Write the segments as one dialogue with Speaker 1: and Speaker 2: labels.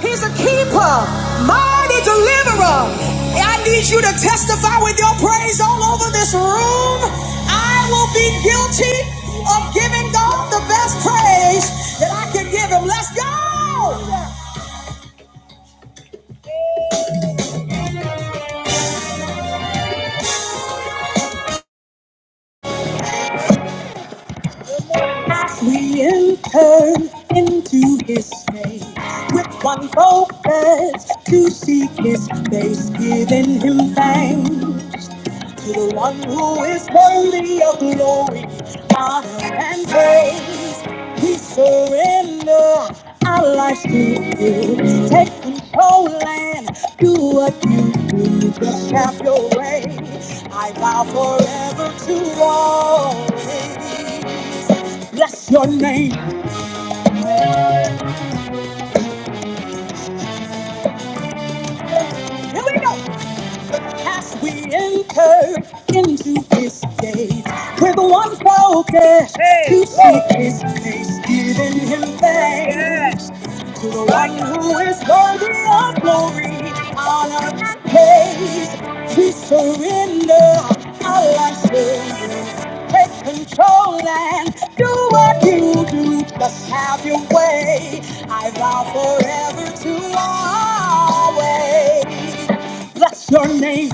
Speaker 1: He's a keeper, mighty deliverer. I need you to testify with your praise all over this room. I will be guilty of giving God the best praise that I can give him. Let's go! We enter into his name with one focus to seek his face, giving him thanks. to the one who is worthy of glory, honor, and praise. We surrender our lives to you. Take control and do what you do. Just have your way. I vow forever to always bless your name. Here we go. As we enter into this day with one focus Hey, to seek his face, giving him thanks Yes. to the one who is worthy of glory, honor, and praise. We surrender our lives to you. Take control and do what you do. Just have your way. I vow forever to always. Bless your name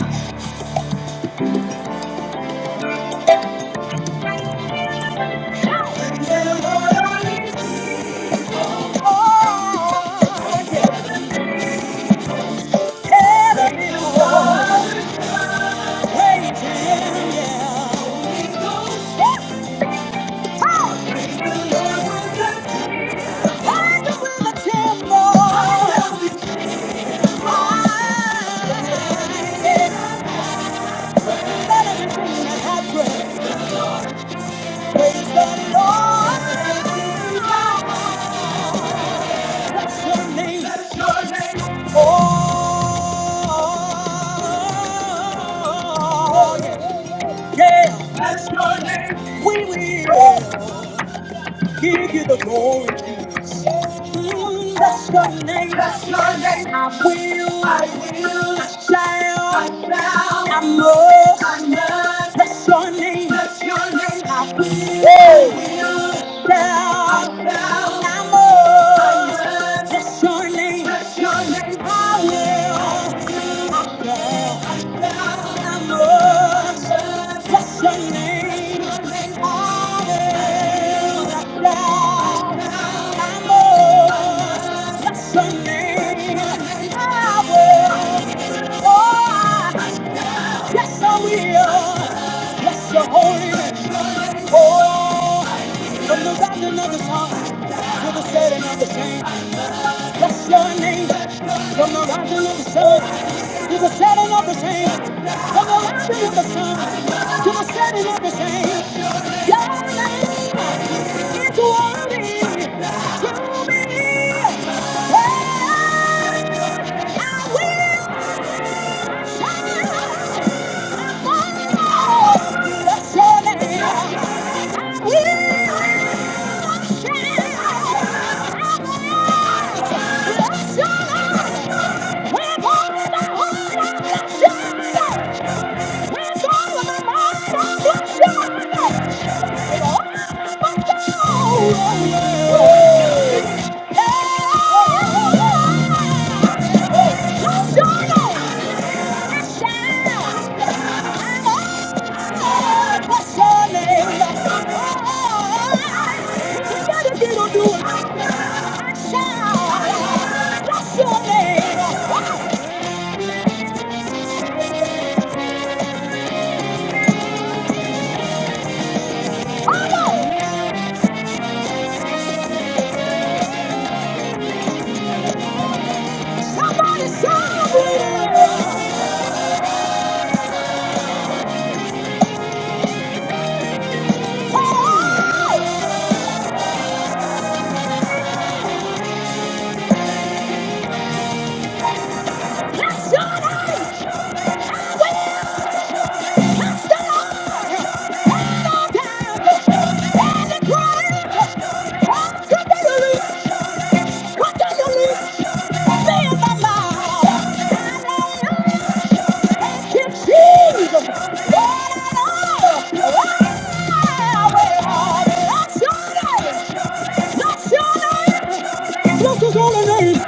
Speaker 1: Yeah. That's your name. We will give you the glory. Mm, That's your name. That's your name. I will. I will. I shall. I shall. I must. I must. That's your name. That's your name. I will. I will. Yes, I will. Yes, the Holy. Oh. From the rising of the sun to the setting of the same, bless your name. From the rising of the sun to the setting of the same, from the rising of the sun to the setting of the same, your name is worthy to be. praised. We shout for Bless your name. We will shout. Let's We're gonna hold on! Let's Somebody shout! That's your Jesus!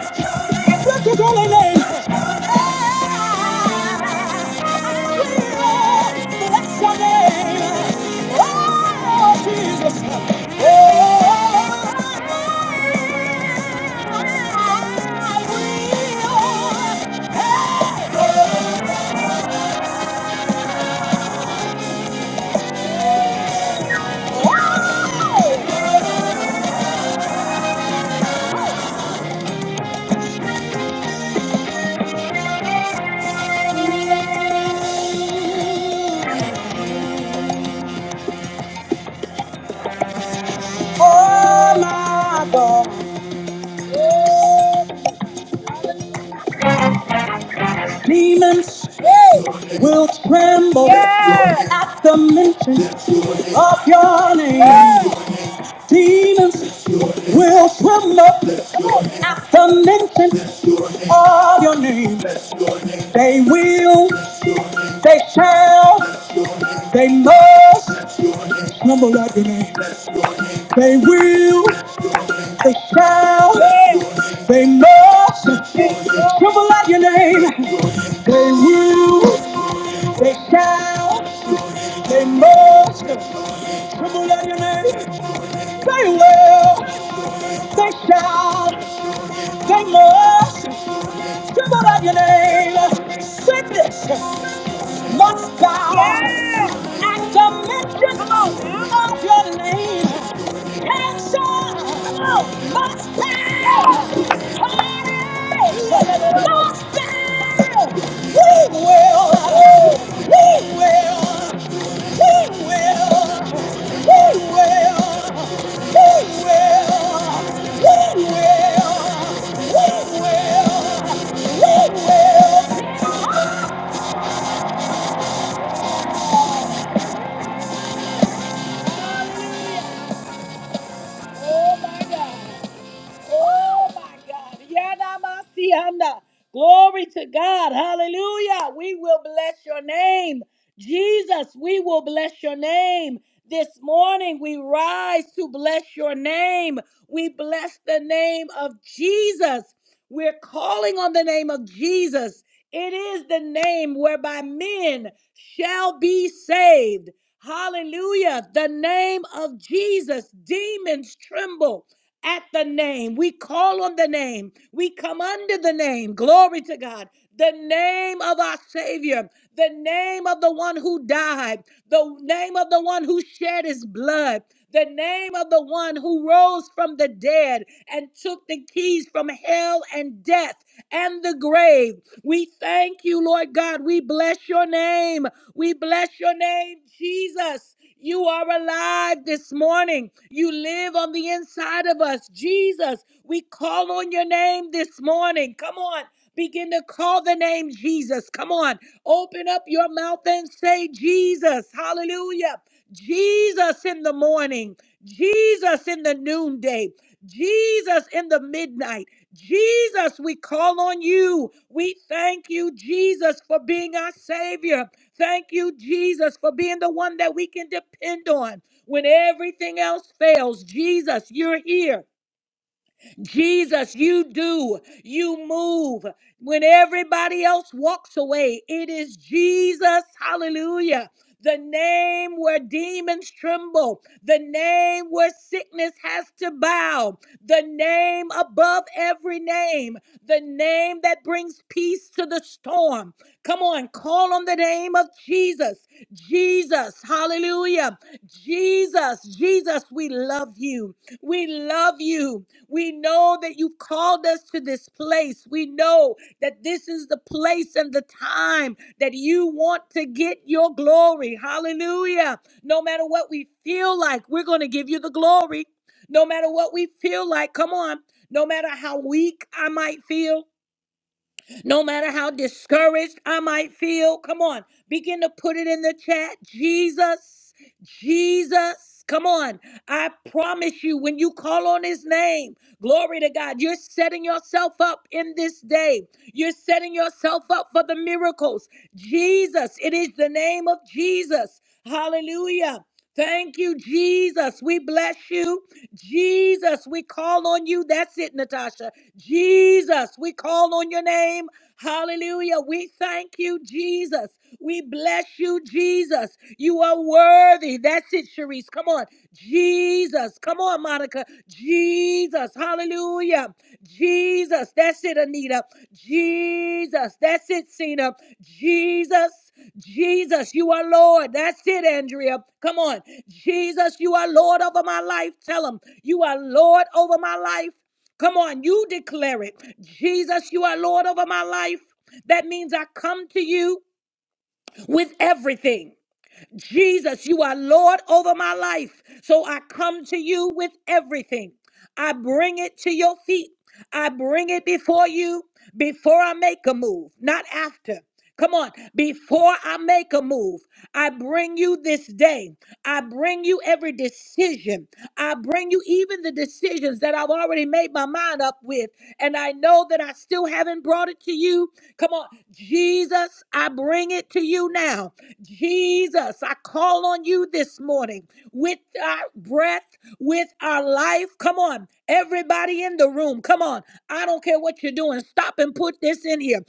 Speaker 1: Demons will tremble yeah. at the mention of your name. Yeah. Demons will swim up at the mention of your name. They will, they shall, they must tremble at your name. They will, they shall, they must tremble at your name. They will, they shall, they must tremble at your name. They will, they shall, they must tremble at your name. Sickness Must bow Yeah. at the mention of your name. Come on. Must bow. Oh my God. Oh my God. Yanamasianda. Glory to God. Hallelujah. We will bless your name. Jesus, we will bless your name. This morning we rise to bless your name. We bless the name of Jesus. We're calling on the name of Jesus. It is the name whereby men shall be saved. Hallelujah. The name of Jesus. Demons tremble at the name name. We call on the name. We come under the name. Glory to God. The name of our Savior, the name of the one who died, the name of the one who shed his blood, the name of the one who rose from the dead and took the keys from hell and death and the grave. We thank you, Lord God. We bless your name. We bless your name, Jesus. You are alive this morning. You live on the inside of us. Jesus, we call on your name this morning. Come on. Begin to call the name Jesus. Come on. Open up your mouth and say, Jesus. Hallelujah. Jesus in the morning. Jesus in the noonday. Jesus in the midnight. Jesus, we call on you. We thank you, Jesus, for being our Savior. Thank you, Jesus, for being the one that we can depend on. When everything else fails, Jesus, you're here. Jesus, you do, you move. When everybody else walks away, it is Jesus, hallelujah. The name where demons tremble, the name where sickness has to bow, the name above every name, the name that brings peace to the storm. Come on, call on the name of Jesus. Jesus. Jesus, hallelujah. Jesus, Jesus, we love you. We love you. We know that you've called us to this place. We know that this is the place and the time that you want to get your glory. Hallelujah. No matter what we feel like, we're going to give you the glory. No matter what we feel like, come on. No matter how weak I might feel, no matter how discouraged I might feel, come on, begin to put it in the chat. Jesus, Jesus, come on. I promise you, when you call on his name, glory to God, you're setting yourself up in this day. You're setting yourself up for the miracles. Jesus, it is the name of Jesus. Hallelujah. Thank you, Jesus. We bless you. Jesus, we call on you. That's it, Natasha. Jesus, we call on your name. Hallelujah. We thank you, Jesus. We bless you, Jesus. You are worthy. That's it, Sharice. Come on. Jesus. Come on, Monica. Jesus. Hallelujah. Jesus. That's it, Anita. Jesus. That's it, Cena. Jesus. Jesus, you are Lord. That's it, Andrea. Come on. Jesus, you are Lord over my life. Tell him, you are Lord over my life. Come on, you declare it. Jesus, you are Lord over my life. That means I come to you with everything. Jesus, you are Lord over my life. So I come to you with everything. I bring it to your feet. I bring it before you before I make a move, not after. Come on, before I make a move, I bring you this day. I bring you every decision. I bring you even the decisions that I've already made my mind up with, and I know that I still haven't brought it to you you. Come on, Jesus, I bring it to you now. Jesus, I call on you this morning with our breath, with our life. Come on, everybody in the room, come on. I don't care what you're doing. Stop and put this in here.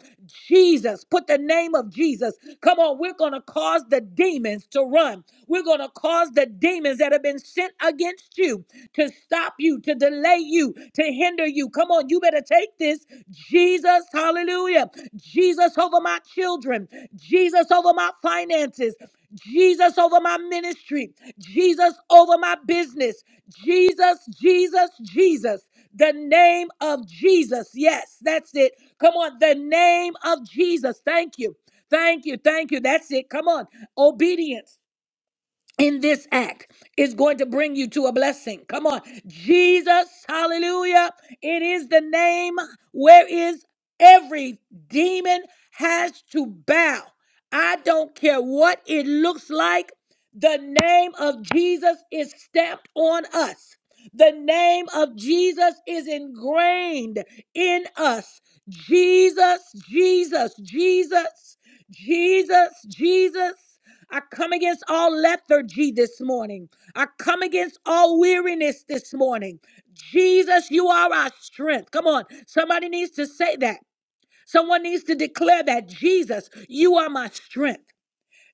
Speaker 1: Jesus, put the name of Jesus. Come on, we're going to cause the demons to run. We're going to cause the demons that have been sent against you to stop you you, to delay you, to hinder you. Come on, you better take this. Jesus, hallelujah. Jesus over my children, Jesus over my finances. Jesus over my ministry, Jesus over my business, Jesus, Jesus, Jesus, the name of Jesus. Yes, that's it. Come on, the name of Jesus. Thank you. Thank you. Thank you. That's it. Come on. Obedience in this act is going to bring you to a blessing. Come on. Jesus, hallelujah. It is the name where is every demon has to bow. I don't care what it looks like. The name of Jesus is stamped on us. The name of Jesus is ingrained in us. Jesus, Jesus, Jesus, Jesus, Jesus. I come against all lethargy this morning. I come against all weariness this morning. Jesus, you are our strength. Come on. Somebody needs to say that. Someone needs to declare that Jesus, you are my strength.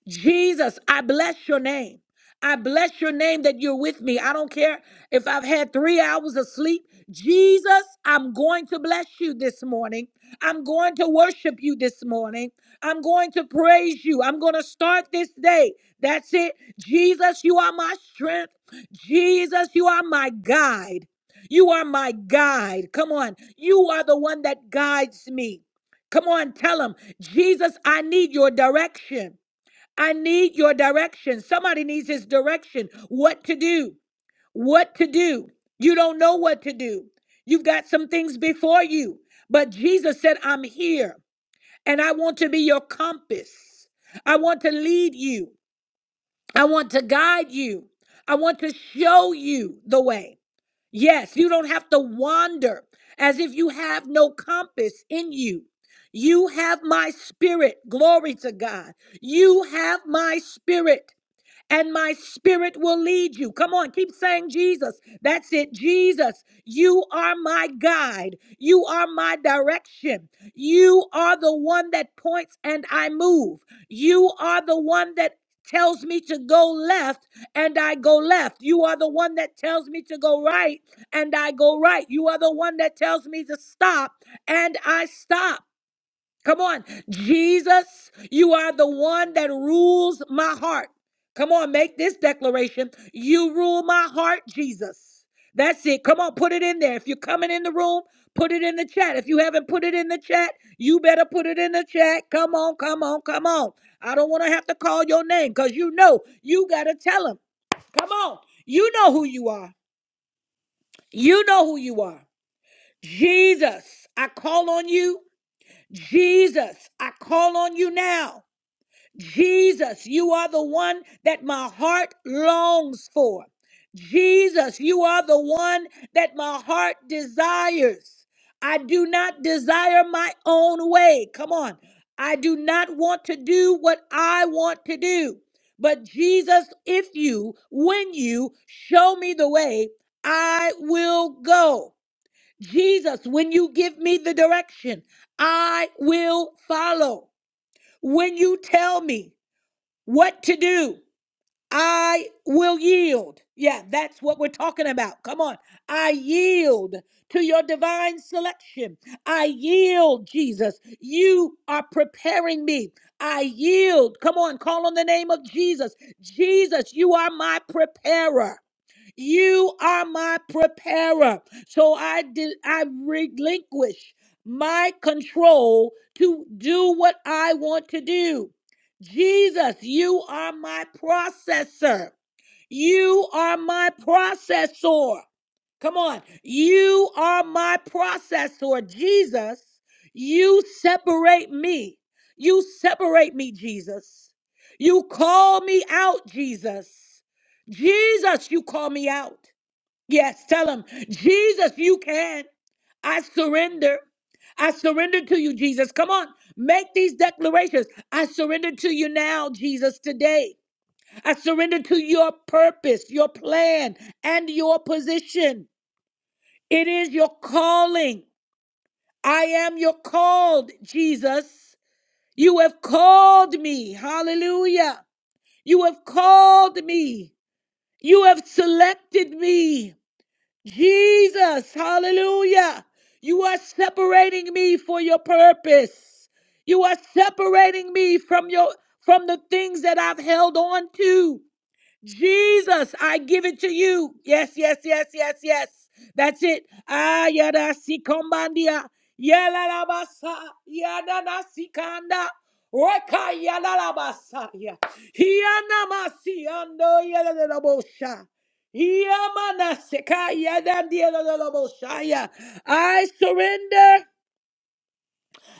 Speaker 1: Jesus, I bless your name. I bless your name that you're with me. I don't care if I've had three hours of sleep. Jesus, I'm going to bless you this morning. I'm going to worship you this morning. I'm going to praise you. I'm going to start this day. That's it. Jesus, you are my strength. Jesus, you are my guide. You are my guide. Come on. You are the one that guides me. Come on, tell him, Jesus, I need your direction. I need your direction. Somebody needs his direction. What to do? What to do? You don't know what to do. You've got some things before you. But Jesus said, I'm here and I want to be your compass. I want to lead you. I want to guide you. I want to show you the way. Yes, you don't have to wander as if you have no compass in you. You have my spirit. Glory to God. You have my spirit and my spirit will lead you. Come on, keep saying Jesus. That's it, Jesus. You are my guide. You are my direction. You are the one that points and I move. You are the one that tells me to go left and I go left. You are the one that tells me to go right and I go right. You are the one that tells me to stop and I stop. Come on, Jesus, you are the one that rules my heart. Come on, make this declaration. You rule my heart, Jesus. That's it. Come on, put it in there. If you're coming in the room, put it in the chat. If you haven't put it in the chat, you better put it in the chat. Come on, come on, come on. I don't want to have to call your name because you know you got to tell him. Come on. You know who you are. You know who you are. Jesus, I call on you. Jesus, I call on you now. Jesus, you are the one that my heart longs for. Jesus, you are the one that my heart desires. I do not desire my own way. Come on. I do not want to do what I want to do. But Jesus, if you, when you show me the way, I will go. Jesus, when you give me the direction, I will follow. When you tell me what to do. I will yield. Yeah, that's what we're talking about. Come on. I yield to your divine selection. I yield, Jesus. You are preparing me. I yield. Come on, call on the name of Jesus. Jesus, you are my preparer. You are my preparer. So I did I relinquish my control to do what I want to do. Jesus, you are my processor. You are my processor. Come on. You are my processor. Jesus, you separate me. You separate me, Jesus. You call me out, Jesus. Jesus, you call me out. Yes, tell him, Jesus, you can. I surrender. I surrender to you, Jesus. Come on, make these declarations. I surrender to you now, Jesus, today. I surrender to your purpose, your plan, and your position. It is your calling. I am your called, Jesus. You have called me. Hallelujah. You have called me. You have selected me. Jesus, hallelujah. You are separating me for your purpose. You are separating me from your from the things that I've held on to. Jesus, I give it to you. Yes, yes, yes, yes, yes. That's it. Ah, yada sikombandia. Yala la basa. Yada na sikanda. Reka yala la basa. ya. Hiana masiando yada de la bosha. Yamana seka yada dia la la la bosha. ya. I surrender.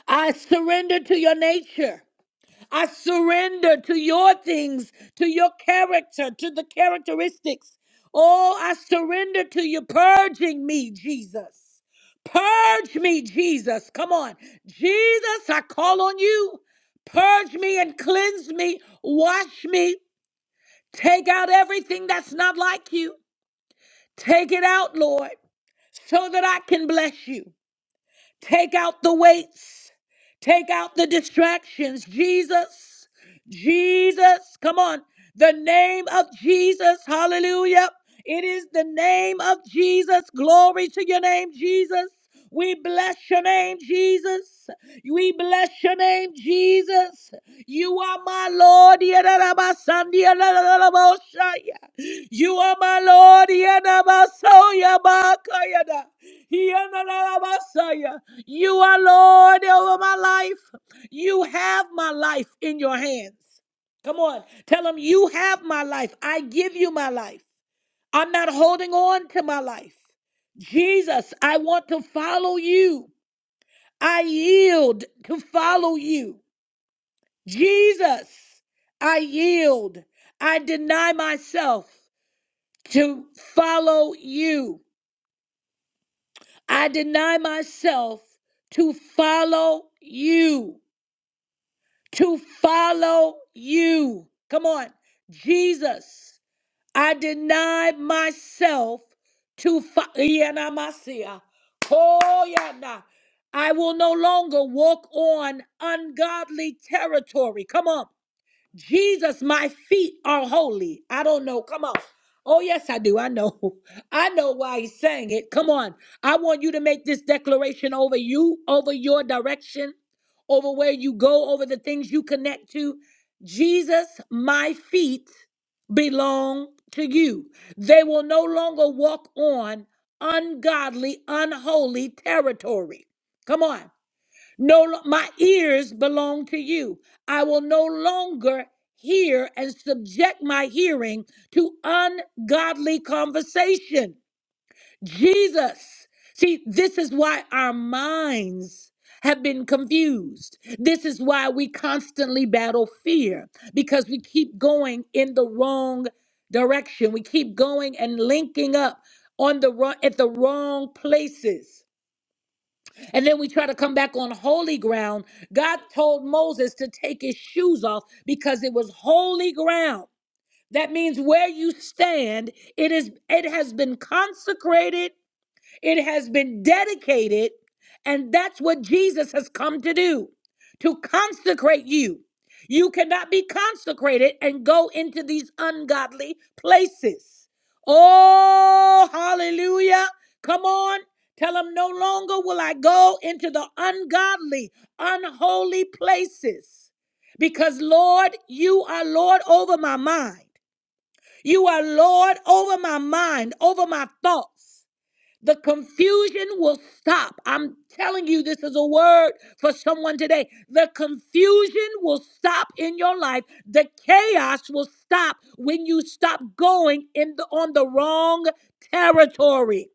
Speaker 1: I surrender to your nature. I surrender to your things, to your character, to the characteristics. Oh, I surrender to you purging me, Jesus. Purge me, Jesus. Come on. Jesus, I call on you. Purge me and cleanse me. Wash me. Take out everything that's not like you. Take it out, Lord, so that I can bless you. Take out the weights. Take out the distractions. Jesus, Jesus, come on. The name of Jesus, hallelujah. It is the name of Jesus. Glory to your name, Jesus. We bless your name, Jesus. We bless your name, Jesus. You are my Lord. Yadadabasandia lalalaboshaya. You are my Lord. Yadabasoya bakayada. Yadadabasaya. You are Lord over my life. You have my life in your hands. Come on. Tell him, You have my life. I give you my life. I'm not holding on to my life. Jesus, I want to follow you. I yield to follow you. Jesus, I yield. I deny myself to follow you. I deny myself to follow you. To follow you. Come on. Jesus, I deny myself to follow. Oh, yeah. nah. I will no longer walk on ungodly territory. Come on. Jesus, my feet are holy. I don't know. Come on. Oh, yes, I do. I know. I know why he's saying it. Come on. I want you to make this declaration over you, over your direction, over where you go, over the things you connect to. Jesus, my feet belong to you. They will no longer walk on ungodly, unholy territory. Come on. No, lo- my ears belong to you. I will no longer hear and subject my hearing to ungodly conversation. Jesus. See, this is why our minds have been confused. This is why we constantly battle fear because we keep going in the wrong direction. We keep going and linking up on the wrong at the wrong places. And then we try to come back on holy ground. God told Moses to take his shoes off because it was holy ground. That means where you stand, it is it has been consecrated it has been dedicated, and that's what Jesus has come to do to consecrate you. You cannot be consecrated and go into these ungodly places. Oh, hallelujah. Come on. Tell them no longer will I go into the ungodly, unholy places. Because, Lord, you are Lord over my mind. You are Lord over my mind, over my thoughts. The confusion will stop. I'm telling you, this is a word for someone today. The confusion will stop in your life. The chaos will stop when you stop going in the, on the wrong territory.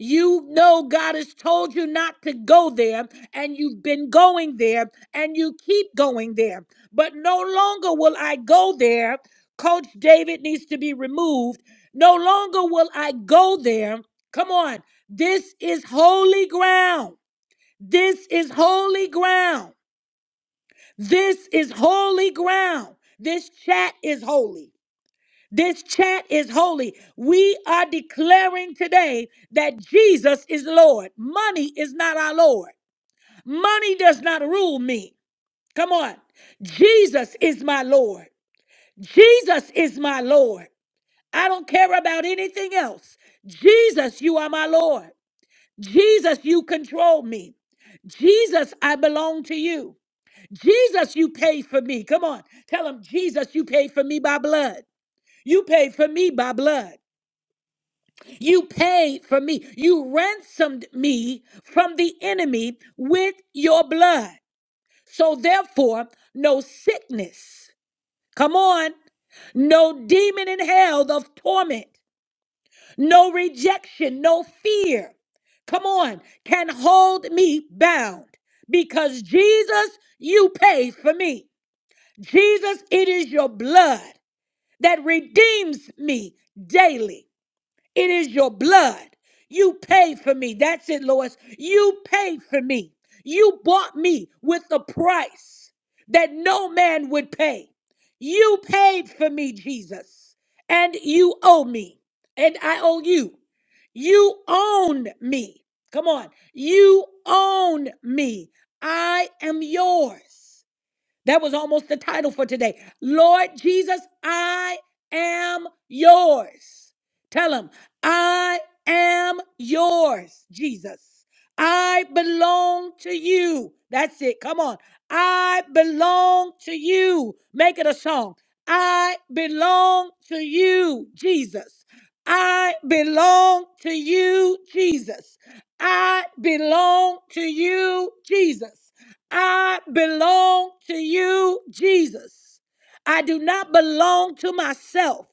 Speaker 1: You know God has told you not to go there, and you've been going there, and you keep going there. But no longer will I go there. Coach David needs to be removed. No longer will I go there. Come on. This is holy ground. This is holy ground. This is holy ground. This chat is holy. This chat is holy. We are declaring today that Jesus is Lord. Money is not our Lord. Money does not rule me. Come on. Jesus is my Lord. Jesus is my Lord. I don't care about anything else. Jesus, you are my Lord. Jesus, you control me. Jesus, I belong to you. Jesus, you paid for me. Come on. Tell him, Jesus, you paid for me by blood. You paid for me by blood. You paid for me. You ransomed me from the enemy with your blood. So, therefore, no sickness, come on, no demon in hell of torment, no rejection, no fear, come on, can hold me bound because Jesus, you paid for me. Jesus, it is your blood that redeems me daily. It is your blood. You paid for me. That's it, Lois. You paid for me. You bought me with a price that no man would pay. You paid for me, Jesus, and you owe me, and I owe you. You own me. Come on. You own me. I am yours. That was almost the title for today. Lord Jesus, I am yours. Tell him, I am yours, Jesus. I belong to you. That's it. Come on. I belong to you. Make it a song. I belong to you, Jesus. I belong to you, Jesus. I belong to you, Jesus. I belong to you, Jesus. I do not belong to myself.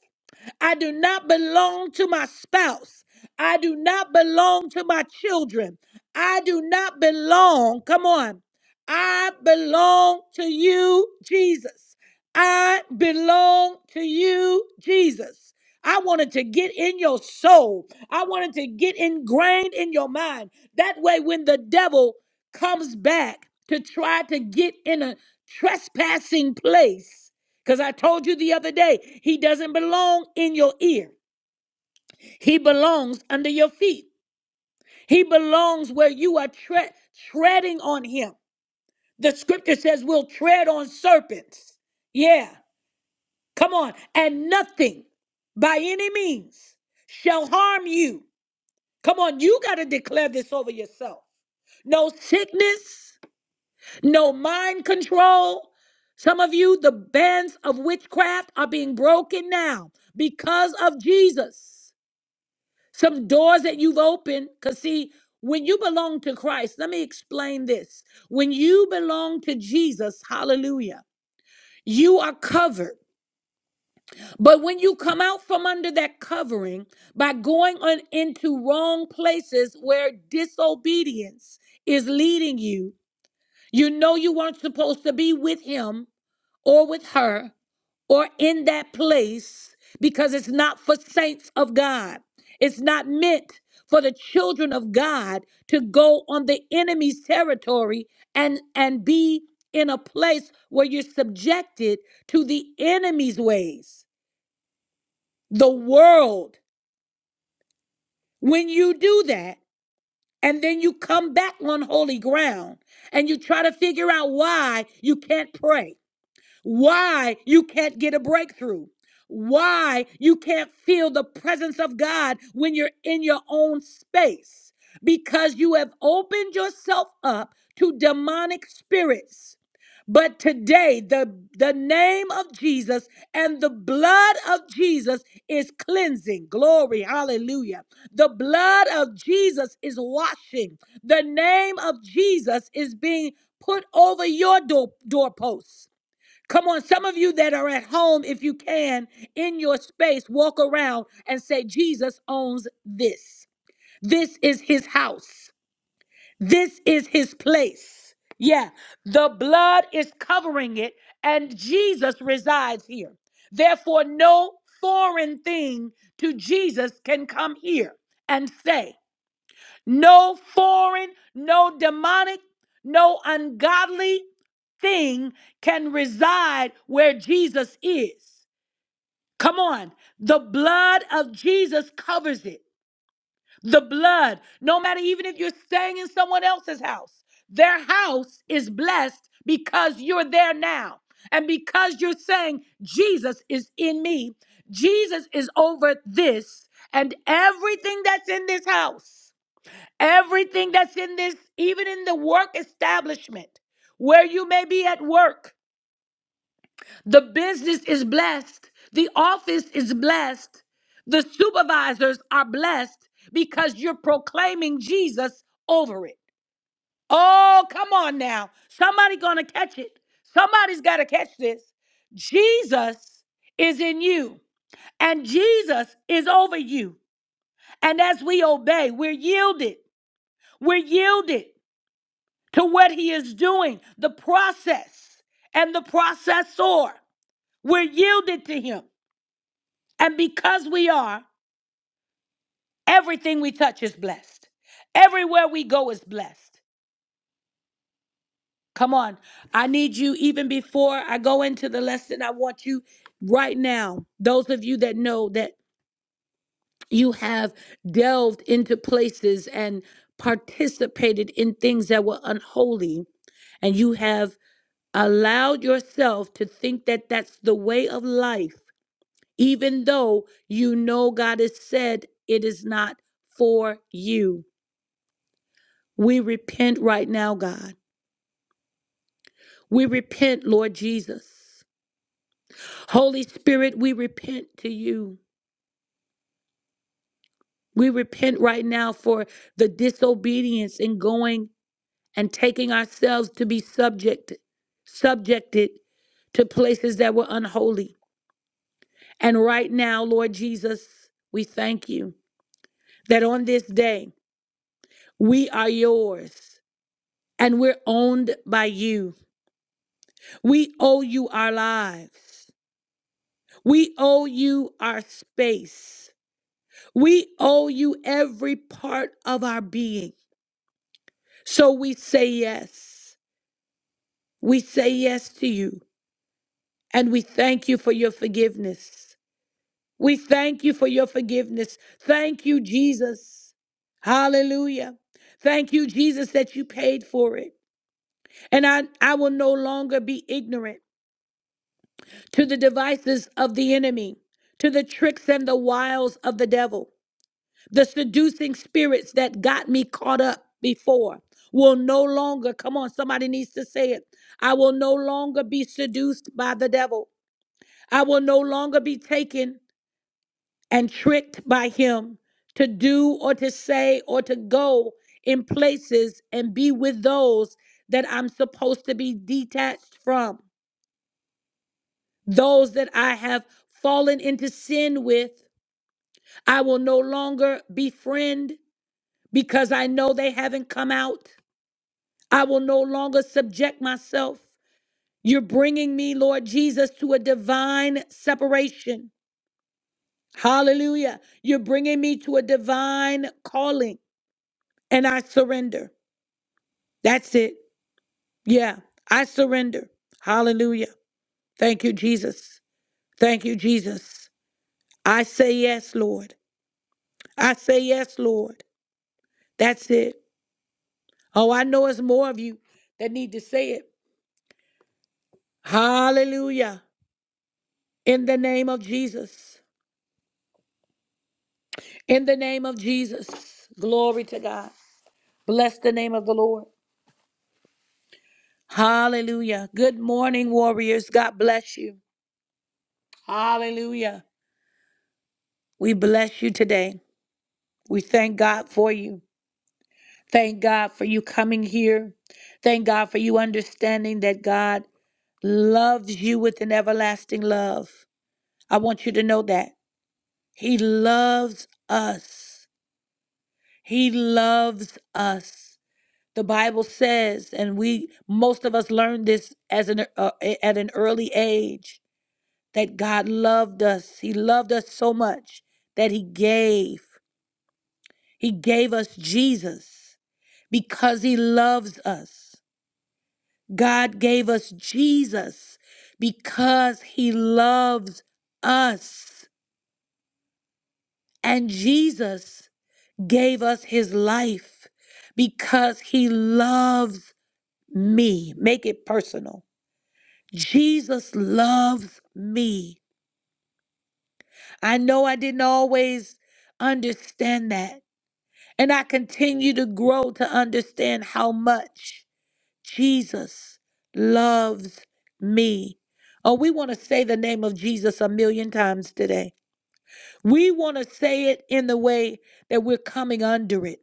Speaker 1: I do not belong to my spouse. I do not belong to my children. I do not belong. Come on. I belong to you, Jesus. I belong to you, Jesus. I wanted to get in your soul. I wanted to get ingrained in your mind. That way, when the devil comes back to try to get in a trespassing place, because I told you the other day, he doesn't belong in your ear. He belongs under your feet. He belongs where you are tre- treading on him. The scripture says we'll tread on serpents. Yeah, come on. And nothing by any means shall harm you. Come on, you got to declare this over yourself. No sickness, no mind control. Some of you, the bands of witchcraft are being broken now because of Jesus. Some doors that you've opened, because see, when you belong to Christ, let me explain this. When you belong to Jesus, hallelujah, you are covered. But when you come out from under that covering by going on into wrong places where disobedience is leading you, you know you weren't supposed to be with him or with her or in that place because it's not for saints of God. It's not meant for the children of God to go on the enemy's territory and and be in a place where you're subjected to the enemy's ways, the world. When you do that and then you come back on holy ground and you try to figure out why you can't pray why you can't get a breakthrough, why you can't feel the presence of God when you're in your own space, because you have opened yourself up to demonic spirits. But today, the, the name of Jesus and the blood of Jesus is cleansing. Glory, hallelujah. The blood of Jesus is washing. The name of Jesus is being put over your door, doorposts. Come on, some of you that are at home, if you can, in your space, walk around and say, Jesus owns this. This is his house. This is his place. Yeah, the blood is covering it, and Jesus resides here. Therefore, no foreign thing to Jesus can come here and say. No foreign, no demonic, no ungodly thing can reside where Jesus is. Come on. The blood of Jesus covers it. The blood, no matter even if you're staying in someone else's house, their house is blessed because you're there now. And because you're saying, Jesus is in me, Jesus is over this and everything that's in this house. Everything that's in this, even in the work establishment, where you may be at work, the business is blessed, the office is blessed, the supervisors are blessed because you're proclaiming Jesus over it. Oh, come on now. Somebody gonna catch it. Somebody's gotta catch this. Jesus is in you, and Jesus is over you. And as we obey, we're yielded. We're yielded. to what he is doing, the process and the processor. We're yielded to him. And because we are, everything we touch is blessed. Everywhere we go is blessed. Come on. I need you, even before I go into the lesson, I want you right now, those of you that know that you have delved into places and participated in things that were unholy, and you have allowed yourself to think that that's the way of life, even though you know God has said it is not for you. We repent right now, God. We repent, Lord Jesus. Holy Spirit, we repent to you. We repent right now for the disobedience in going and taking ourselves to be subjected, subjected to places that were unholy. And right now, Lord Jesus, we thank you. that on this day we are yours and we're owned by you. We owe you our lives, we owe you our space, we owe you every part of our being. So we say yes. We say yes to you and we thank you for your forgiveness. We thank you for your forgiveness. Thank you, Jesus. Hallelujah. Thank you, Jesus, that you paid for it. And I, I will no longer be ignorant. to the devices of the enemy, to the tricks and the wiles of the devil. The seducing spirits that got me caught up before will no longer, come on, somebody needs to say it. I will no longer be seduced by the devil. I will no longer be taken and tricked by him to do or to say or to go in places and be with those that I'm supposed to be detached from, those that I have fallen into sin with I will no longer befriend because I know they haven't come out. I will no longer subject myself. You're bringing me, Lord Jesus, to a divine separation. Hallelujah. You're bringing me to a divine calling, and I surrender. That's it. Yeah, I surrender. Hallelujah. Thank you, Jesus. Thank you, Jesus. I say yes, Lord. I say yes, Lord. That's it. Oh, I know it's more of you that need to say it. Hallelujah. In the name of Jesus. In the name of Jesus. Glory to God. Bless the name of the Lord. Hallelujah. Good morning, warriors. God bless you. Hallelujah. We bless you today. We thank God for you. Thank God for you coming here. Thank God for you understanding that God loves you with an everlasting love. I want you to know that. He loves us. He loves us. The Bible says, and we most of us learned this as an uh, at an early age, that God loved us. He loved us so much that He gave. He gave us Jesus because He loves us. God gave us Jesus because He loves us, and Jesus gave us His life because He loves me. Make it personal Jesus loves me. I know I didn't always understand that. And I continue to grow to understand how much Jesus loves me. Oh, we want to say the name of Jesus a million times today. We want to say it in the way that we're coming under it.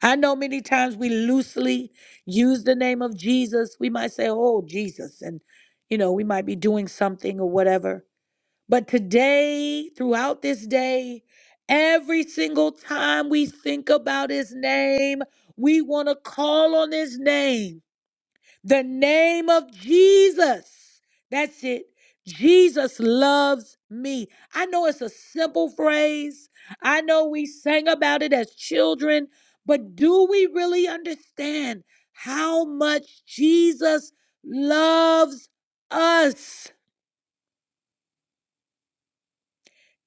Speaker 1: I know many times we loosely use the name of Jesus. We might say, oh, Jesus. And, you know, we might be doing something or whatever. But today, throughout this day, every single time we think about his name, we want to call on his name, the name of Jesus. That's it. Jesus loves me. I know it's a simple phrase. I know we sang about it as children, but do we really understand how much Jesus loves us?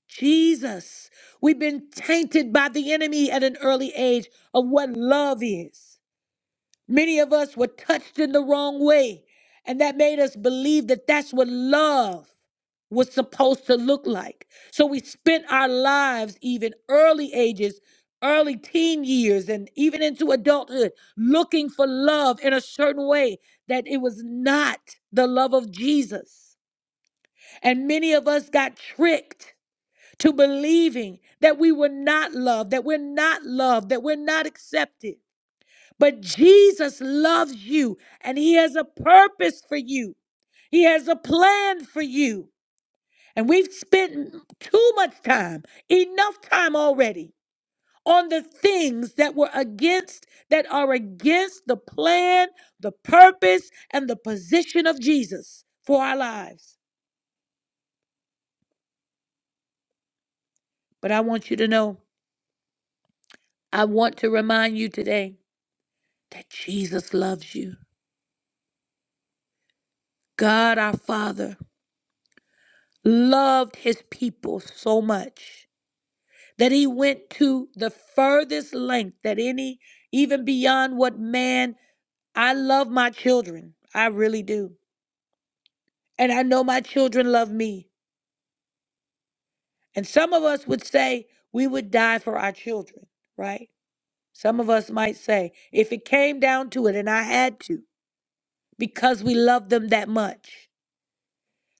Speaker 1: Jesus, we've been tainted by the enemy at an early age of what love is. Many of us were touched in the wrong way, and that made us believe that that's what love was supposed to look like. So we spent our lives, even early ages, early teen years, and even into adulthood, looking for love in a certain way that it was not the love of Jesus. And many of us got tricked to believing that we were not loved, that we're not loved, that we're not accepted. But Jesus loves you and He has a purpose for you, He has a plan for you. And we've spent too much time, enough time already, on the things that were against, that are against the plan, the purpose, and the position of Jesus for our lives. But I want you to know, I want to remind you today that Jesus loves you. God our Father loved his people so much that he went to the furthest length that any, even beyond what man, I love my children. I really do. And I know my children love me. And some of us would say we would die for our children, right? Some of us might say, if it came down to it and I had to, because we love them that much.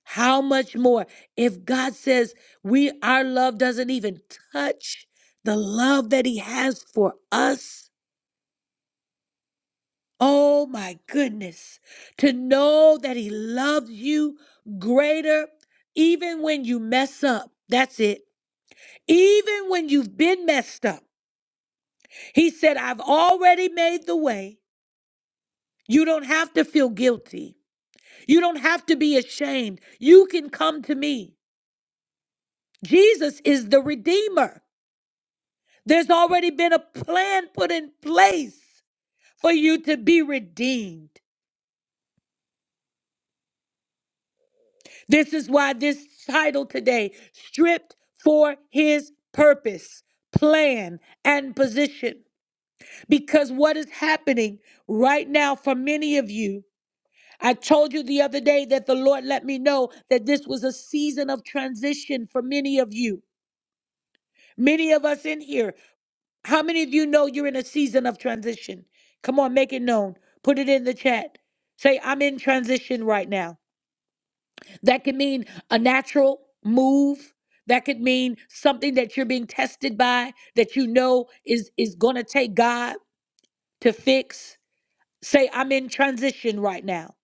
Speaker 1: How much more if God says we our love doesn't even touch the love that he has for us? Oh my goodness. To know that he loves you greater even when you mess up. That's it. Even when you've been messed up. He said, "I've already made the way. You don't have to feel guilty. You don't have to be ashamed. You can come to me." Jesus is the redeemer. There's already been a plan put in place for you to be redeemed. This is why this title today, Stripped for His Purpose, Plan, and Position. Because what is happening right now for many of you, I told you the other day that the Lord let me know that this was a season of transition for many of you. Many of us in here, How many of you know you're in a season of transition? Come on, make it known. Put it in the chat. Say, I'm in transition right now. That could mean a natural move. That could mean something that you're being tested by that you know is, is going to take God to fix. Say, I'm in transition right now.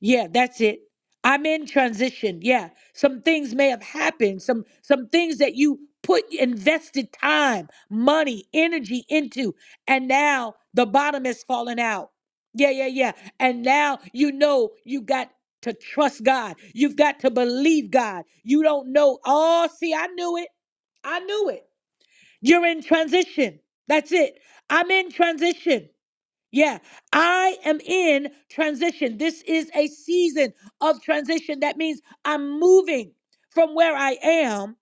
Speaker 1: Yeah, that's it. I'm in transition. Yeah. Some things may have happened. Some some things that you put invested time, money, energy into and now the bottom has fallen out. Yeah, yeah, yeah. And now you know you got to trust God. You've got to believe God. You don't know. Oh, see, I knew it. I knew it. You're in transition. That's it. I'm in transition. Yeah, I am in transition. This is a season of transition. That means I'm moving from where I am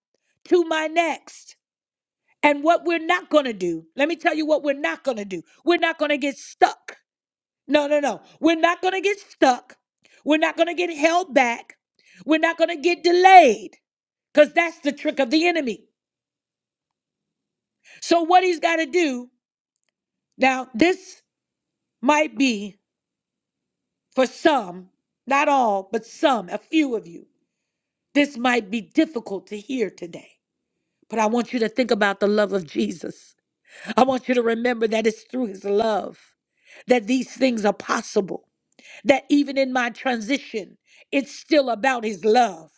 Speaker 1: to my next. And what we're not going to do, let me tell you what we're not going to do. We're not going to get stuck. No, no, no. We're not going to get stuck. We're not going to get held back. We're not going to get delayed because that's the trick of the enemy. So, what he's got to do now, this might be For some, not all, but some, a few of you, this might be difficult to hear today. But I want you to think about the love of Jesus. I want you to remember that it's through his love that these things are possible. That even in my transition, it's still about his love.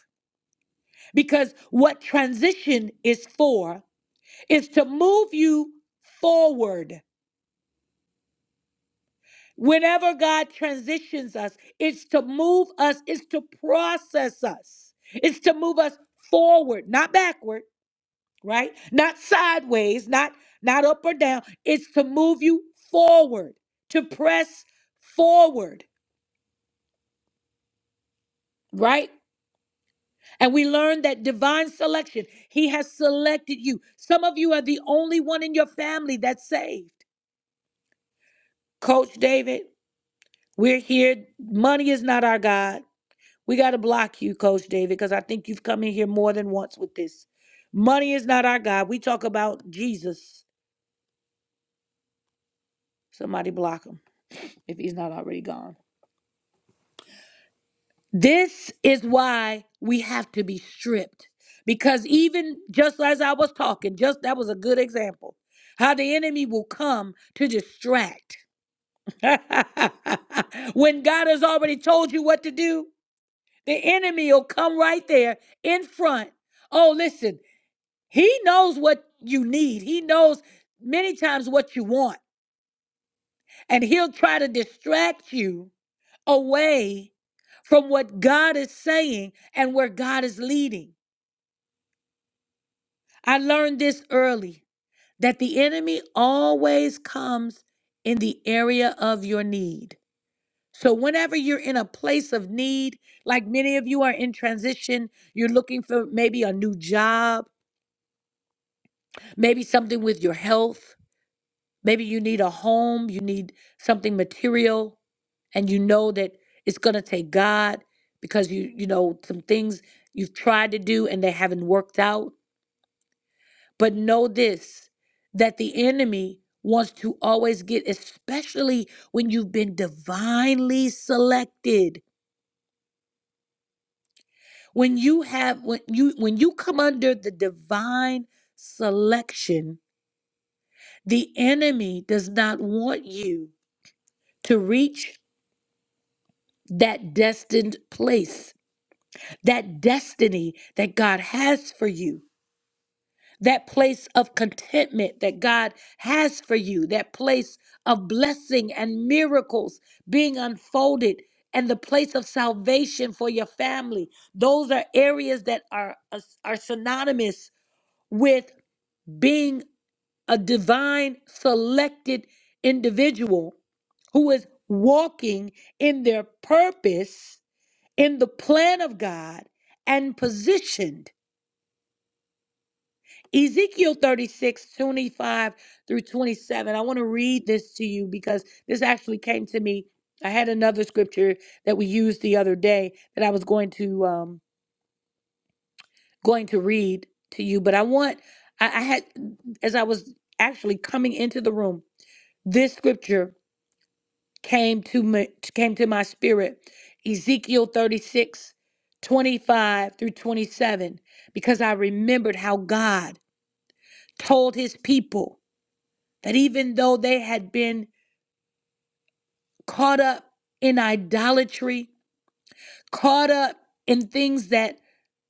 Speaker 1: Because what transition is for is to move you forward Whenever God transitions us, it's to move us, it's to process us, it's to move us forward, not backward, right? Not sideways, not not up or down. It's to move you forward, to press forward, right? And we learn that divine selection, He has selected you. Some of you are the only one in your family that's saved. Coach David, we're here. Money is not our God. We got to block you, Coach David, because I think you've come in here more than once with this. Money is not our God. We talk about Jesus. Somebody block him if he's not already gone. This is why we have to be stripped. Because even just as I was talking, just that was a good example how the enemy will come to distract. when God has already told you what to do, the enemy will come right there in front. Oh, listen, He knows what you need. He knows many times what you want. And he'll try to distract you away from what God is saying and where God is leading. I learned this early that the enemy always comes in the area of your need. So, whenever you're in a place of need, like many of you are in transition, you're looking for maybe a new job, maybe something with your health, Maybe you need a home, you need something material, and you know that it's going to take God because you, you know, some things you've tried to do and they haven't worked out. But know this that the enemy wants to always get, especially when you've been divinely selected. When you have, when you, when you come under the divine selection, the enemy does not want you to reach that destined place, that destiny that God has for you, that place of contentment that God has for you, that place of blessing and miracles being unfolded, and the place of salvation for your family. Those are areas that are, are synonymous with being a divine selected individual who is walking in their purpose in the plan of God and positioned. Ezekiel 36 25 through 27. I want to read this to you because this actually came to me. I had another scripture that we used the other day that I was going to um going to read to you, but I want I, I had as I was actually coming into the room, this scripture came to me, came to my spirit Ezekiel 36, 25 through 27 because I remembered how God told his people that even though they had been caught up in idolatry caught up in things that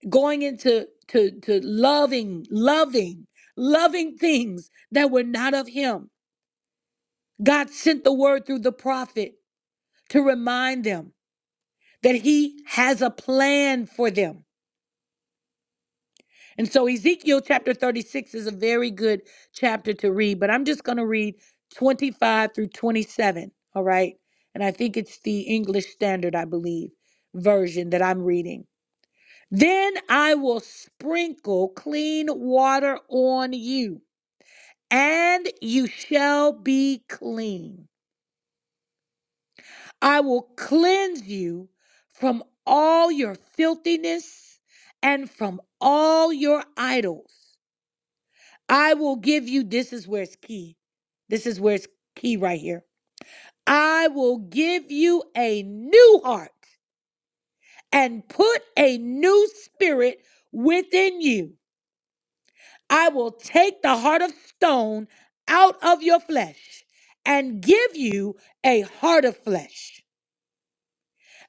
Speaker 1: going into to, to loving loving loving things that were not of him God sent the word through the prophet to remind them that he has a plan for them And so Ezekiel chapter 36 is a very good chapter to read, but I'm just going to read 25 through 27, all right? And I think it's the English Standard, I believe, version that I'm reading. Then I will sprinkle clean water on you, and you shall be clean. I will cleanse you from all your filthiness and from all your idols. I will give you, this is where it's key. This is where it's key right here. I will give you a new heart and put a new spirit within you. I will take the heart of stone out of your flesh and give you a heart of flesh.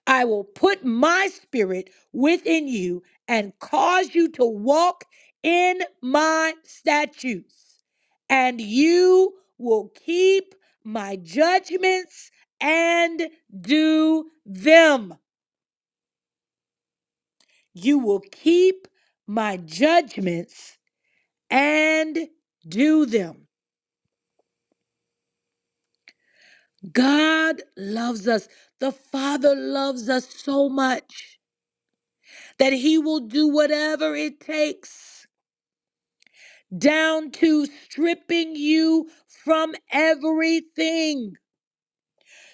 Speaker 1: I will put my spirit within you and cause you to walk in my statutes, and you will keep my judgments and do them. You will keep my judgments and do them. God loves us. The Father loves us so much that He will do whatever it takes down to stripping you from everything,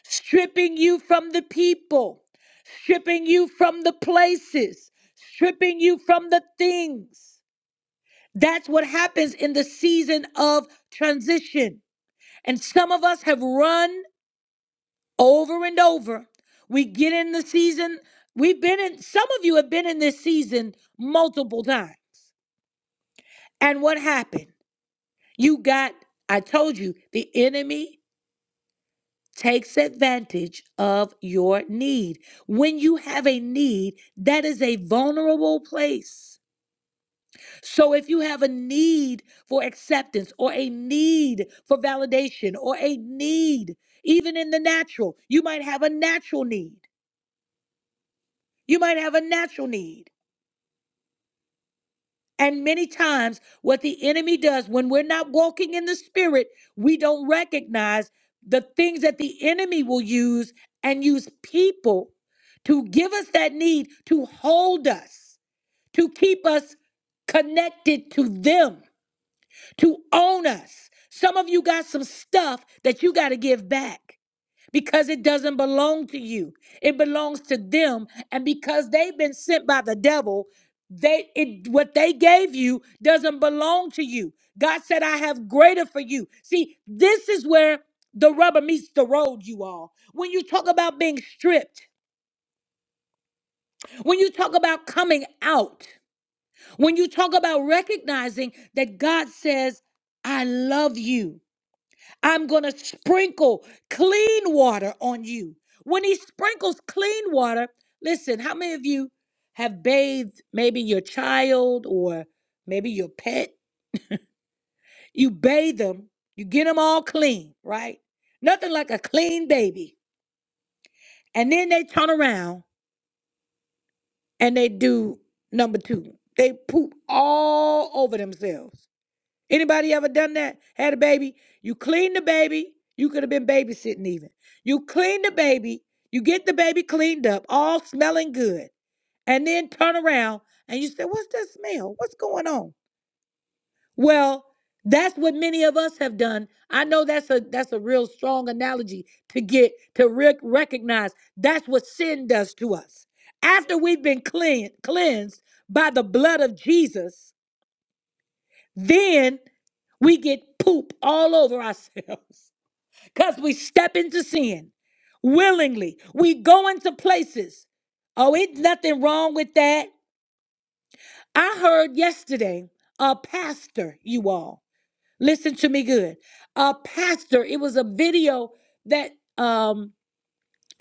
Speaker 1: stripping you from the people, stripping you from the places, stripping you from the things. That's what happens in the season of transition. And some of us have run over and over. We get in the season, we've been in, some of you have been in this season multiple times. And what happened? You got, I told you, the enemy takes advantage of your need. When you have a need, that is a vulnerable place. So if you have a need for acceptance or a need for validation or a need, even in the natural, you might have a natural need. You might have a natural need. And many times, what the enemy does when we're not walking in the spirit, we don't recognize the things that the enemy will use and use people to give us that need to hold us, to keep us connected to them, to own us. Some of you got some stuff that you got to give back because it doesn't belong to you. It belongs to them. And because they've been sent by the devil, they it what they gave you doesn't belong to you. God said, I have greater for you. See, this is where the rubber meets the road, you all. When you talk about being stripped, when you talk about coming out, when you talk about recognizing that God says, I love you. I'm going to sprinkle clean water on you. When he sprinkles clean water, listen, how many of you have bathed maybe your child or maybe your pet? You bathe them, you get them all clean, right? Nothing like a clean baby. And then they turn around and they do number two. They poop all over themselves. Anybody ever done that? Had a baby? You clean the baby. You could have been babysitting even. You clean the baby. You get the baby cleaned up, all smelling good, and then turn around and you say, "What's that smell? What's going on?" Well, that's what many of us have done. I know that's a that's a real strong analogy to get to rec- recognize. That's what sin does to us. After we've been clean, cleansed by the blood of Jesus, then we get poop all over ourselves because we step into sin willingly. We go into places. Oh, it's nothing wrong with that. I heard yesterday a pastor, you all, listen to me good. A pastor, it was a video that um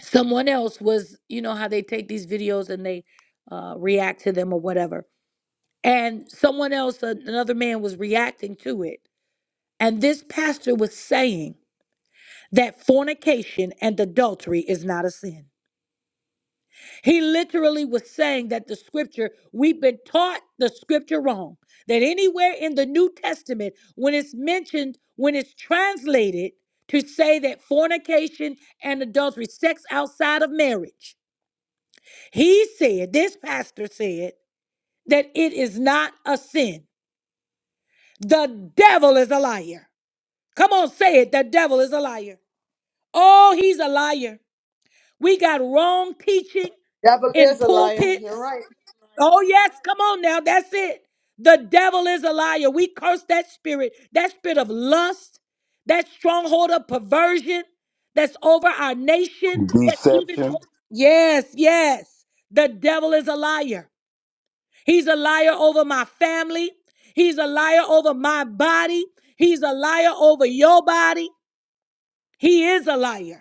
Speaker 1: someone else was, you know, how they take these videos and they uh react to them or whatever. And someone else, an- another man was reacting to it And this pastor was saying that fornication and adultery is not a sin. He literally was saying that the scripture, we've been taught the scripture wrong. That anywhere in the New Testament, when it's mentioned, when it's translated to say that fornication and adultery, sex outside of marriage, he said, this pastor said, that it is not a sin. The devil is a liar. Come on, say it. The devil is a liar. Oh, he's a liar. We got wrong teaching
Speaker 2: Devil
Speaker 1: in
Speaker 2: is a liar.
Speaker 1: pulpits.
Speaker 2: You're right.
Speaker 1: Oh, yes, come on now. That's it. The devil is a liar. We curse that spirit, that spirit of lust, that stronghold of perversion that's over our nation, that's even. o-
Speaker 3: Deception.
Speaker 1: Yes, yes. The devil is a liar. He's a liar over my family. He's a liar over my body. He's a liar over your body. He is a liar.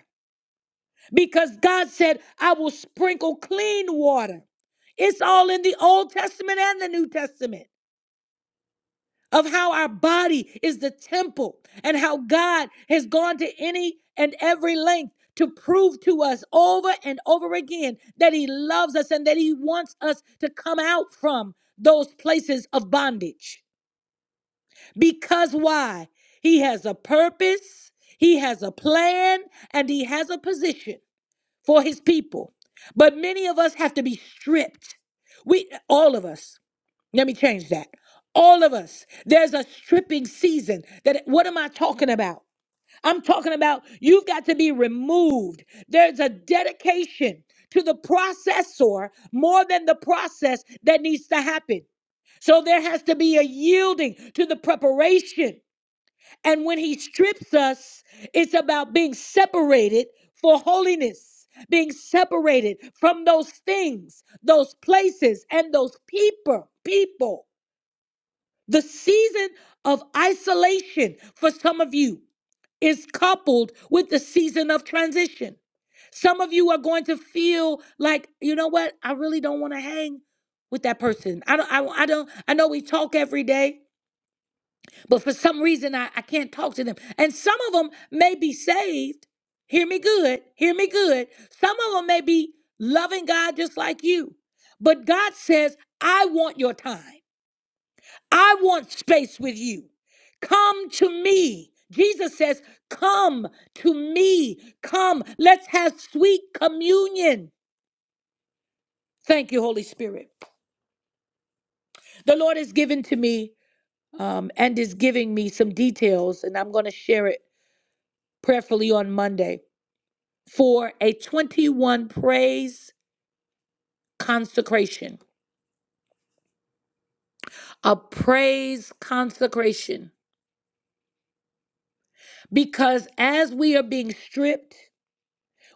Speaker 1: because God said, I will sprinkle clean water. It's all in the Old Testament and the New Testament of how our body is the temple and how God has gone to any and every length to prove to us over and over again that He loves us and that He wants us to come out from those places of bondage. Because why? He has a purpose, He has a plan, and He has a position for his people. But many of us have to be stripped. We all of us. Let me change that. All of us. There's a stripping season. That what am I talking about? I'm talking about you've got to be removed. There's a dedication to the processor more than the process that needs to happen. So there has to be a yielding to the preparation. And when he strips us, it's about being separated for holiness, being separated from those things, those places, and those people, people. The season of isolation for some of you is coupled with the season of transition. Some of you are going to feel like, you know what? I really don't want to hang with that person. I don't I, I don't I know we talk every day, but for some reason, I, I can't talk to them. And some of them may be saved. Hear me good. Hear me good. Some of them may be loving God just like you. But God says, I want your time. I want space with you. Come to me. Jesus says, Come to me. Come. Let's have sweet communion. Thank you, Holy Spirit. The Lord has given to me um, and is giving me some details, and I'm going to share it prayerfully on Monday for a 21 praise consecration, a praise consecration. Because as we are being stripped,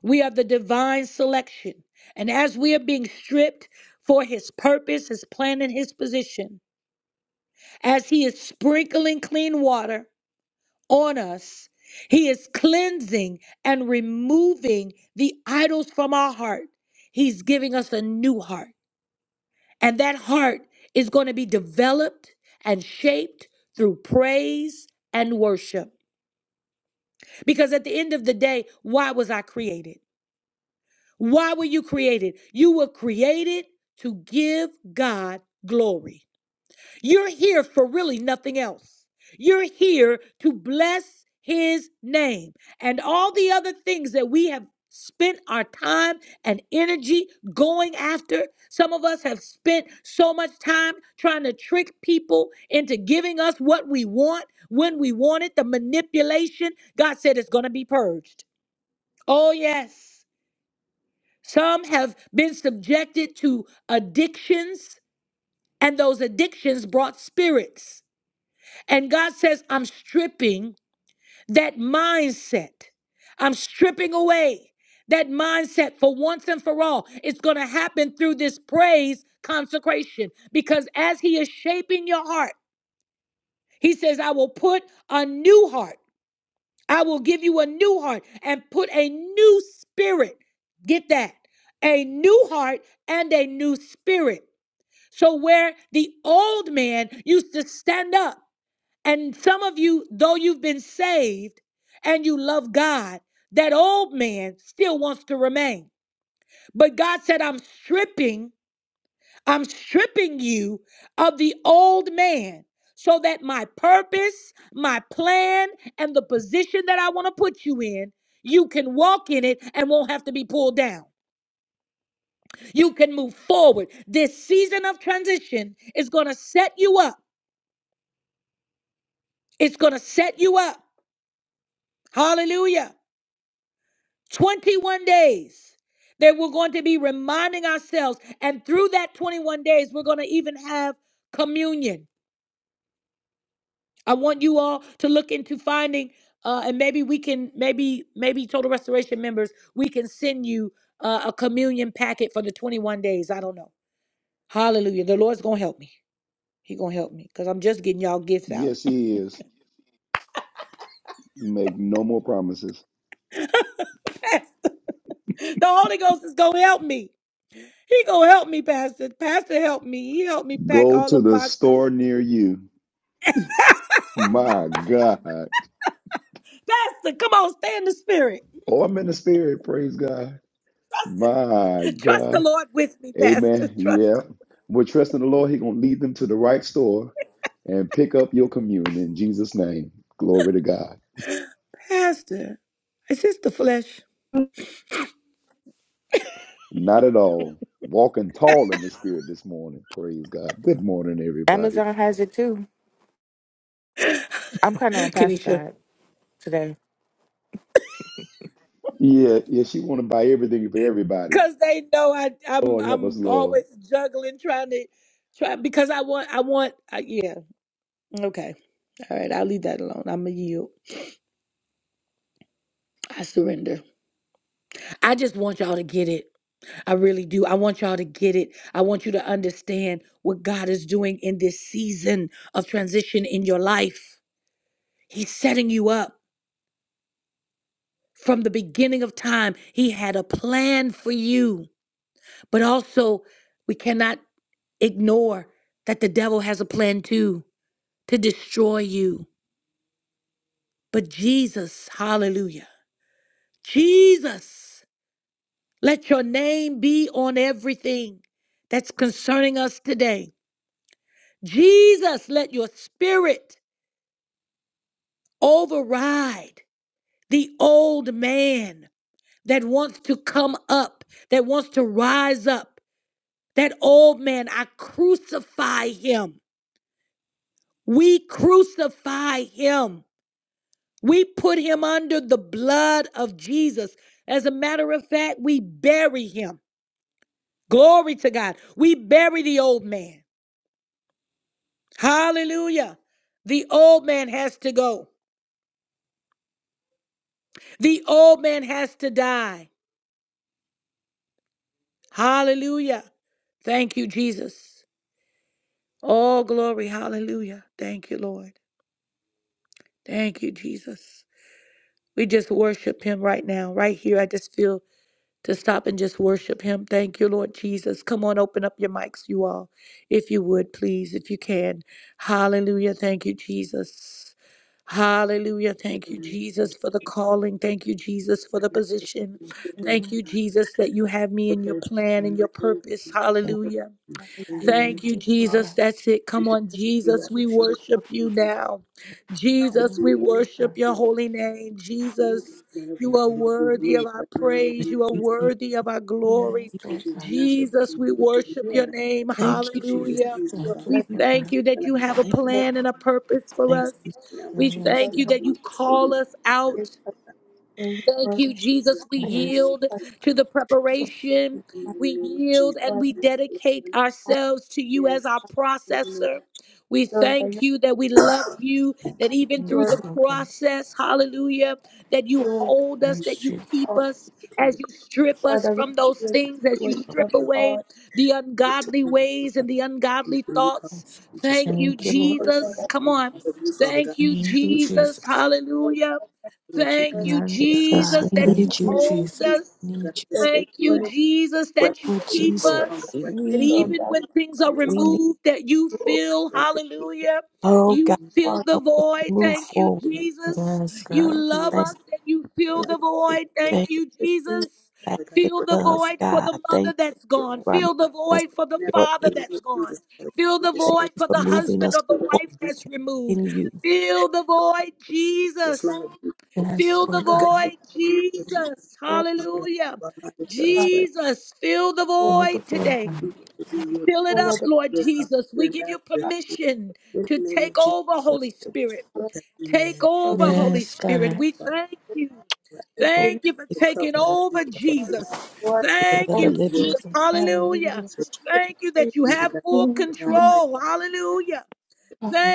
Speaker 1: we are the divine selection. And as we are being stripped for his purpose, his plan, and his position, as he is sprinkling clean water on us, he is cleansing and removing the idols from our heart. He's giving us a new heart. And that heart is going to be developed and shaped through praise and worship. Because at the end of the day, why was I created? Why were you created? You were created to give God glory. You're here for really nothing else. You're here to bless his name. And all the other things that we have spent our time and energy going after, some of us have spent so much time trying to trick people into giving us what we want when we want it. The manipulation, God said it's going to be purged. Oh, yes. Some have been subjected to addictions, and those addictions brought spirits. And God says, I'm stripping that mindset. I'm stripping away that mindset for once and for all. It's going to happen through this praise consecration because as He is shaping your heart, He says, I will put a new heart. I will give you a new heart and put a new spirit. Get that. A new heart and a new spirit. So, where the old man used to stand up and some of you, though you've been saved and you love God, that old man still wants to remain. But God said, I'm stripping, I'm stripping you of the old man so that my purpose, my plan, and the position that I want to put you in, you can walk in it and won't have to be pulled down. You can move forward. This season of transition is going to set you up. It's going to set you up. Hallelujah. 21 days that we're going to be reminding ourselves. And through that 21 days, we're going to even have communion. I want you all to look into finding, uh, and maybe we can, maybe, maybe Total Restoration members, we can send you uh, a communion packet for the 21 days. I don't know. Hallelujah. The Lord's going to help me. He going to help me because I'm just getting y'all gifts out.
Speaker 3: Yes, make no more promises.
Speaker 1: the Holy Ghost is going to help me. He going to help me, Pastor. Pastor, help me. He helped me pack
Speaker 3: Go
Speaker 1: all
Speaker 3: to
Speaker 1: them
Speaker 3: the
Speaker 1: boxes.
Speaker 3: store near you. My God.
Speaker 1: Pastor, come on, stay in the spirit.
Speaker 3: Oh, I'm in the spirit. Praise God. My
Speaker 1: Trust the
Speaker 3: God.
Speaker 1: Lord with me, Pastor.
Speaker 3: Amen.
Speaker 1: Trust
Speaker 3: Yeah.
Speaker 1: the
Speaker 3: We're trusting the Lord. He's going to lead them to the right store and pick up your communion in Jesus' name. Glory to God.
Speaker 1: Pastor. Is this the flesh?
Speaker 3: Not at all. Walking tall in the spirit this morning. Praise God. Good morning, everybody.
Speaker 4: Amazon has it too. I'm kind of on pastor
Speaker 1: Kenisha.
Speaker 4: side today.
Speaker 3: Yeah, yeah, she want to buy everything for everybody.
Speaker 1: Cause they know I, I'm
Speaker 3: Lord help us,
Speaker 1: I'm
Speaker 3: Lord.
Speaker 1: always juggling, trying to try because I want I want I, yeah. Okay. All right, I'll leave that alone. i am a yield. I surrender. I just want y'all to get it. I really do. I want y'all to get it. I want you to understand what God is doing in this season of transition in your life. He's setting you up. From the beginning of time, He had a plan for you. But also, we cannot ignore that the devil has a plan too to destroy you. But Jesus, hallelujah, Jesus, let your name be on everything that's concerning us today. Jesus, let your spirit override the old man that wants to come up, that wants to rise up. That old man, I crucify him. We crucify him. We put him under the blood of Jesus. As a matter of fact, we bury him. Glory to God. We bury the old man. Hallelujah. The old man has to go. The old man has to die. Hallelujah. Thank you, Jesus. All glory. Hallelujah. Thank you, Lord. Thank you, Jesus. We just worship him right now, right here. I just feel to stop and just worship him. Thank you, Lord Jesus. Come on, open up your mics, you all, if you would, please, if you can. Hallelujah. Thank you, Jesus. Hallelujah.
Speaker 5: In
Speaker 1: Thank
Speaker 5: the
Speaker 1: you,
Speaker 5: name of
Speaker 1: Jesus, for the
Speaker 5: Jesus,
Speaker 1: calling. Thank you, Jesus, for the position.
Speaker 5: we will none
Speaker 6: Lord,
Speaker 1: Thank
Speaker 6: that
Speaker 1: you, Jesus, that you have me in your plan and your purpose.
Speaker 7: Thank
Speaker 1: Hallelujah.
Speaker 4: Yes, God,
Speaker 6: you
Speaker 1: Thank
Speaker 4: thank
Speaker 1: you,
Speaker 4: you, Lord
Speaker 1: Jesus.
Speaker 4: God.
Speaker 1: That's it. Come on, Jesus.
Speaker 4: Thank you,
Speaker 1: We
Speaker 4: Jesus.
Speaker 1: worship you now.
Speaker 4: Thank
Speaker 1: Jesus,
Speaker 4: you,
Speaker 1: we
Speaker 4: Lord
Speaker 1: worship
Speaker 4: God.
Speaker 1: your holy name. Jesus,
Speaker 5: of
Speaker 1: you
Speaker 5: you,
Speaker 1: are
Speaker 5: Father, we
Speaker 1: worthy
Speaker 5: remove
Speaker 1: of
Speaker 5: it
Speaker 1: our
Speaker 5: right now in the
Speaker 1: praise.
Speaker 5: name
Speaker 1: You
Speaker 5: of
Speaker 1: are
Speaker 5: Jesus.
Speaker 7: you.
Speaker 1: worthy of our glory.
Speaker 4: Yes, Lord
Speaker 5: Thank you right
Speaker 4: God.
Speaker 5: now for
Speaker 1: Jesus,
Speaker 5: everything
Speaker 1: we
Speaker 5: that you're doing,
Speaker 1: worship
Speaker 6: are
Speaker 1: your
Speaker 5: God,
Speaker 1: name.
Speaker 7: Thank
Speaker 4: Thank
Speaker 7: you.
Speaker 4: you,
Speaker 5: in this
Speaker 1: Hallelujah.
Speaker 4: Jesus.
Speaker 5: season,
Speaker 4: Thank you,
Speaker 5: Father,
Speaker 1: We
Speaker 5: God,
Speaker 4: Lord
Speaker 5: and and
Speaker 1: thank
Speaker 4: God.
Speaker 1: you that
Speaker 5: season
Speaker 1: you have a
Speaker 7: Thank you.
Speaker 5: God,
Speaker 1: plan and a purpose
Speaker 5: we
Speaker 1: for
Speaker 7: thank you.
Speaker 1: us.
Speaker 5: just ask now
Speaker 1: We
Speaker 5: that you take
Speaker 4: Yes,
Speaker 1: thank
Speaker 5: the
Speaker 1: you
Speaker 4: God.
Speaker 1: that you
Speaker 5: food, it's the
Speaker 1: call
Speaker 5: root
Speaker 1: us out. Thank you,
Speaker 5: of
Speaker 1: Jesus.
Speaker 5: Jesus,
Speaker 1: We
Speaker 7: thank you.
Speaker 5: in
Speaker 4: Yes,
Speaker 1: yield to the
Speaker 4: Jesus.
Speaker 5: the
Speaker 1: preparation.
Speaker 5: mighty
Speaker 1: We
Speaker 5: name of Jesus.
Speaker 1: yield and we dedicate ourselves to you as
Speaker 5: Yes,
Speaker 1: our
Speaker 5: Lord. yes,
Speaker 1: processor. We thank you that we love you, that even through
Speaker 4: Yes,
Speaker 1: the
Speaker 4: Lord God.
Speaker 1: process, hallelujah, that you
Speaker 6: doing
Speaker 1: hold us,
Speaker 4: Yes,
Speaker 1: that you
Speaker 4: Jesus.
Speaker 1: keep
Speaker 6: all
Speaker 1: us,
Speaker 5: King
Speaker 1: as
Speaker 5: of
Speaker 1: you
Speaker 5: Kings,
Speaker 1: strip
Speaker 4: Yes,
Speaker 1: us
Speaker 6: Father, we
Speaker 4: God.
Speaker 1: from those
Speaker 6: do
Speaker 1: things,
Speaker 6: exactly
Speaker 1: as you
Speaker 6: what you
Speaker 1: strip away the
Speaker 5: we look to
Speaker 1: ungodly
Speaker 5: you this week,
Speaker 1: ways and
Speaker 5: Father.
Speaker 1: the
Speaker 5: We
Speaker 1: ungodly
Speaker 5: thank you, Father.
Speaker 1: thoughts.
Speaker 5: We just
Speaker 1: Thank
Speaker 5: thank
Speaker 1: you,
Speaker 4: Thank
Speaker 5: you
Speaker 4: you,
Speaker 5: God,
Speaker 4: Lord
Speaker 5: for
Speaker 6: and
Speaker 5: the
Speaker 4: God.
Speaker 6: Lord,
Speaker 1: Jesus.
Speaker 6: that
Speaker 1: Come on.
Speaker 5: purpose of you, Father God.
Speaker 1: Thank you,
Speaker 4: Thank you,
Speaker 5: We just thank
Speaker 1: Jesus.
Speaker 4: Jesus.
Speaker 6: you
Speaker 1: Hallelujah.
Speaker 5: you for
Speaker 1: Thank
Speaker 5: keeping
Speaker 6: are
Speaker 5: us,
Speaker 1: you,
Speaker 5: Father
Speaker 4: Yes,
Speaker 5: God.
Speaker 7: Jesus.
Speaker 4: God.
Speaker 1: Jesus,
Speaker 7: We
Speaker 5: In the
Speaker 1: that you
Speaker 7: need
Speaker 4: Thank
Speaker 7: you.
Speaker 4: you,
Speaker 5: mighty name
Speaker 1: hold
Speaker 5: of
Speaker 4: Jesus.
Speaker 5: Jesus,
Speaker 7: We
Speaker 1: us.
Speaker 7: need
Speaker 5: God, I
Speaker 7: you.
Speaker 5: just
Speaker 6: doing
Speaker 5: thank
Speaker 1: Thank
Speaker 5: you
Speaker 1: you,
Speaker 6: when
Speaker 5: at
Speaker 6: it
Speaker 1: Jesus,
Speaker 5: wrap
Speaker 1: that you
Speaker 7: Lord
Speaker 5: your
Speaker 6: is
Speaker 5: loving
Speaker 1: keep
Speaker 5: arms
Speaker 7: Jesus.
Speaker 5: around us
Speaker 1: us.
Speaker 7: We
Speaker 5: right now.
Speaker 1: That
Speaker 7: need
Speaker 6: Lord,
Speaker 7: you.
Speaker 5: In the
Speaker 1: even
Speaker 6: that you
Speaker 5: name
Speaker 1: when
Speaker 5: of
Speaker 1: things
Speaker 6: are
Speaker 1: are
Speaker 6: doing
Speaker 5: Jesus,
Speaker 7: We need
Speaker 1: removed, that you fill,
Speaker 5: God, I thank you
Speaker 1: hallelujah,
Speaker 7: oh God
Speaker 1: you
Speaker 5: for
Speaker 6: all
Speaker 1: fill the
Speaker 7: help us
Speaker 1: void.
Speaker 7: to move
Speaker 1: Thank you,
Speaker 7: forward.
Speaker 5: keeping us, Father.
Speaker 1: Jesus.
Speaker 4: Yes,
Speaker 1: You
Speaker 4: God.
Speaker 5: In the
Speaker 1: love
Speaker 5: name
Speaker 7: Thank
Speaker 5: of
Speaker 1: us
Speaker 7: you.
Speaker 1: and you fill
Speaker 6: things
Speaker 5: God,
Speaker 6: to
Speaker 1: the
Speaker 5: we thank
Speaker 1: void.
Speaker 5: you, for your
Speaker 7: thank you.
Speaker 1: Thank
Speaker 5: wrath,
Speaker 1: you, Jesus.
Speaker 7: thank,
Speaker 5: Father
Speaker 7: you,
Speaker 5: God,
Speaker 1: Fill the
Speaker 5: protect us
Speaker 7: love,
Speaker 1: void for
Speaker 7: God.
Speaker 1: the
Speaker 7: Thank
Speaker 1: mother
Speaker 7: you
Speaker 1: that's
Speaker 5: from
Speaker 1: gone.
Speaker 5: all.
Speaker 7: for
Speaker 1: Fill the
Speaker 7: making us
Speaker 1: void for the
Speaker 5: Never
Speaker 7: your
Speaker 1: father
Speaker 5: in
Speaker 7: end.
Speaker 5: the name
Speaker 1: that's
Speaker 5: of
Speaker 1: gone.
Speaker 5: Jesus, Father.
Speaker 1: Fill
Speaker 5: We
Speaker 1: the
Speaker 5: just
Speaker 7: Thank
Speaker 5: thank
Speaker 1: void
Speaker 5: you
Speaker 7: you
Speaker 1: for
Speaker 7: for
Speaker 1: the
Speaker 7: moving
Speaker 1: husband
Speaker 7: us
Speaker 1: or the
Speaker 5: for what
Speaker 7: forward
Speaker 5: you
Speaker 1: wife
Speaker 5: do,
Speaker 1: that's removed.
Speaker 7: in you.
Speaker 1: Fill the
Speaker 5: Father.
Speaker 1: void,
Speaker 5: It's
Speaker 1: Jesus.
Speaker 5: not of you, Father
Speaker 4: Yes,
Speaker 5: God.
Speaker 1: Fill the
Speaker 4: Lord
Speaker 6: the
Speaker 5: God,
Speaker 4: God.
Speaker 1: void,
Speaker 5: we thank you,
Speaker 1: Jesus.
Speaker 6: Lord
Speaker 5: Father God.
Speaker 1: Hallelujah.
Speaker 5: for to us
Speaker 6: God.
Speaker 5: right
Speaker 1: Jesus, fill the
Speaker 6: You
Speaker 1: void
Speaker 4: Beautiful
Speaker 1: today.
Speaker 4: God.
Speaker 5: We want to be your
Speaker 1: Fill it up,
Speaker 5: daughters,
Speaker 1: Lord
Speaker 5: your father,
Speaker 1: Jesus.
Speaker 5: your
Speaker 1: We give you
Speaker 5: ambassadors. In
Speaker 1: permission
Speaker 5: the
Speaker 1: to
Speaker 5: name
Speaker 1: take
Speaker 5: of Jesus,
Speaker 1: over,
Speaker 5: Lord,
Speaker 1: Holy
Speaker 5: that
Speaker 1: Spirit.
Speaker 5: we show every
Speaker 1: Take
Speaker 5: man
Speaker 1: over,
Speaker 5: in
Speaker 8: you,
Speaker 1: Holy
Speaker 4: Yes, God.
Speaker 1: Spirit. We
Speaker 5: the
Speaker 1: thank you.
Speaker 5: name of
Speaker 7: Oh
Speaker 1: Thank you for
Speaker 5: the
Speaker 1: taking
Speaker 7: Spirit,
Speaker 5: covenant
Speaker 1: over,
Speaker 5: keeping Father, Lord,
Speaker 1: Jesus.
Speaker 7: Spirit
Speaker 1: Thank
Speaker 7: of the
Speaker 1: you,
Speaker 4: Thank you,
Speaker 7: living
Speaker 5: that
Speaker 1: Jesus.
Speaker 4: Jesus.
Speaker 1: Hallelujah.
Speaker 4: Hallelujah.
Speaker 5: you
Speaker 6: the
Speaker 1: Thank you
Speaker 6: praise,
Speaker 1: that you
Speaker 5: do the
Speaker 1: have
Speaker 5: God
Speaker 1: full
Speaker 4: Oh,
Speaker 5: in our
Speaker 4: God.
Speaker 5: life,
Speaker 1: control.
Speaker 5: Father,
Speaker 1: Hallelujah.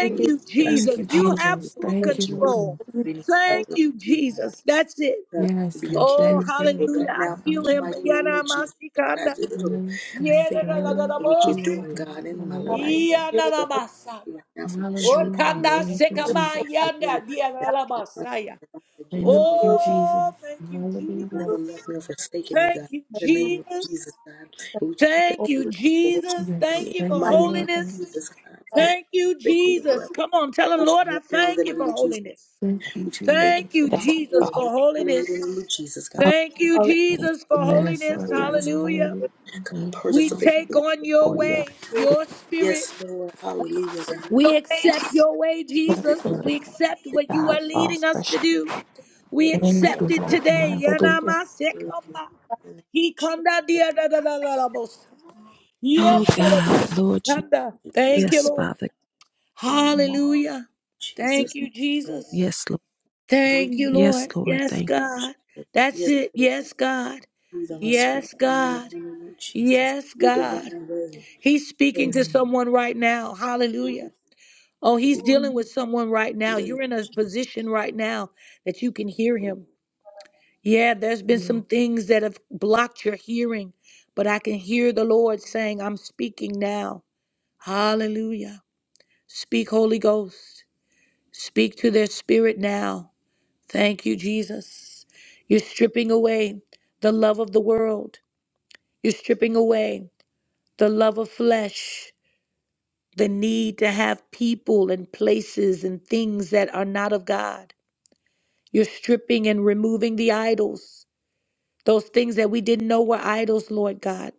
Speaker 6: we
Speaker 5: please,
Speaker 6: give
Speaker 1: you,
Speaker 4: Thank
Speaker 1: Jesus.
Speaker 4: you,
Speaker 5: ourselves,
Speaker 1: You
Speaker 7: God.
Speaker 1: have
Speaker 5: and
Speaker 4: Jesus.
Speaker 1: full
Speaker 4: Thank you,
Speaker 5: coach and
Speaker 4: Lord
Speaker 5: lead
Speaker 1: control.
Speaker 4: God.
Speaker 5: we need
Speaker 6: you
Speaker 5: to
Speaker 1: Thank
Speaker 5: listen
Speaker 1: you,
Speaker 5: you, God.
Speaker 1: Jesus. That's it.
Speaker 5: God, to
Speaker 4: Yes,
Speaker 5: be your
Speaker 4: God.
Speaker 5: kingdom
Speaker 1: Oh,
Speaker 4: Thank you,
Speaker 5: example
Speaker 4: Lord
Speaker 1: hallelujah.
Speaker 5: right
Speaker 4: God.
Speaker 1: I
Speaker 5: now in
Speaker 1: feel
Speaker 5: the
Speaker 4: Hallelujah.
Speaker 1: him.
Speaker 5: mighty name
Speaker 1: Yana
Speaker 5: of Jesus. God, I
Speaker 1: masikanda.
Speaker 5: give it all.
Speaker 4: Yes,
Speaker 5: I
Speaker 4: God.
Speaker 5: thank
Speaker 1: Yena na
Speaker 5: you
Speaker 1: la
Speaker 4: Thank
Speaker 1: gada
Speaker 5: for what
Speaker 4: you,
Speaker 5: you're
Speaker 1: bosa.
Speaker 4: Lord
Speaker 5: doing,
Speaker 4: God.
Speaker 5: God, in my
Speaker 6: Have
Speaker 5: life.
Speaker 4: Hallelujah.
Speaker 6: your
Speaker 1: Yana na masaya.
Speaker 5: right now for your strength
Speaker 4: Hallelujah.
Speaker 5: and
Speaker 1: Okanda
Speaker 5: mercy,
Speaker 4: Thank you,
Speaker 5: God.
Speaker 1: sekama
Speaker 4: Jesus.
Speaker 5: I know
Speaker 1: yanda. Diana
Speaker 5: that
Speaker 1: la
Speaker 5: you love us
Speaker 1: masaya.
Speaker 5: again,
Speaker 6: your
Speaker 4: Thank
Speaker 5: Father.
Speaker 4: you,
Speaker 6: will be
Speaker 4: Jesus.
Speaker 1: Oh, thank you,
Speaker 5: You've
Speaker 4: Hallelujah.
Speaker 5: never
Speaker 6: done
Speaker 5: left
Speaker 1: Jesus.
Speaker 5: me or forsaken me,
Speaker 1: Thank
Speaker 5: God.
Speaker 1: you,
Speaker 5: In the name of Jesus,
Speaker 1: Jesus.
Speaker 5: God. And we just thank
Speaker 1: Thank
Speaker 6: on
Speaker 1: you,
Speaker 5: you for what
Speaker 1: Jesus.
Speaker 5: you're doing
Speaker 4: Yes,
Speaker 1: Thank
Speaker 5: in
Speaker 1: you
Speaker 5: the
Speaker 1: for
Speaker 4: thank you,
Speaker 6: earth
Speaker 5: mighty name
Speaker 4: Lord God.
Speaker 5: of
Speaker 1: holiness.
Speaker 5: Jesus, God.
Speaker 6: as
Speaker 7: And
Speaker 1: Thank you,
Speaker 5: Thank you for the
Speaker 1: Jesus. Come on, tell him,
Speaker 6: it
Speaker 5: revelation
Speaker 1: Lord, I
Speaker 5: right now in
Speaker 1: thank
Speaker 5: the
Speaker 1: you
Speaker 5: name
Speaker 1: for
Speaker 5: of Jesus.
Speaker 1: holiness.
Speaker 4: Thank you,
Speaker 5: We just thank
Speaker 1: Thank
Speaker 4: Jesus.
Speaker 5: you
Speaker 1: you,
Speaker 7: thank
Speaker 5: for
Speaker 7: you for
Speaker 1: Jesus,
Speaker 5: holding us
Speaker 1: for
Speaker 5: in the
Speaker 1: holiness.
Speaker 5: name of Jesus, God.
Speaker 7: holding
Speaker 1: Thank you,
Speaker 5: I just
Speaker 7: need
Speaker 5: thank
Speaker 1: Jesus, for
Speaker 5: you right now
Speaker 4: Yes,
Speaker 1: holiness.
Speaker 4: Lord
Speaker 5: for
Speaker 4: God.
Speaker 5: holiness.
Speaker 1: Hallelujah.
Speaker 4: Hallelujah.
Speaker 6: is
Speaker 5: God,
Speaker 4: Thank you,
Speaker 1: We
Speaker 5: participate.
Speaker 4: Jesus.
Speaker 1: take on your
Speaker 7: for your
Speaker 1: way,
Speaker 6: in
Speaker 1: your spirit.
Speaker 5: Yes, Lord. Hallelujah, God.
Speaker 1: We
Speaker 8: all
Speaker 1: accept your way,
Speaker 5: Thank
Speaker 1: Jesus.
Speaker 4: Thank you,
Speaker 5: you,
Speaker 7: Spirit of
Speaker 1: We accept what you
Speaker 7: God.
Speaker 1: are
Speaker 4: Jesus.
Speaker 7: All
Speaker 1: leading us
Speaker 7: fresh.
Speaker 1: to do. We
Speaker 5: Lord.
Speaker 4: Thank you,
Speaker 1: accept
Speaker 4: Lord
Speaker 1: it today.
Speaker 4: God. Hallelujah.
Speaker 5: Lord in
Speaker 1: Yanamasekamba.
Speaker 5: the name of
Speaker 1: Hikanda
Speaker 5: Jesus,
Speaker 1: diadadadadadabosa.
Speaker 8: God,
Speaker 7: Oh
Speaker 5: Lord
Speaker 7: God, Lord Jesus.
Speaker 1: Yadadadadadabosanda.
Speaker 5: Jesus,
Speaker 1: Thank you,
Speaker 7: Yes,
Speaker 1: Lord.
Speaker 7: Father.
Speaker 5: Lord
Speaker 8: from all
Speaker 1: Hallelujah. Thank
Speaker 5: Jesus,
Speaker 1: you,
Speaker 5: Lord,
Speaker 1: Jesus.
Speaker 7: Yes, Lord.
Speaker 5: breathe,
Speaker 1: Thank you,
Speaker 8: sleep,
Speaker 7: Yes,
Speaker 1: Lord.
Speaker 7: Lord.
Speaker 1: Yes,
Speaker 7: Thank you.
Speaker 1: God.
Speaker 5: Jesus.
Speaker 1: That's
Speaker 5: Yes,
Speaker 1: it.
Speaker 5: Lord,
Speaker 1: Yes, God.
Speaker 5: breathe on us right
Speaker 1: Yes,
Speaker 8: the
Speaker 5: now in the
Speaker 8: Holy
Speaker 5: mighty
Speaker 1: God.
Speaker 5: name of Jesus.
Speaker 1: Yes,
Speaker 5: Your
Speaker 1: God.
Speaker 5: divine way.
Speaker 1: He's speaking
Speaker 5: Yes,
Speaker 1: to
Speaker 8: Spirit,
Speaker 1: someone right now.
Speaker 5: breathe
Speaker 1: Hallelujah. Oh, he's
Speaker 5: today.
Speaker 8: Holy
Speaker 1: dealing with someone right now.
Speaker 5: Yes,
Speaker 1: You're in a
Speaker 5: Jesus.
Speaker 1: position right now that you can hear him. Yeah, there's been
Speaker 8: Spirit.
Speaker 1: some things that have blocked your hearing, but I can hear the Lord saying, I'm speaking now. Hallelujah. Speak, Holy Ghost. Speak to their spirit now. Thank you, Jesus. You're stripping away the love of the world. You're stripping away the love of flesh, the need to have people and places and things that are not of God. You're stripping and removing the idols, those things that we didn't know were idols, Lord God.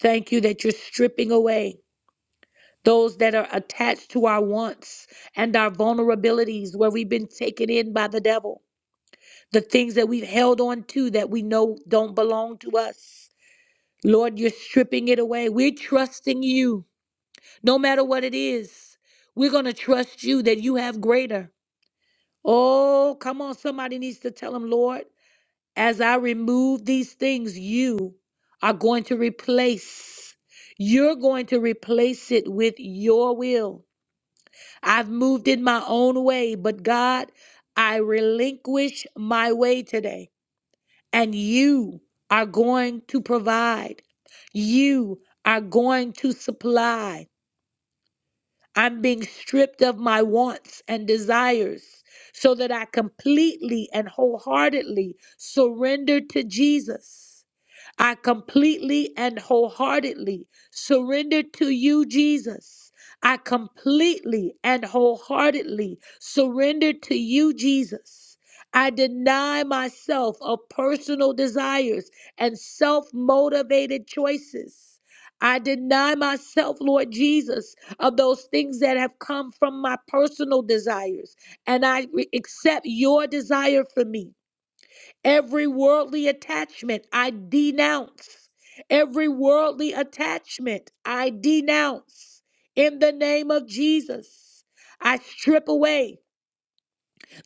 Speaker 1: Thank you that you're stripping away those that are attached to our wants and our vulnerabilities where we've been taken in by the devil. the things that we've held on to that we know don't belong to us. Lord, you're stripping it away. We're trusting you no matter what it is. We're going to trust you that you have greater. Oh, come on. Somebody needs to tell him, Lord, as I remove these things, you are going to replace. You're going to replace it with your will. I've moved in my own way, but God, I relinquish my way today. and you are going to provide. You are going to supply. I'm being stripped of my wants and desires so that I completely and wholeheartedly surrender to Jesus. I completely and wholeheartedly surrender to you, Jesus. I completely and wholeheartedly surrender to you, Jesus. I deny myself of personal desires and self motivated choices. I deny myself, Lord Jesus, of those things that have come from my personal desires, and I re- accept your desire for me. Every worldly attachment I denounce. Every worldly attachment I denounce in the name of Jesus. I strip away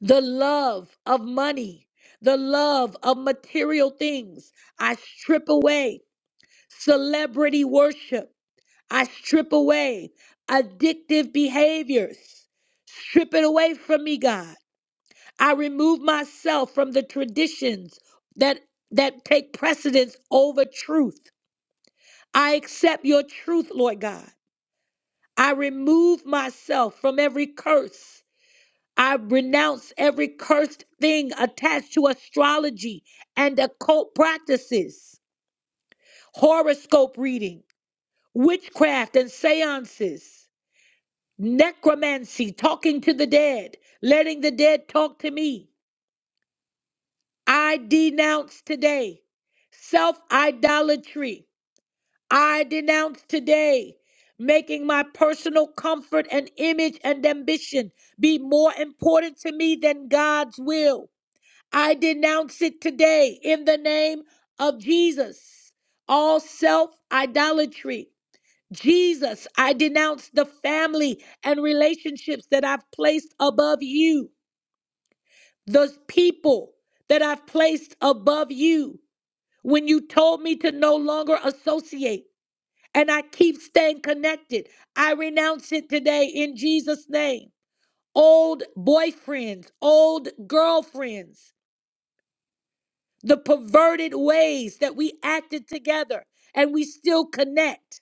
Speaker 1: the love of money, the love of material things. I strip away celebrity worship. I strip away addictive behaviors. Strip it away from me, God. I remove myself from the traditions that that take precedence over truth. I accept your truth, Lord God. I remove myself from every curse. I renounce every cursed thing attached to astrology and occult practices, horoscope reading, witchcraft and seances, necromancy, talking to the dead, letting the dead talk to me. I denounce today self idolatry. I denounce today making my personal comfort and image and ambition be more important to me than God's will. I denounce it today in the name of Jesus. All self idolatry. Jesus, I denounce the family and relationships that I've placed above you, those people that I've placed above you when you told me to no longer associate. and I keep staying connected. I renounce it today in Jesus' name. Old boyfriends, old girlfriends, the perverted ways that we acted together and we still connect.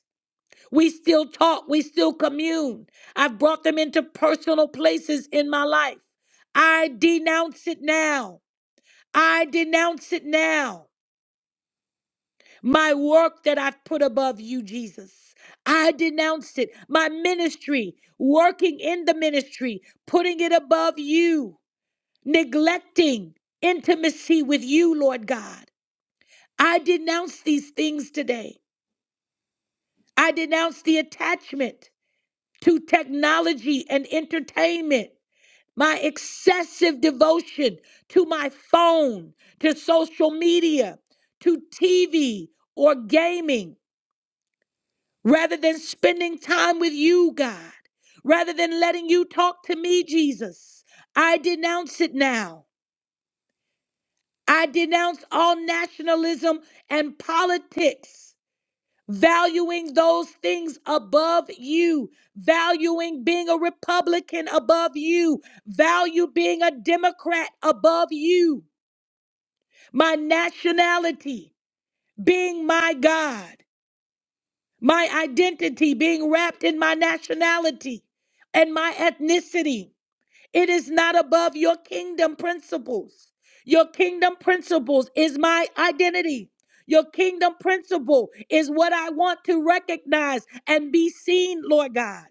Speaker 1: We still talk. We still commune. I've brought them into personal places in my life. I denounce it now. I denounce it now. my work that I've put above you, Jesus. I denounced it. My ministry, working in the ministry, putting it above you, neglecting intimacy with you, Lord God. I denounce these things today. I denounce the attachment to technology and entertainment, my excessive devotion to my phone, to social media, to TV or gaming. rather than spending time with you, God, rather than letting you talk to me, Jesus. I denounce it now. I denounce all nationalism and politics, valuing those things above you, valuing being a Republican above you, value being a Democrat above you, my nationality being my God. my identity being wrapped in my nationality and my ethnicity. It is not above your kingdom principles. Your kingdom principles is my identity. Your kingdom principle is what I want to recognize and be seen, Lord God.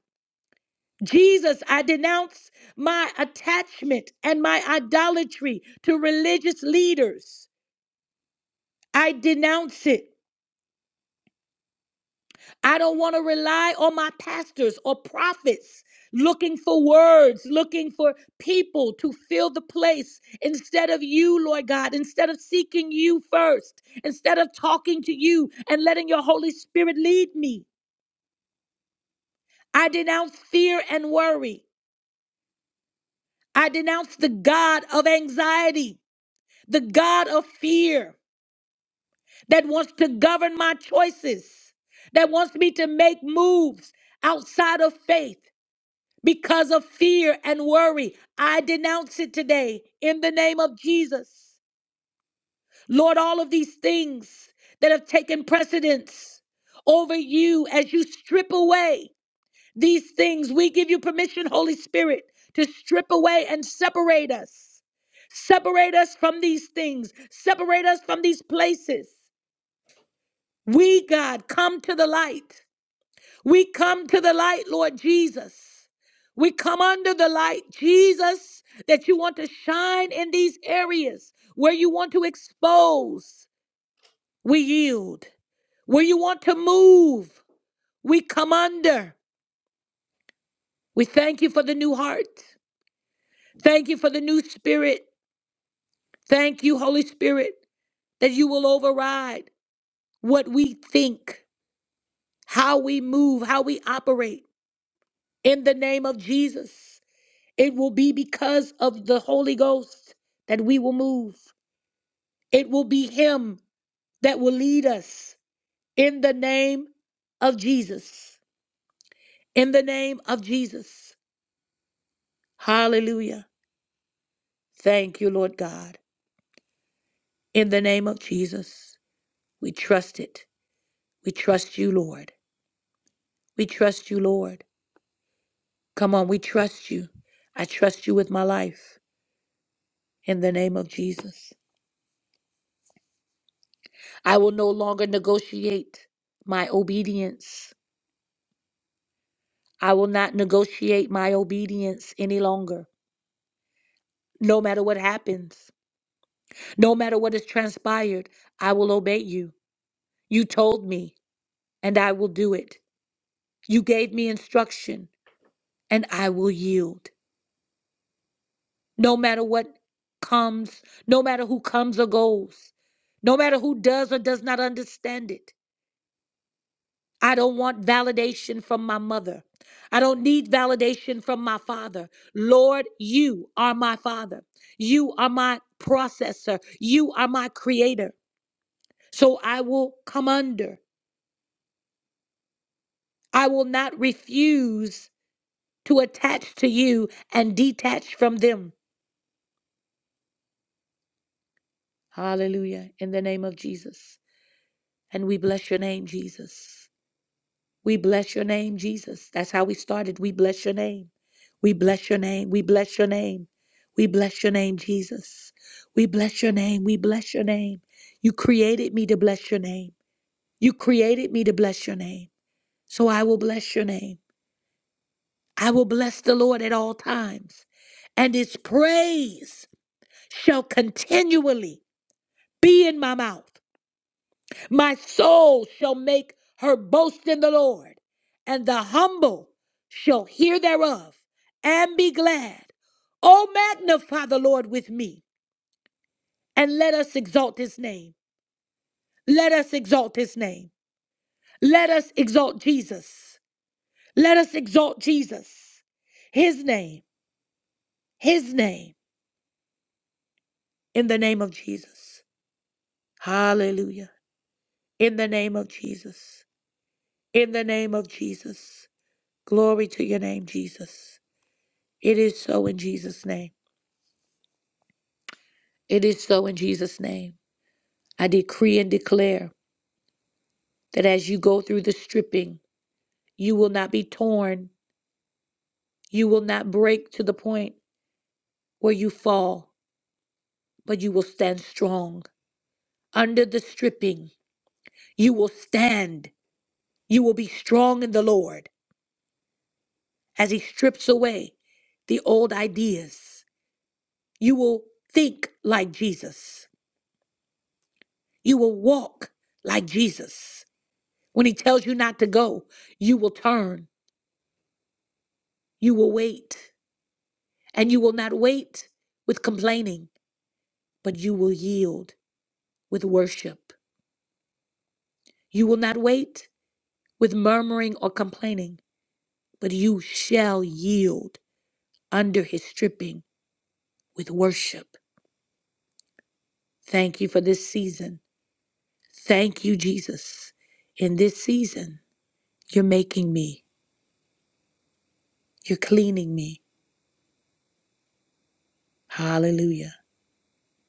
Speaker 1: Jesus, I denounce my attachment and my idolatry to religious leaders. I denounce it. I don't want to rely on my pastors or prophets looking for words, looking for people to fill the place instead of you, Lord God, instead of seeking you first, instead of talking to you and letting your Holy Spirit lead me. I denounce fear and worry. I denounce the God of anxiety, the God of fear that wants to govern my choices, that wants me to make moves outside of faith because of fear and worry. I denounce it today in the name of Jesus. Lord, all of these things that have taken precedence over you as you strip away these things, we give you permission, Holy Spirit, to strip away and separate us. Separate us from these things, separate us from these places. We, God, come to the light. We come to the light, Lord Jesus. We come under the light, Jesus, that you want to shine in these areas where you want to expose. We yield. Where you want to move, we come under. We thank you for the new heart. Thank you for the new spirit. Thank you, Holy Spirit, that you will override what we think, how we move, how we operate. In the name of Jesus, it will be because of the Holy Ghost that we will move. It will be Him that will lead us in the name of Jesus. In the name of Jesus. Hallelujah. Thank you, Lord God. In the name of Jesus, we trust it. We trust you, Lord. We trust you, Lord. Come on, we trust you. I trust you with my life. In the name of Jesus, I will no longer negotiate my obedience. I will not negotiate my obedience any longer no matter what happens. No matter what has transpired, I will obey you. You told me, and I will do it. You gave me instruction, and I will yield. No matter what comes, no matter who comes or goes, no matter who does or does not understand it. I don't want validation from my mother. I don't need validation from my father. Lord, you are my father. You are my processor. You are my creator. So I will come under. I will not refuse to attach to you and detach from them. Hallelujah. In the name of Jesus. And we bless your name, Jesus. We bless your name, Jesus. That's how we started. We bless your name. We bless your name. We bless your name. We bless your name, Jesus. We bless your name. We bless your name. You created me to bless your name. You created me to bless your name. So I will bless your name. I will bless the Lord at all times and his praise shall continually be in my mouth. My soul shall make her boast in the Lord, and the humble shall hear thereof and be glad. Oh, magnify the Lord with me, and let us exalt his name. Let us exalt his name. Let us exalt Jesus. Let us exalt Jesus. His name, his name, in the name of Jesus. Hallelujah. In the name of Jesus. In the name of Jesus. Glory to your name, Jesus. It is so in Jesus' name. It is so in Jesus' name. I decree and declare that as you go through the stripping, you will not be torn. You will not break to the point where you fall, but you will stand strong. Under the stripping, you will stand. You will be strong in the Lord as He strips away the old ideas. You will think like Jesus. You will walk like Jesus. When he tells you not to go, you will turn, you will wait, and you will not wait with complaining, but you will yield with worship. You will not wait with murmuring or complaining, but you shall yield under his stripping with worship. Thank you for this season. Thank you, Jesus. In this season, you're making me, you're cleaning me. Hallelujah.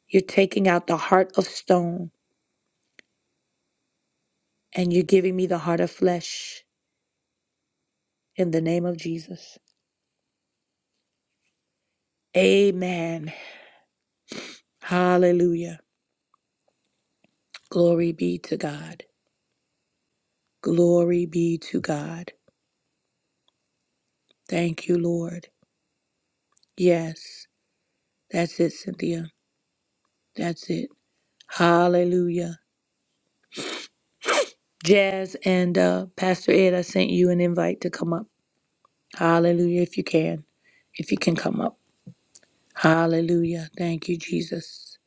Speaker 1: You're taking out the heart of stone and you're giving me the heart of flesh. in the name of Jesus. Amen. Hallelujah. Glory be to God. Glory be to God. Thank you, Lord. Yes, that's it, Cynthia. That's it. Hallelujah. Jazz and uh, Pastor Ed, I sent you an invite to come up. Hallelujah, if you can. If you can come up. Hallelujah. Thank you, Jesus.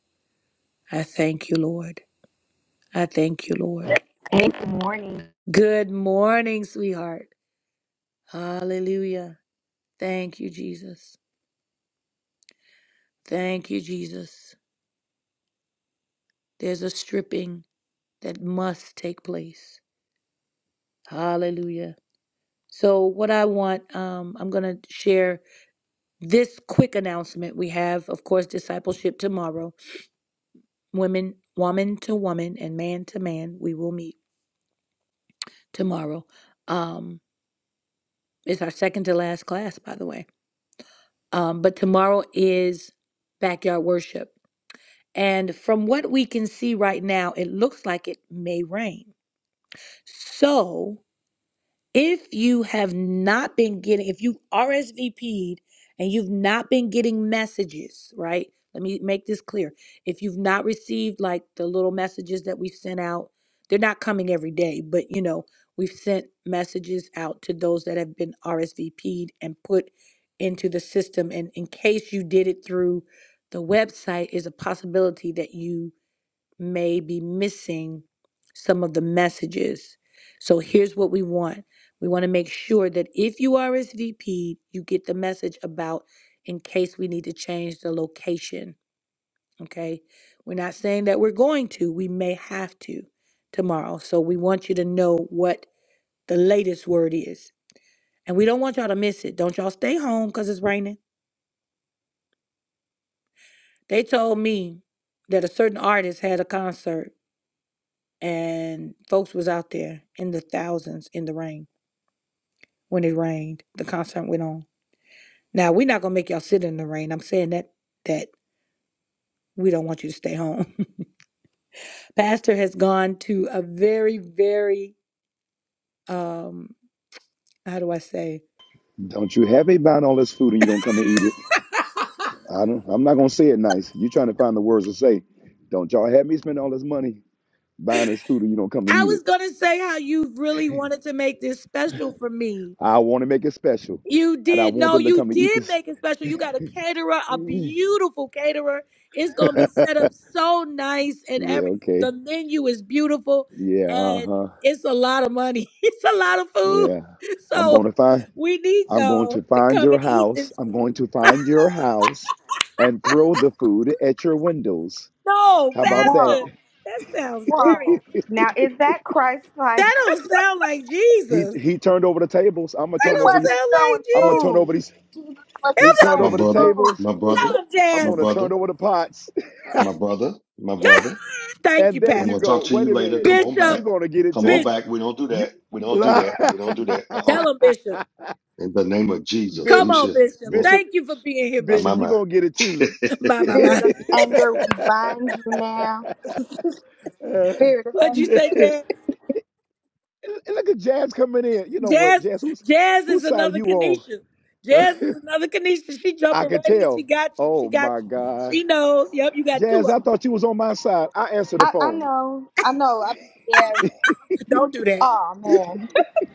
Speaker 1: I thank you, Lord. I thank you, Lord.
Speaker 9: Hey, good morning.
Speaker 1: Good morning, sweetheart. Hallelujah. Thank you, Jesus. Thank you, Jesus. There's a stripping that must take place. Hallelujah. So, what I want, um, I'm going to share this quick announcement. We have, of course, discipleship tomorrow. Women, woman to woman, and man to man, we will meet tomorrow. Um, it's our second to last class, by the way. Um, but tomorrow is backyard worship. And from what we can see right now, it looks like it may rain. So if you have not been getting, if you've RSVP'd and you've not been getting messages, right? Let me make this clear. If you've not received like the little messages that we've sent out, they're not coming every day, but you know, we've sent messages out to those that have been RSVP'd and put into the system. And in case you did it through the website, is a possibility that you may be missing some of the messages. So here's what we want. We want to make sure that if you are SVP, you get the message about in case we need to change the location. Okay. We're not saying that we're going to, we may have to tomorrow. So we want you to know what the latest word is. And we don't want y'all to miss it. Don't y'all stay home because it's raining. They told me that a certain artist had a concert and folks was out there in the thousands in the rain when it rained. The concert went on. Now we're not gonna make y'all sit in the rain. I'm saying that that we don't want you to stay home. Pastor has gone to a very, very um how do I say?
Speaker 3: Don't you have me buying all this food and you don't come and eat it? I don't, I'm not gonna say it nice. You trying to find the words to say? Don't y'all have me spend all this money buying this food and you don't come to
Speaker 1: I
Speaker 3: eat
Speaker 1: was
Speaker 3: it?
Speaker 1: gonna say how you really wanted to make this special for me
Speaker 3: I want to make it special,
Speaker 1: You
Speaker 3: and I
Speaker 1: did.
Speaker 3: want
Speaker 1: No,
Speaker 3: them to
Speaker 1: you
Speaker 3: come to eat
Speaker 1: did
Speaker 3: this.
Speaker 1: make it special. You got a caterer, a
Speaker 3: yeah.
Speaker 1: beautiful caterer. It's gonna be set up so nice and every
Speaker 3: Okay.
Speaker 1: the menu is beautiful
Speaker 3: Yeah. Uh
Speaker 1: and
Speaker 3: huh.
Speaker 1: it's a lot of money. It's a lot of food.
Speaker 3: Yeah. I'm going
Speaker 1: So
Speaker 3: to find.
Speaker 1: we need
Speaker 3: I'm going
Speaker 1: y'all
Speaker 3: to
Speaker 1: to
Speaker 3: find
Speaker 1: come
Speaker 3: your
Speaker 1: and eat
Speaker 3: house.
Speaker 1: this
Speaker 3: I'm going
Speaker 1: food.
Speaker 3: to find your house, and throw the food at your windows.
Speaker 1: No,
Speaker 3: How about
Speaker 9: Whoa,
Speaker 3: that?
Speaker 1: Pastor, that sounds very
Speaker 9: whoa. Now, is that Christ
Speaker 1: that
Speaker 9: like?
Speaker 1: don't sound like
Speaker 3: He
Speaker 1: Jesus.
Speaker 3: he turned over the tables. I'm gonna
Speaker 1: That
Speaker 9: He
Speaker 3: turn over
Speaker 1: don't
Speaker 3: you.
Speaker 9: wasn't
Speaker 1: sound like
Speaker 9: throwing
Speaker 3: I'm gonna turn
Speaker 1: Jesus.
Speaker 9: food.
Speaker 3: over these
Speaker 9: Jesus wasn't
Speaker 3: He turned
Speaker 10: My
Speaker 9: throwing
Speaker 3: over the
Speaker 10: brother,
Speaker 9: food.
Speaker 3: tables.
Speaker 10: my brother,
Speaker 3: I'm
Speaker 1: Tell
Speaker 10: my
Speaker 1: him,
Speaker 3: going to
Speaker 10: brother,
Speaker 3: turn over the pots.
Speaker 10: my brother, my
Speaker 1: Jazz.
Speaker 10: brother.
Speaker 1: Thank
Speaker 3: And
Speaker 1: you,
Speaker 3: there
Speaker 10: I'm
Speaker 3: you
Speaker 10: gonna
Speaker 1: Pastor.
Speaker 10: talk
Speaker 3: go.
Speaker 10: to you
Speaker 3: Wait a
Speaker 10: later.
Speaker 3: minute.
Speaker 10: Come on
Speaker 3: You're
Speaker 1: Bishop,
Speaker 10: back.
Speaker 3: going to get it
Speaker 10: Come on
Speaker 3: too.
Speaker 1: Bishop.
Speaker 10: back. We don't do
Speaker 3: You-
Speaker 10: that. We don't do
Speaker 3: Bi-
Speaker 10: that. We don't do that. Uh-uh.
Speaker 1: Tell him, Bishop.
Speaker 10: In the name of Jesus,
Speaker 1: Come on,
Speaker 10: Lucia.
Speaker 1: Bishop.
Speaker 10: Whoa,
Speaker 3: Bishop,
Speaker 1: Thank you for being here,
Speaker 10: my my
Speaker 3: Bishop,
Speaker 1: Bishop.
Speaker 3: you're
Speaker 10: my.
Speaker 3: going to get it too.
Speaker 1: Bye, bye,
Speaker 9: Spirit
Speaker 1: bye.
Speaker 9: of anger, we bind you now.
Speaker 3: Uh,
Speaker 9: Spirit of
Speaker 1: What'd you
Speaker 9: anger.
Speaker 1: say,
Speaker 3: and
Speaker 1: Jazz?
Speaker 3: look at Jazz coming in. You know what,
Speaker 1: Jazz,
Speaker 3: Jazz, who's,
Speaker 1: Jazz is
Speaker 3: whose side are
Speaker 1: another
Speaker 3: you on?
Speaker 1: Kenesha. Jazz is another Kenesha. She
Speaker 3: I
Speaker 1: jumping
Speaker 3: could
Speaker 1: right in. She
Speaker 3: tell.
Speaker 1: got you. She
Speaker 3: Oh
Speaker 1: got
Speaker 3: my
Speaker 1: you.
Speaker 3: God.
Speaker 1: She knows. Yep, you got two
Speaker 3: Jazz, I
Speaker 1: of them.
Speaker 3: thought you was on my side. I answered the
Speaker 9: I, I
Speaker 3: phone.
Speaker 9: know. I know. I, yeah.
Speaker 1: Don't do that.
Speaker 9: Oh, man.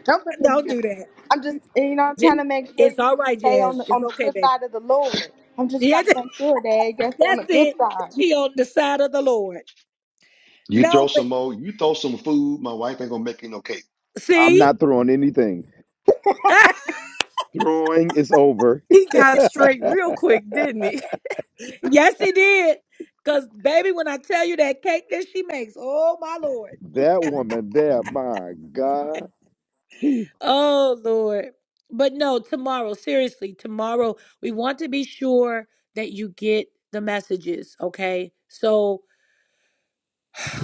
Speaker 9: Don't put me in the
Speaker 1: Don't do
Speaker 9: middle.
Speaker 1: that.
Speaker 9: I'm just, you know, I'm
Speaker 1: J-
Speaker 9: trying to make sure
Speaker 1: It's
Speaker 9: you,
Speaker 1: all
Speaker 9: you
Speaker 1: right,
Speaker 9: stay on
Speaker 1: Jazz.
Speaker 9: the,
Speaker 1: It's
Speaker 9: on the
Speaker 1: okay,
Speaker 9: good
Speaker 1: baby.
Speaker 9: side of the Lord. I'm just
Speaker 1: Yeah,
Speaker 9: trying to make sure that you stay on
Speaker 1: that's
Speaker 9: the good
Speaker 1: it.
Speaker 9: side.
Speaker 1: She on the side of the Lord.
Speaker 10: you throw
Speaker 1: No, but
Speaker 10: some more, you throw some food, my wife ain't gonna make you no cake.
Speaker 3: I'm
Speaker 1: see,
Speaker 3: not throwing anything. Throwing is over.
Speaker 7: He got straight real quick, didn't he?
Speaker 1: yes, he did. Cause baby, when I tell you that cake that she makes, oh my lord.
Speaker 3: That woman there, my God.
Speaker 1: Oh, Lord. But no, tomorrow, seriously, tomorrow, we want to be sure that you get the messages, okay? So,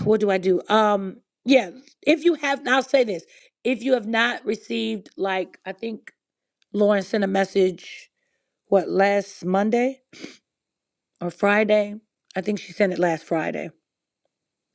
Speaker 1: what do I do? Um, yeah, if you have, I'll say this. If you have not received, like, I think Lauren sent a message, what, last Monday or Friday? I think she sent it last Friday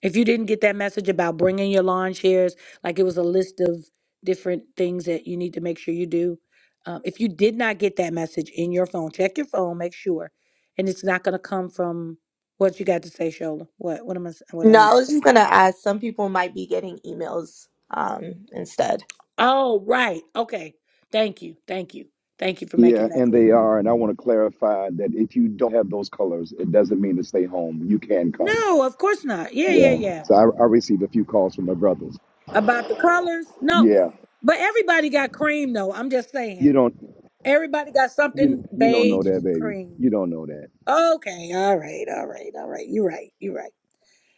Speaker 1: If you didn't get that message about bringing your lawn chairs, like it was a list of different things that you need to make sure you do. Um, if you did not get that message in your phone, check your phone, make sure, and it's not going to come from what you got to say, Shola. What what am I? s- What I
Speaker 6: No, I
Speaker 1: need to
Speaker 6: was just
Speaker 1: say?
Speaker 6: gonna ask. Some people might be getting emails um instead.
Speaker 1: Oh, right. Okay. Thank you. Thank you. Thank you for making
Speaker 3: Yeah,
Speaker 1: that
Speaker 3: and
Speaker 1: clear.
Speaker 3: they are. And I want to clarify that if you don't have those colors, it doesn't mean to stay home. You can come.
Speaker 1: No, of course not. Yeah, yeah,
Speaker 3: Yeah.
Speaker 1: yeah.
Speaker 3: So I, I received a few calls from my brothers.
Speaker 1: About the colors? No,
Speaker 3: Yeah.
Speaker 1: but everybody got cream though. I'm just
Speaker 3: You
Speaker 1: saying,
Speaker 3: don't
Speaker 1: everybody got
Speaker 3: you
Speaker 1: something
Speaker 3: you don't know
Speaker 1: beige
Speaker 3: that, baby.
Speaker 1: cream.
Speaker 3: You don't know that.
Speaker 1: Okay, all right, all right, all right. You're right, you're right.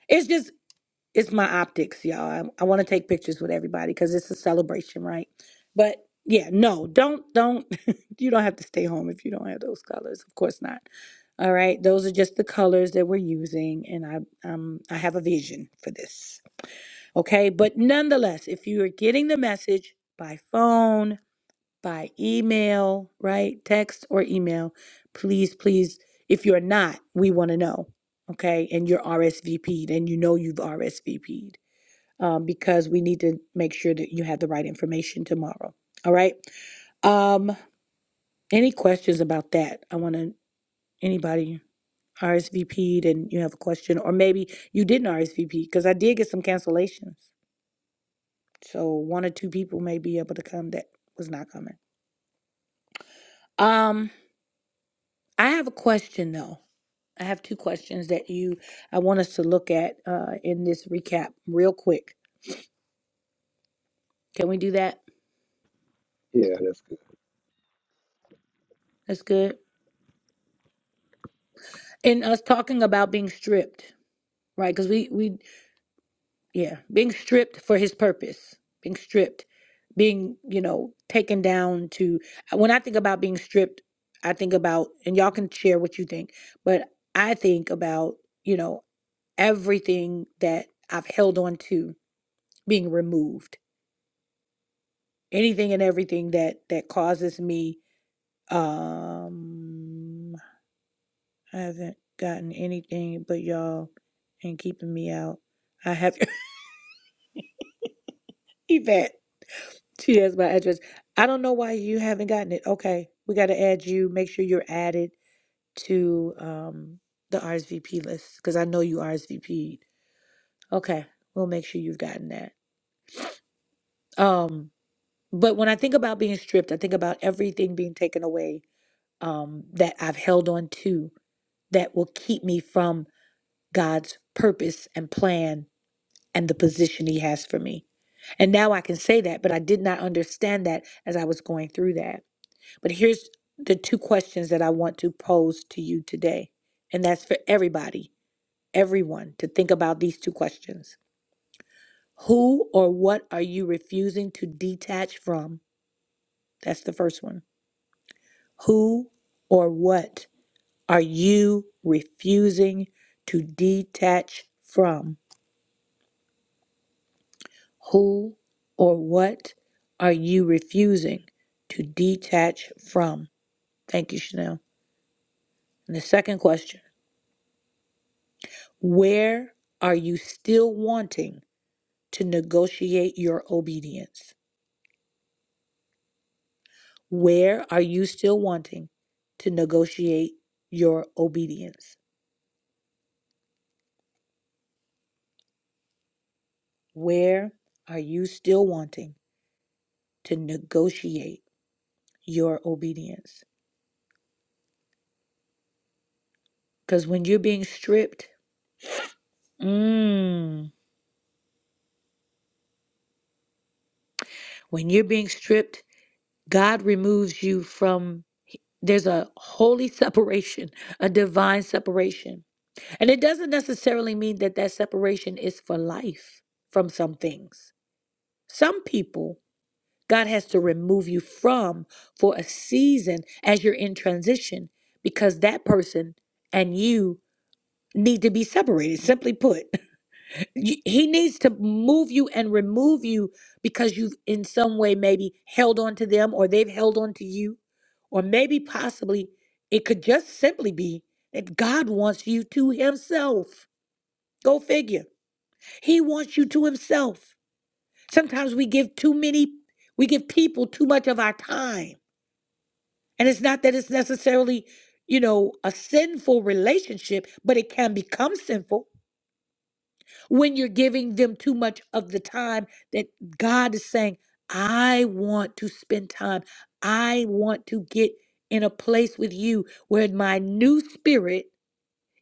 Speaker 1: It's just it's my optics, y'all. I, I want to take pictures with everybody because it's a celebration, right? But yeah, no, don't don't. you don't have to stay home if you don't have those colors. Of course not. All right, those are just the colors that we're using, and I um I have a vision for this. Okay, but nonetheless, if you are getting the message by phone by email, right? Text or email. Please, please, if you're not, we want to know, okay? And you're RSVP'd and you know you've RSVP'd um, because we need to make sure that you have the right information tomorrow, all right? Um, any questions about that? I want to, anybody RSVP'd and you have a question, or maybe you didn't RSVP because I did get some cancellations. So one or two people may be able to come that was not coming. Um, I have a question though. I have two questions that you I want us to look at uh, in this recap real quick. Can we do that?
Speaker 3: Yeah, that's
Speaker 1: That's good. And us talking about being stripped, right? Because we we yeah, being stripped for His purpose, being stripped, being you know taken down to. When I think about being stripped, I think about and y'all can share what you think, but I think about you know everything that I've held on to being removed, anything and everything that that causes me Um, I haven't gotten anything but y'all ain't keeping me out. I have Yvette. She has my address. I don't know why you haven't gotten it. Okay, we got to add you. Make sure you're added to um the RSVP list because I know you RSVP'd. Okay, we'll make sure you've gotten that. Um, but when I think about being stripped, I think about everything being taken away. Um, that I've held on to that will keep me from God's purpose and plan and the position He has for me. And now I can say that, but I did not understand that as I was going through that. But here's the two questions that I want to pose to you today. And that's for everybody, everyone, to think about these two questions. Who or what are you refusing to detach from? That's the first one. Who or what are you refusing to detach from? Who or what are you refusing to detach from? Thank you, Chanel. And the second question Where are you still wanting to negotiate your obedience? Where are you still wanting to negotiate your obedience? Where are you still wanting to negotiate your obedience? Because when you're being stripped, mm, when you're being stripped God removes you from there's a holy separation, a divine separation. And it doesn't necessarily mean that that separation is for life from some things. Some people God has to remove you from for a season as you're in transition because that person and you need to be separated, simply put. you, he needs to move you and remove you because you've in some way maybe held on to them or they've held on to you or maybe possibly it could just simply be that god wants you to himself go figure he wants you to himself sometimes we give too many we give people too much of our time and it's not that it's necessarily you know a sinful relationship but it can become sinful when you're giving them too much of the time that God is saying, I want to spend time. I want to get in a place with you where my new spirit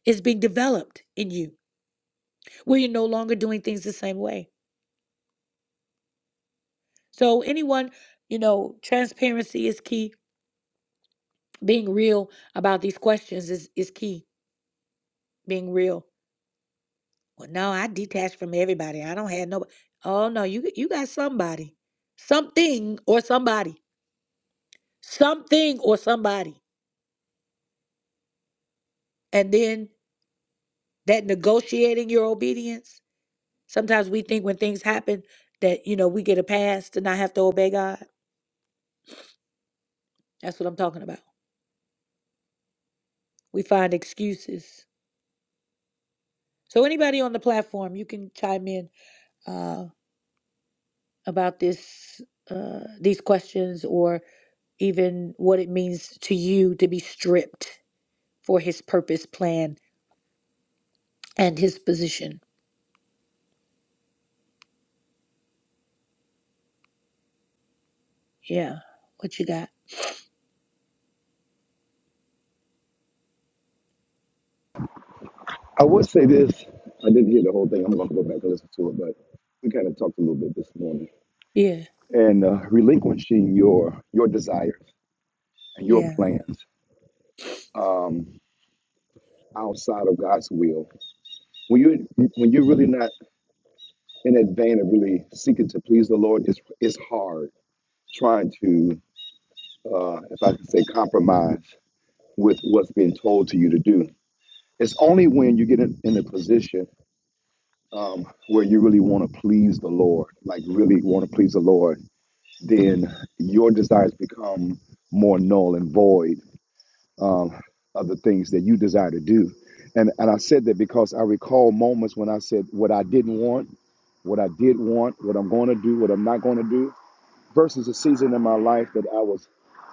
Speaker 1: is being developed in you, where you're no longer doing things the same way. So, anyone, you know, transparency is key. Being real about these questions is, is key. Being real. Well, no, I detached from everybody. I don't have nobody. Oh no, you you got somebody, something or somebody something or somebody. And then that negotiating your obedience. Sometimes we think when things happen that, you know, we get a pass to not have to obey God. That's what I'm talking about. We find excuses. So anybody on the platform, you can chime in uh, about this, uh, these questions, or even what it means to you to be stripped for His purpose, plan, and His position. Yeah, what you got?
Speaker 3: I would say this. I didn't hear the whole thing. I'm gonna go back and listen to it, but we kind of talked a little bit this morning.
Speaker 1: Yeah,
Speaker 3: And uh, relinquishing your your desires and your
Speaker 1: yeah.
Speaker 3: plans um, outside of God's will When you when you're really not in that vein of really seeking to please the Lord, it's it's hard trying to, uh, if I can say, compromise with what's being told to you to do. It's only when you get in, in a position um, where you really want to please the Lord, like really want to please the Lord, then your desires become more null and void um, of the things that you desire to do. And and I said that because I recall moments when I said what I didn't want what I did want, what I'm going to do, what I'm not going to do, versus a season in my life that I was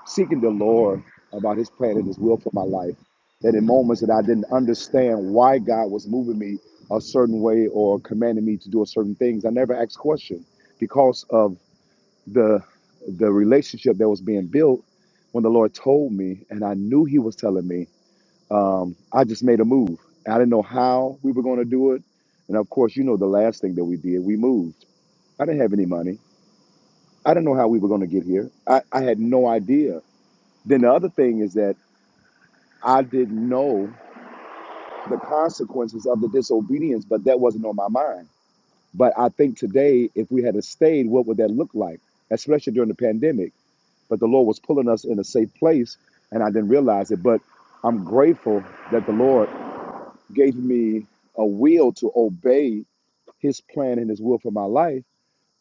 Speaker 3: seeking the Lord about His plan and His will for my life. That in moments that I didn't understand why God was moving me a certain way or commanding me to do a certain things, I never asked question because of the the relationship that was being built. When the Lord told me, and I knew He was telling me, um, I just made a move. I didn't know how we were going to do it, and of course, you know the last thing that we did, we moved I didn't have any money. I didn't know how we were going to get here. I, I had no idea. Then the other thing is that I didn't know the consequences of the disobedience, but that wasn't on my mind. But I think today, if we had stayed, what would that look like, especially during the pandemic? But the Lord was pulling us in a safe place, and I didn't realize it. But I'm grateful that the Lord gave me a will to obey His plan and His will for my life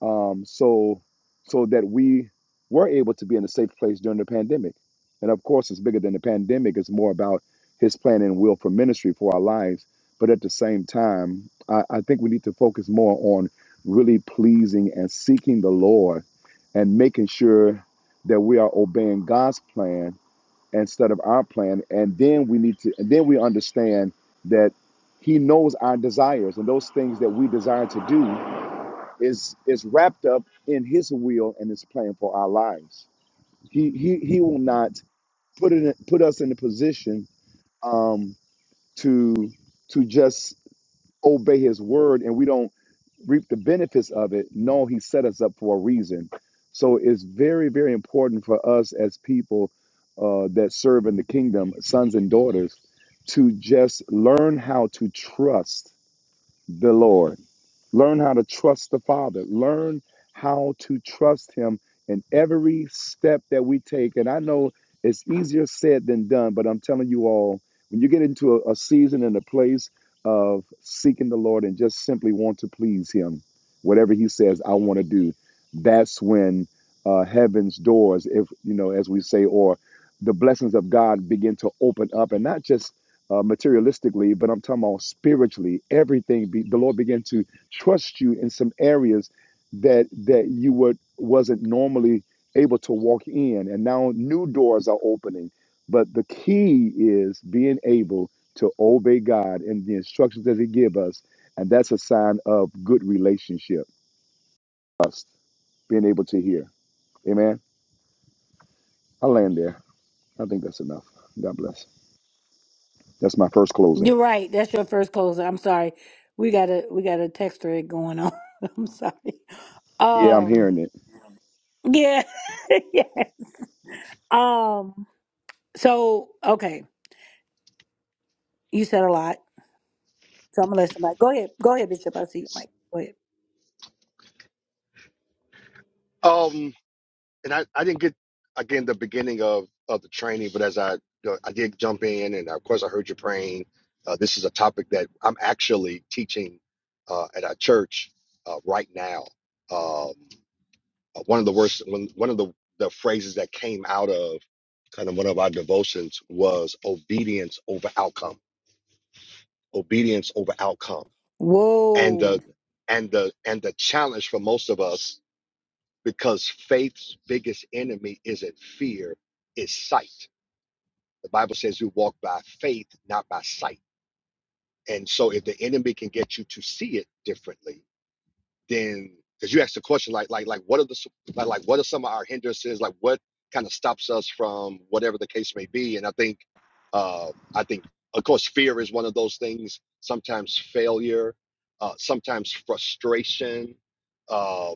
Speaker 3: um, so so that we were able to be in a safe place during the pandemic. And of course, it's bigger than the pandemic. It's more about His plan and will for ministry for our lives. But at the same time, I, I think we need to focus more on really pleasing and seeking the Lord and making sure that we are obeying God's plan instead of our plan. And then we need to, and then we understand that He knows our desires and those things that we desire to do is is wrapped up in his will and his plan for our lives. He he he will not put it in, put us in a position um to to just obey his word and we don't reap the benefits of it. No, he set us up for a reason. So it's very very important for us as people uh, that serve in the kingdom, sons and daughters, to just learn how to trust the Lord. Learn how to trust the Father. Learn how to trust Him in every step that we take. And I know it's easier said than done, but I'm telling you all, when you get into a, a season and a place of seeking the Lord and just simply want to please Him, whatever He says, I want to do, that's when uh, heaven's doors, if you know, as we say, or the blessings of God begin to open up, and not just uh, materialistically, but I'm talking about spiritually. Everything be, the Lord began to trust you in some areas that that you would wasn't normally able to walk in, and now new doors are opening. But the key is being able to obey God and the instructions that He give us, and that's a sign of good relationship. Us being able to hear. Amen. I land there. I think that's enough. God bless. That's my first closing.
Speaker 1: You're right. That's your first closer. I'm sorry. We got a we got a text thread going on. I'm sorry.
Speaker 3: Yeah, I'm
Speaker 1: Um
Speaker 3: hearing it.
Speaker 1: yeah. yeah. Um so okay. You said a lot. So I'm gonna let somebody go ahead. Go ahead, Bishop. I see you, Mike. Go ahead.
Speaker 10: Um. and I, I didn't get again the beginning of of the training, but as I I did jump in, and of course I heard you praying. Uh, this is a topic that I'm actually teaching uh, at our church uh, right now. Um, uh, one of the worst one one of the the phrases that came out of kind of one of our devotions was obedience over outcome, obedience over outcome, and
Speaker 1: Whoa.
Speaker 10: the and the and the challenge for most of us because faith's biggest enemy isn't fear, it's sight. The Bible says we walk by faith, not by sight. And so if the enemy can get you to see it differently, then because you asked the question like like like what are the like, like what are some of our hindrances like what kind of stops us from whatever the case may be and i think uh i think of course fear is one of those things sometimes failure uh sometimes frustration um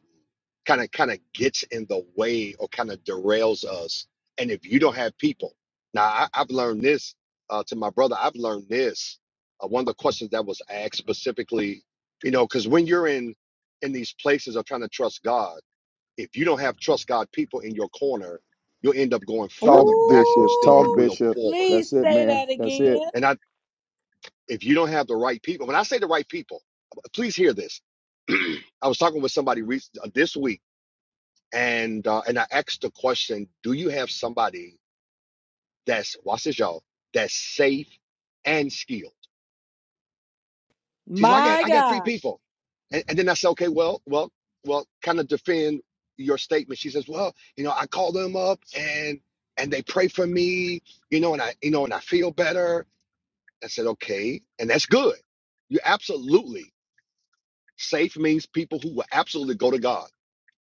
Speaker 10: kind of kind of gets in the way or kind of derails us and if you don't have people now I, i've learned this uh to my brother i've learned this uh, one of the questions that was asked specifically you know because when you're in in these places of trying to trust God, if you don't have trust God people in your corner, you'll end up going
Speaker 3: Talk,
Speaker 10: further backwards
Speaker 3: Bishop.
Speaker 10: than
Speaker 3: Talk,
Speaker 10: you
Speaker 1: Ooh.
Speaker 10: will
Speaker 3: Bishop.
Speaker 10: forward.
Speaker 1: Please
Speaker 3: That's it,
Speaker 1: say
Speaker 3: man.
Speaker 1: that
Speaker 3: That's it.
Speaker 1: again.
Speaker 10: And I, if you don't have the right people, when I say the right people, please hear this. I was talking with somebody re- uh, this week, and uh, and I asked the question: Do you have somebody that's watch this, y'all? That's safe and skilled. She says, well, I got
Speaker 1: My
Speaker 10: I got three
Speaker 1: God.
Speaker 10: people. And, and then I said, okay, well, well, well, kind of defend your statement. She says, well, you know, I call them up and and they pray for me, you know, and I you know, and I feel better. I said, okay, and that's good. You absolutely safe means people who will absolutely go to God.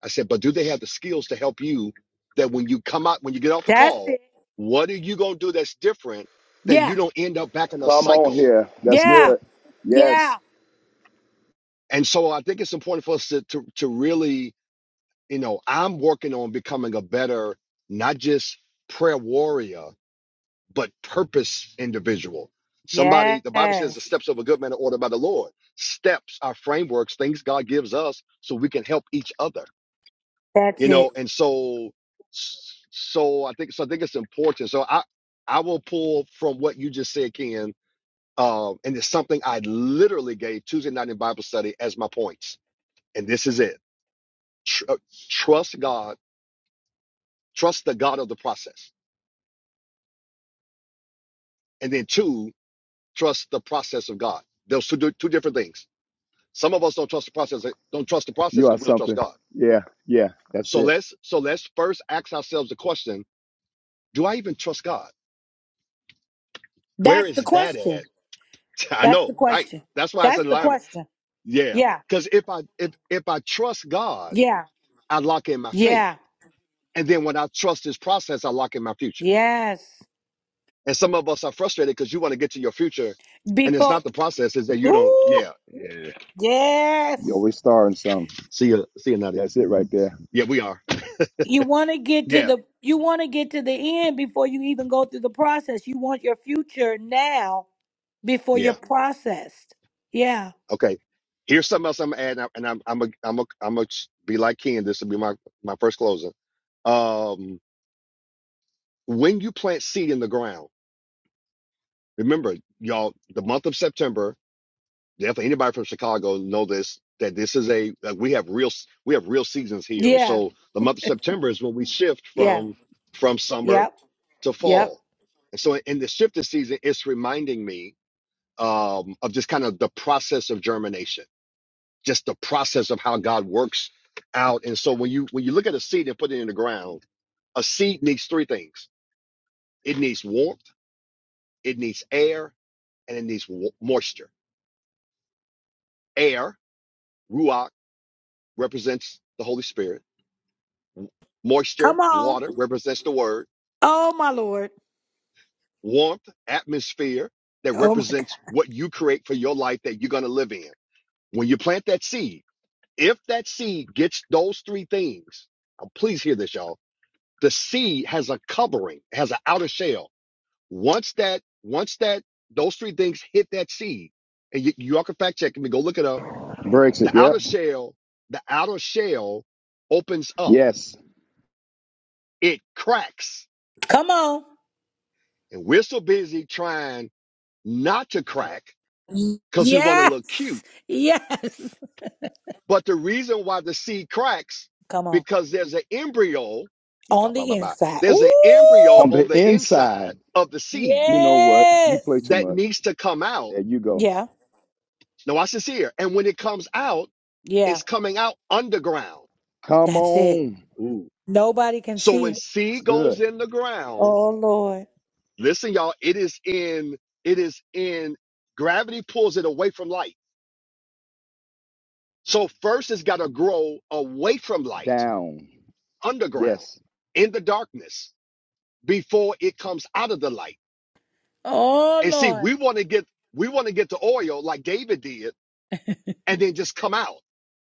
Speaker 10: I said, but do they have the skills to help you that when you come out, when you get off the
Speaker 1: That's
Speaker 10: call,
Speaker 1: it.
Speaker 10: what are you gonna do that's different that you
Speaker 1: Yeah.
Speaker 10: don't end up back in a
Speaker 3: Come on
Speaker 10: cycle?
Speaker 3: here. That's
Speaker 1: Yeah.
Speaker 3: good.
Speaker 1: Yeah.
Speaker 3: Yes,
Speaker 10: And so I think it's important for us to to, to really you know, I'm working on becoming a better, not just prayer warrior, but purpose individual. Somebody, the Bible
Speaker 1: Yes.
Speaker 10: says the steps of a good man are ordered by the Lord. Steps are frameworks, things God gives us so we can help each other,
Speaker 1: That's
Speaker 10: you
Speaker 1: it.
Speaker 10: know, and so, so I think, so I think it's important. So I, I will pull from what you just said, Ken, um, and it's something I literally gave Tuesday night in Bible study as my points. And this is it. Tr- uh, trust God Trust the God of the process. And then two, trust the process of God. Those two, two different things. Some of us don't trust the process, don't trust the process
Speaker 3: you are
Speaker 10: because we don't trust
Speaker 3: something.
Speaker 10: God.
Speaker 3: Yeah, yeah. That's
Speaker 10: So
Speaker 3: it.
Speaker 10: let's so let's first ask ourselves the question: Do I even trust God? Where
Speaker 1: That's the
Speaker 10: is that at?
Speaker 1: question.
Speaker 10: I
Speaker 1: That's
Speaker 10: know,
Speaker 1: the
Speaker 10: right?
Speaker 1: question.
Speaker 10: That's why it's
Speaker 1: That's
Speaker 10: an
Speaker 1: the
Speaker 10: alignment.
Speaker 1: question.
Speaker 10: Yeah.
Speaker 1: Yeah.
Speaker 10: Because if I if if I trust God,
Speaker 1: Yeah.
Speaker 10: I lock in my faith.
Speaker 1: Yeah.
Speaker 10: And then when I trust his process, I lock in my future.
Speaker 1: Yes.
Speaker 10: And some of us are frustrated because you want to get to your future and it's
Speaker 1: Before
Speaker 10: not the process, it's that you don't,
Speaker 1: Ooh.
Speaker 10: yeah. yeah.
Speaker 1: Yes.
Speaker 3: You're always starting something.
Speaker 10: See you. See you, Nutty.
Speaker 3: That's it right there.
Speaker 10: Yeah, we are.
Speaker 1: You want to get to
Speaker 10: Yeah,
Speaker 1: the you want to get to the end before you even go through the process. You want your future now before you're
Speaker 10: yeah.
Speaker 1: processed. Yeah.
Speaker 10: Okay. Here's something else I'm gonna add, and I'm I'm a, I'm a, I'm gonna be like Ken. This will be my my first closing. Um, when you plant seed in the ground, remember, y'all, the month of September. Definitely, anybody from Chicago know this. That this is a like we have real we have real seasons here, and
Speaker 1: Yeah.
Speaker 10: so the month of September is when we shift
Speaker 1: Yeah.
Speaker 10: from from summer
Speaker 1: Yep.
Speaker 10: to
Speaker 1: Yep.
Speaker 10: fall. And so in the shift of season, it's reminding me um, of just kind of the process of germination, just the process of how God works out. And so when you when you look at a seed and put it in the ground, a seed needs three things. It needs warmth, it needs air, and it needs wa- moisture. Air, ruach, represents the Holy Spirit. W- Moisture,
Speaker 1: Come on.
Speaker 10: water, represents the Word.
Speaker 1: Oh my lord.
Speaker 10: Warmth, atmosphere, that
Speaker 1: Oh my god.
Speaker 10: represents what you create for your life that you're going to live in. When you plant that seed, If that seed gets those three things, um, please hear this, y'all. The seed has a covering, has an outer shell. Once that, once that, those three things hit that seed, and y- y'all can fact check me, go look it up.
Speaker 3: Breaks
Speaker 10: The
Speaker 3: it. Yep.
Speaker 10: outer shell, the outer shell opens up,
Speaker 3: Yes.
Speaker 10: it cracks,
Speaker 1: Come on.
Speaker 10: and we're so busy trying not to crack because we want to
Speaker 1: Yes.
Speaker 10: look cute
Speaker 1: Yes.
Speaker 10: But the reason why the seed cracks,
Speaker 1: Come on.
Speaker 10: because there's an embryo,
Speaker 1: On the inside.
Speaker 10: there's an
Speaker 1: Ooh.
Speaker 10: embryo
Speaker 3: On
Speaker 10: on
Speaker 3: the
Speaker 10: the
Speaker 3: inside,
Speaker 10: inside of the seed
Speaker 3: you know what? You play
Speaker 1: Yes.
Speaker 3: too
Speaker 10: that
Speaker 3: much.
Speaker 10: needs to come out.
Speaker 3: There you go.
Speaker 1: Yeah.
Speaker 10: Now watch this here. And when it comes out,
Speaker 1: Yeah.
Speaker 10: it's coming out underground.
Speaker 3: Come
Speaker 1: That's it.
Speaker 3: on.
Speaker 10: Ooh.
Speaker 1: Nobody can
Speaker 10: So
Speaker 1: see
Speaker 10: when
Speaker 1: it.
Speaker 3: That's
Speaker 10: seed
Speaker 3: good.
Speaker 10: goes in the ground,
Speaker 3: Yes.
Speaker 1: Oh Lord.
Speaker 10: listen, y'all, it is in, it is in gravity pulls it away from light. So first it's got to grow away from light,
Speaker 3: Down.
Speaker 10: underground,
Speaker 3: Yes.
Speaker 10: in the darkness, before it comes out of the light.
Speaker 1: Oh
Speaker 10: And see,
Speaker 1: Lord.
Speaker 10: we want to get we want to get to oil like David did and then just come out.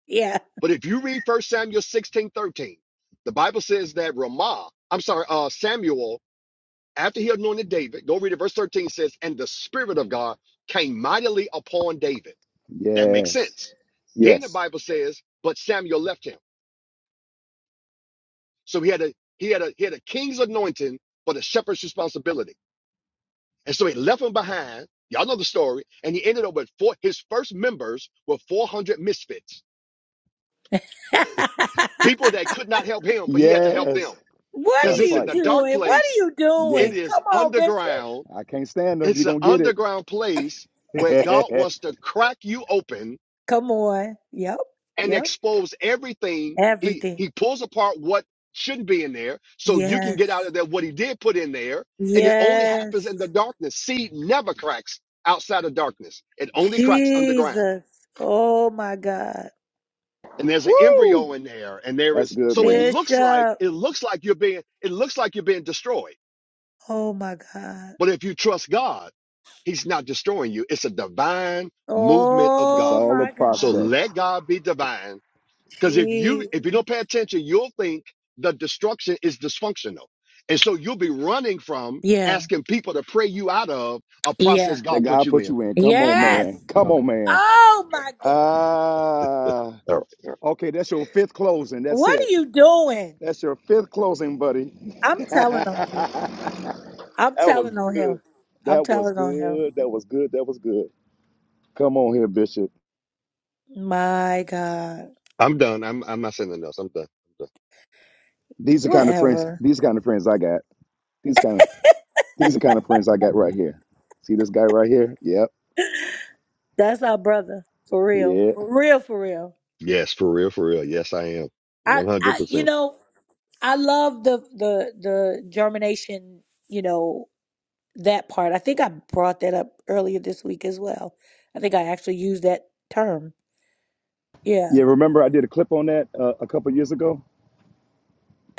Speaker 1: Yeah.
Speaker 10: But if you read First Samuel 16 13, the Bible says that Ramah, I'm sorry, uh Samuel, after he anointed David, go read it, verse 13 says, and the Spirit of God came mightily upon David. That makes
Speaker 3: Yes.
Speaker 10: sense. Then the
Speaker 3: Yes.
Speaker 10: Bible says, but Samuel left him. So he had a he had a he had a king's anointing, but a shepherd's responsibility. And so he left them behind. Y'all know the story. And he ended up with four, his first members were 400 misfits, people that could not help him, but he had to help them
Speaker 3: Yes.
Speaker 1: What
Speaker 3: Trying
Speaker 10: because
Speaker 3: to
Speaker 1: are
Speaker 10: it's
Speaker 1: you
Speaker 10: in
Speaker 3: fight.
Speaker 10: the dark
Speaker 1: doing? What are
Speaker 10: place.
Speaker 1: you
Speaker 10: It
Speaker 1: doing?
Speaker 3: Yes.
Speaker 10: is
Speaker 1: Come on, Bishop.
Speaker 10: underground.
Speaker 3: I can't stand them. You're
Speaker 10: It's an
Speaker 3: going to get
Speaker 10: underground place where
Speaker 3: it.
Speaker 10: God wants to crack you open
Speaker 1: Come on. Yep.
Speaker 10: and
Speaker 1: Yep.
Speaker 10: expose everything. He,
Speaker 1: Everything.
Speaker 10: he pulls apart what shouldn't be in there so you can get out
Speaker 1: Yes.
Speaker 10: of there what he did put in there. And it only happens
Speaker 1: Yes.
Speaker 10: in the darkness. Seed never cracks outside of darkness. It only cracks underground.
Speaker 1: Jesus. Oh my God.
Speaker 10: and there's an embryo
Speaker 3: Woo!
Speaker 10: in there and there
Speaker 3: That's
Speaker 10: is
Speaker 3: good,
Speaker 10: so it
Speaker 3: man.
Speaker 10: looks like
Speaker 1: Bishop.
Speaker 10: it looks like you're being it looks like you're being destroyed
Speaker 1: Oh my God.
Speaker 10: but if you trust god he's not destroying you it's a divine movement of
Speaker 3: It's
Speaker 1: Oh
Speaker 10: god
Speaker 3: all a
Speaker 1: my
Speaker 10: so
Speaker 1: God.
Speaker 3: process
Speaker 10: let god be divine because if you if
Speaker 1: Jesus.
Speaker 10: you don't pay attention you'll think the destruction is dysfunctional and so you'll be running from
Speaker 1: Yeah.
Speaker 10: asking people to pray you out of a
Speaker 1: Yeah.
Speaker 10: process
Speaker 3: that
Speaker 10: god put
Speaker 3: God
Speaker 10: you
Speaker 3: put
Speaker 10: in
Speaker 3: you in. Come on,
Speaker 1: Yes.
Speaker 3: man. Come
Speaker 10: okay
Speaker 3: on, man.
Speaker 1: Oh
Speaker 10: okay
Speaker 1: my
Speaker 10: all
Speaker 1: God.
Speaker 10: right
Speaker 3: Ah,
Speaker 10: all right, all right.
Speaker 3: okay. That's your fifth closing. That's
Speaker 1: What are
Speaker 3: it.
Speaker 1: you doing?
Speaker 3: That's your fifth closing, buddy.
Speaker 1: I'm telling on you.
Speaker 3: that
Speaker 1: I'm
Speaker 3: was
Speaker 1: telling on
Speaker 3: good.
Speaker 1: him. I'm
Speaker 3: That was
Speaker 1: telling on him.
Speaker 3: good. That was good. That was good. Come on here, Bishop.
Speaker 1: My God.
Speaker 10: i'm done i'm i'm not saying nothing else i'm done
Speaker 3: These are kind of friends.
Speaker 1: Whatever.
Speaker 3: These kind of friends I got. These kind of these are kind of friends I got right here. See this guy right here? Yep.
Speaker 1: That's our brother. For real.
Speaker 3: Yeah.
Speaker 1: For real, for real.
Speaker 10: Yes, for real, for real. Yes, I am.
Speaker 1: I, I you
Speaker 10: 100%.
Speaker 1: know, I love the the the germination, you know, that part. I think I brought that up earlier this week as well. I think I actually used that term. Yeah.
Speaker 3: Yeah. Remember I did a clip on that uh, a couple years ago.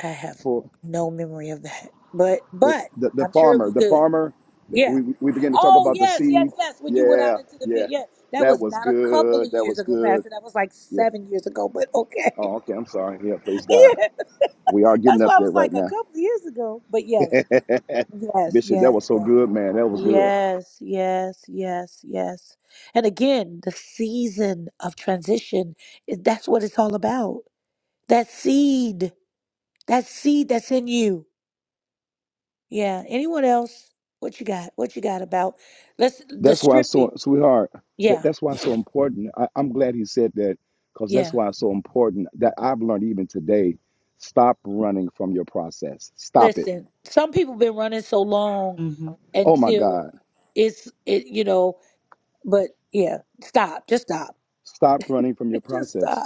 Speaker 1: I have
Speaker 3: for.
Speaker 1: no memory of that. But
Speaker 3: the,
Speaker 1: but
Speaker 3: the, the
Speaker 1: I'm sure it
Speaker 3: farmer,
Speaker 1: was
Speaker 3: the
Speaker 1: good.
Speaker 3: farmer,
Speaker 1: Yeah.
Speaker 3: we, we began to talk
Speaker 1: Oh
Speaker 3: about the
Speaker 1: yes, yes,
Speaker 3: seed.
Speaker 1: yes. When you went
Speaker 3: Yeah,
Speaker 1: out into the field,
Speaker 3: yeah,
Speaker 1: yeah, that
Speaker 3: that
Speaker 1: was
Speaker 3: was
Speaker 1: not a couple of
Speaker 3: good. That
Speaker 1: years
Speaker 3: was
Speaker 1: ago,
Speaker 3: good.
Speaker 1: Pastor. That was like
Speaker 3: Yeah.
Speaker 1: seven years ago, but okay.
Speaker 3: Oh, okay. I'm sorry. Yeah, praise God.
Speaker 1: yeah,
Speaker 3: We are
Speaker 1: that's
Speaker 3: getting up
Speaker 1: why I
Speaker 3: there
Speaker 1: was like
Speaker 3: right
Speaker 1: a
Speaker 3: now.
Speaker 1: couple of years ago. But yes, yes,
Speaker 3: Bishop, that
Speaker 1: yes,
Speaker 3: was so
Speaker 1: yes,
Speaker 3: good, man. That was good.
Speaker 1: yes, yes, yes, yes. And again, the season of transition is that's what it's all about. That seed, that seed that's in you. Yeah. Anyone else? What you got? What you got about? Let's the
Speaker 3: That's why it's
Speaker 1: stripping.
Speaker 3: so, sweetheart, that,
Speaker 1: Yeah.
Speaker 3: that's why it's so important. I, I'm glad he said that because that's
Speaker 1: Yeah.
Speaker 3: why it's so important that I've learned even today stop running from your process. Stop it.
Speaker 1: Listen, some people been running so long
Speaker 11: hmm
Speaker 3: Oh, my
Speaker 1: until
Speaker 3: God.
Speaker 1: it's it you know, but yeah, stop. Just stop.
Speaker 3: Stop running from your
Speaker 1: Just
Speaker 3: process.
Speaker 1: stop.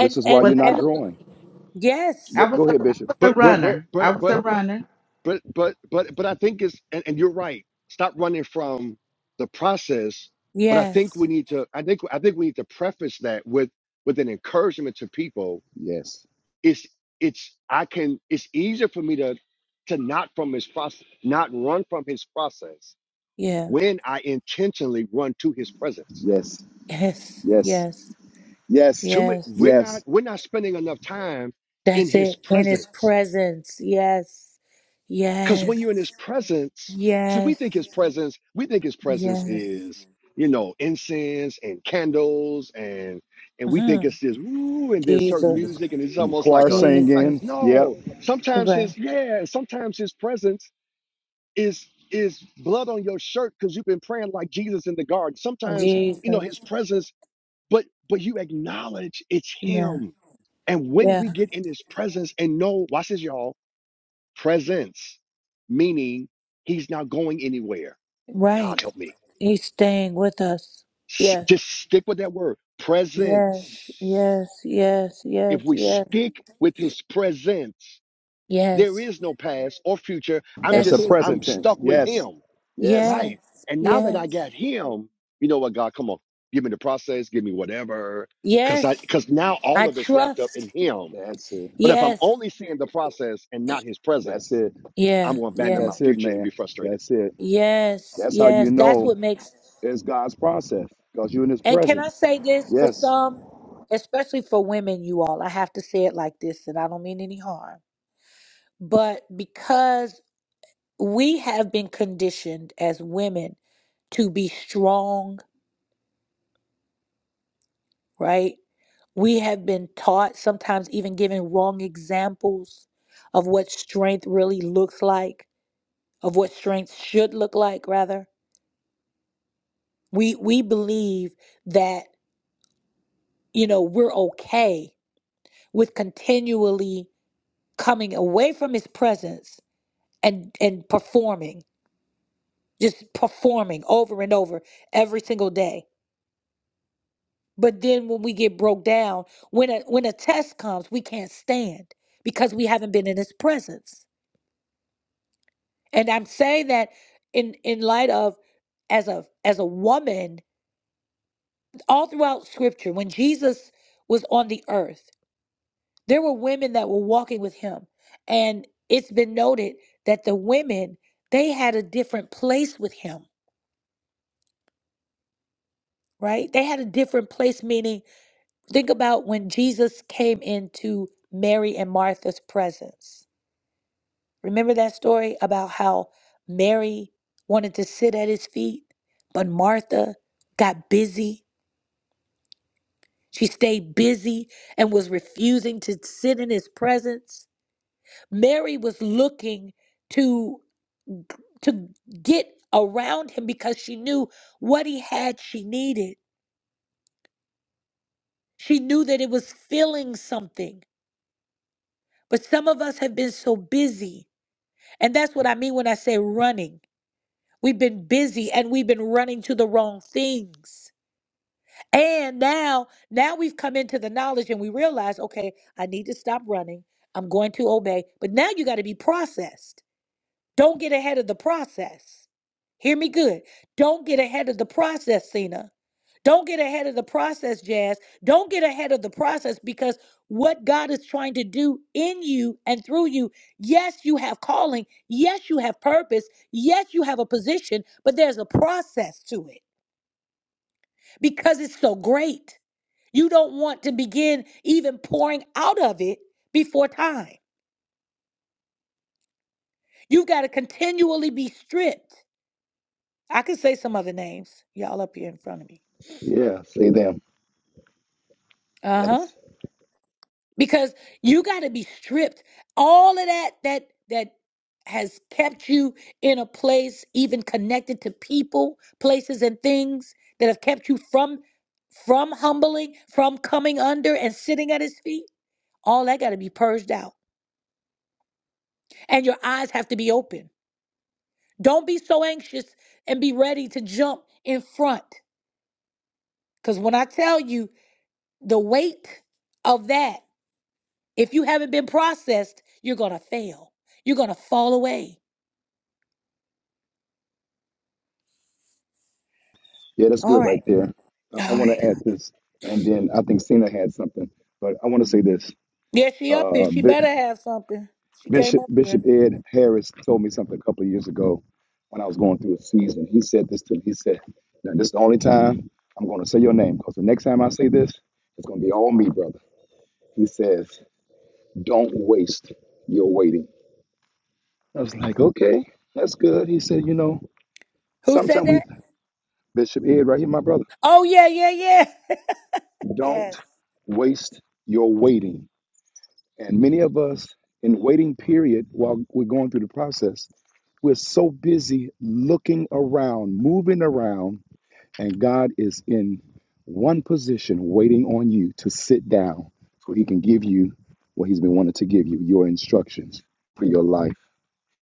Speaker 3: This is why
Speaker 11: Well,
Speaker 1: and
Speaker 3: you're
Speaker 11: that
Speaker 1: and
Speaker 3: not
Speaker 11: was,
Speaker 3: growing.
Speaker 1: yes.
Speaker 11: I
Speaker 3: Go,
Speaker 11: was
Speaker 3: go
Speaker 11: a,
Speaker 3: ahead,
Speaker 11: I
Speaker 3: Bishop.
Speaker 11: was a
Speaker 10: But but but
Speaker 11: runner. I
Speaker 10: but
Speaker 11: was a
Speaker 10: but
Speaker 11: runner.
Speaker 10: but but but but I think it's and, and you're right. Stop running from the process, but I think
Speaker 1: Yes.
Speaker 10: we need to I think I think we need to preface that with with an encouragement to people.
Speaker 3: Yes,
Speaker 10: It's it's I can it's easier for me to to not from his process, not run from his process
Speaker 1: Yeah.
Speaker 10: when I intentionally run to his presence.
Speaker 3: yes,
Speaker 1: Yes.
Speaker 3: yes,
Speaker 1: Yes.
Speaker 3: yes,
Speaker 10: Too many,
Speaker 1: Yes.
Speaker 10: we're not
Speaker 3: yes.
Speaker 10: we're not spending enough time in
Speaker 1: That's
Speaker 10: his
Speaker 1: it. In his
Speaker 10: presence
Speaker 1: presence. Yes.
Speaker 10: Because when you're in
Speaker 1: Yes.
Speaker 10: his presence, see, we
Speaker 1: Yes.
Speaker 10: think his presence, we think his presence
Speaker 1: Yes.
Speaker 10: is, you know, incense and candles and and we
Speaker 1: hmm
Speaker 10: think it's this ooh, and there's certain
Speaker 1: Jesus.
Speaker 10: music, and it's
Speaker 3: And the
Speaker 10: almost like
Speaker 3: choir
Speaker 10: a like
Speaker 3: singing.
Speaker 1: Jesus.
Speaker 3: Yep.
Speaker 10: no. Sometimes
Speaker 1: Right.
Speaker 10: his yeah, sometimes his presence is is blood on your shirt because you've been praying like Jesus in the garden. Sometimes, you know,
Speaker 1: Jesus.
Speaker 10: his presence, but but you acknowledge it's
Speaker 1: Yeah.
Speaker 10: him. And when we
Speaker 1: Yeah.
Speaker 10: get in his presence and know, watch this, y'all presence, meaning he's not going anywhere.
Speaker 1: Right.
Speaker 10: God help me.
Speaker 1: He's staying with us.
Speaker 10: S-
Speaker 1: Yes.
Speaker 10: Just stick with that word presence.
Speaker 1: Yes. Yes. Yes.
Speaker 10: If
Speaker 1: Yes.
Speaker 10: we
Speaker 1: Yes.
Speaker 10: stick with his presence, there
Speaker 1: Yes.
Speaker 10: is no past or future. I'm
Speaker 3: That's
Speaker 1: That's
Speaker 3: a
Speaker 10: just,
Speaker 1: it.
Speaker 10: I'm
Speaker 3: present tense.
Speaker 10: stuck with
Speaker 3: Yes,
Speaker 10: him.
Speaker 3: yes.
Speaker 1: Yes.
Speaker 10: Right. And now that I
Speaker 1: Yes.
Speaker 10: got him, you know what, God, come on, give me the process, give me whatever. Cause I,
Speaker 1: Yes.
Speaker 10: cause now all
Speaker 1: I
Speaker 10: of it's wrapped up in
Speaker 1: trust.
Speaker 10: him.
Speaker 3: That's it.
Speaker 10: But if I'm
Speaker 1: Yes.
Speaker 10: only seeing the process and not his
Speaker 3: That's
Speaker 10: presence,
Speaker 3: it.
Speaker 10: I'm
Speaker 1: Yeah.
Speaker 10: going to abandon
Speaker 1: Yeah.
Speaker 10: my
Speaker 3: That's it,
Speaker 10: future and be
Speaker 3: man.
Speaker 10: frustrated.
Speaker 3: That's it.
Speaker 1: Yes.
Speaker 3: That's how you
Speaker 1: Yes. That's
Speaker 3: know
Speaker 1: what makes
Speaker 3: it's God's process because you're in His
Speaker 1: and can I
Speaker 3: presence.
Speaker 1: say this for
Speaker 3: Yes.
Speaker 1: some, especially for women, you all, I have to say it like this, and I don't mean any harm. But because we have been conditioned as women to be strong, right? We have been taught, sometimes even given wrong examples of what strength really looks like, of what strength should look like, rather. We we believe that, you know, we're okay with continually coming away from his presence and and performing, just performing over and over every single day. But then when we get broke down, when a when a test comes, we can't stand because we haven't been in his presence. And I'm saying that in in light of as a as a woman, all throughout scripture, when Jesus was on the earth, there were women that were walking with him. And it's been noted that the women, they had a different place with him, right? They had a different place, meaning think about when Jesus came into Mary and Martha's presence. Remember that story about how Mary wanted to sit at his feet, but Martha got busy She stayed busy and was refusing to sit in his presence. Mary was looking to to get around him because she knew what he had she needed. She knew that it was filling something. But some of us have been so busy. And that's what I mean when I say running. We've been busy and we've been running to the wrong things. And now, now we've come into the knowledge and we realize, okay, I need to stop running. I'm going to obey. But now you got to be processed. Don't get ahead of the process. Hear me good. Don't get ahead of the process, Cena. Don't get ahead of the process, Jazz. Don't get ahead of the process because what God is trying to do in you and through you, yes, you have calling. Yes, you have purpose. Yes, you have a position, but there's a process to it because it's so great. You don't want to begin even pouring out of it before time. You got to continually be stripped. I could say some other names, y'all up here in front of me.
Speaker 3: Yeah. Say them.
Speaker 1: Uh huh.
Speaker 3: Yes.
Speaker 1: Because you got to be stripped. All of that that that has kept you in a place, even connected to people, places, and things that have kept you from from humbling, from coming under and sitting at His feet. All that got to be purged out, and your eyes have to be open Don't be so anxious and be ready to jump in front. Because when I tell you the weight of that, if you haven't been processed, you're going to fail. You're going to fall away.
Speaker 3: Yeah, that's
Speaker 1: All
Speaker 3: good right
Speaker 1: right.
Speaker 3: there. I, I
Speaker 1: All
Speaker 3: want
Speaker 1: right.
Speaker 3: to add this, and then I think Cena had something, but I want to say this.
Speaker 1: Yeah, she up here.
Speaker 3: Uh,
Speaker 1: She
Speaker 3: Bi-
Speaker 1: better have something. She came
Speaker 3: Bishop
Speaker 1: up here.
Speaker 3: Bishop Ed Harris told me something a couple of years ago when I was going through a season. He said this to me. He said, "Now this is the only time I'm going to say your name because the next time I say this, it's going to be all me, brother." He says, "Don't waste your waiting." I was like, "Okay, that's good." He said, "You know,
Speaker 1: Who said
Speaker 3: sometimes we
Speaker 1: that?
Speaker 3: Bishop Ed right here, my brother.
Speaker 1: Oh, yeah, yeah, yeah.
Speaker 3: Don't
Speaker 1: Yes.
Speaker 3: waste your waiting." And many of us in waiting period while we're going through the process, we're so busy looking around, moving around, and God is in one position waiting on you to sit down so he can give you what he's been wanting to give you, your instructions for your life.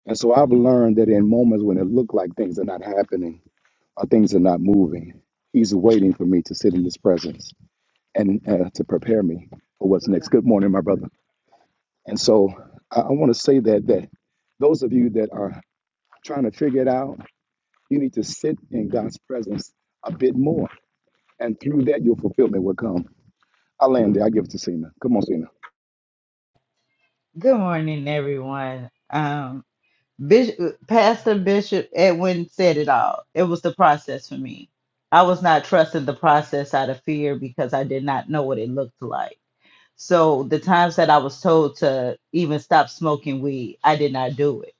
Speaker 3: And so I've learned that in moments when it looked like things are not happening or things are not moving, he's waiting for me to sit in his presence and uh, to prepare me for what's next. Good morning, my brother. And so I, I want to say that that those of you that are trying to figure it out, you need to sit in God's presence a bit more. And through that your fulfillment will come. I land there, I give it to Cena. Come on, Cena.
Speaker 11: Good morning, everyone. Um, Bishop, Pastor Bishop Edwin said it all. It was the process for me. I was not trusting the process out of fear because I did not know what it looked like. So the times that I was told to even stop smoking weed, I did not do it.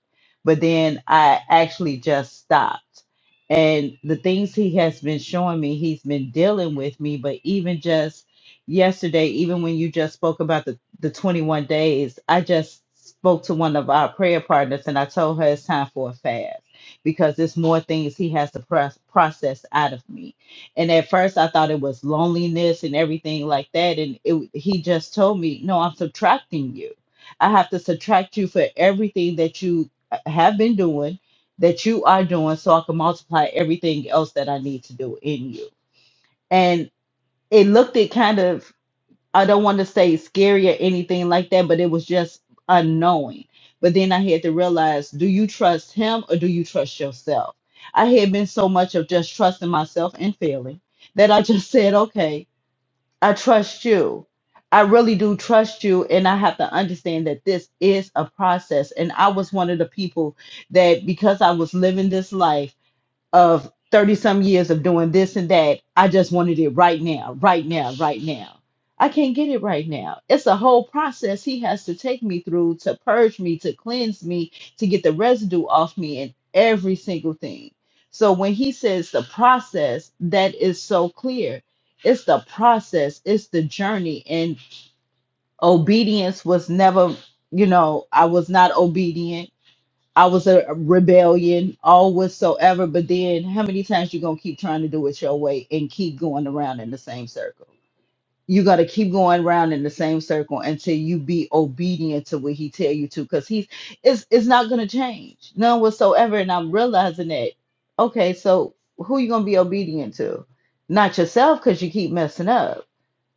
Speaker 11: But then I actually just stopped. And the things he has been showing me, he's been dealing with me. But even just yesterday, even when you just spoke about the, the 21 days, I just spoke to one of our prayer partners and I told her it's time for a fast because there's more things he has to pro- process out of me and at first, I thought it was loneliness and everything like that. And it, he just told me, No, I'm subtracting you. I have to subtract you for everything that you uh, have been doing, that you are doing, so I can multiply everything else that I need to do in you. And it looked it kind of I don't want to say scary or anything like that, but it was just unknowing. But then I had to realize do you trust him or do you trust yourself? I had been so much of just trusting myself and failing that I just said, okay, I trust you. I really do trust you. And I have to understand that this is a process. And I was one of the people that because I was living this life, of 30 some years of doing this and that. I just wanted it right now, right now, right now. I can't get it right now. It's a whole process he has to take me through to purge me, to cleanse me, to get the residue off me and every single thing. So when he says the process, that is so clear. It's the process, it's the journey. And obedience was never, you know, I was not obedient I was a rebellion, all whatsoever. But then, how many times you gonna keep trying to do it your way and keep going around in the same circle? You gotta keep going around in the same circle until you be obedient to what he tell you to, because he's it's it's not gonna change none whatsoever. And I'm realizing that. Okay, so who you gonna be obedient to? Not yourself, because you keep messing up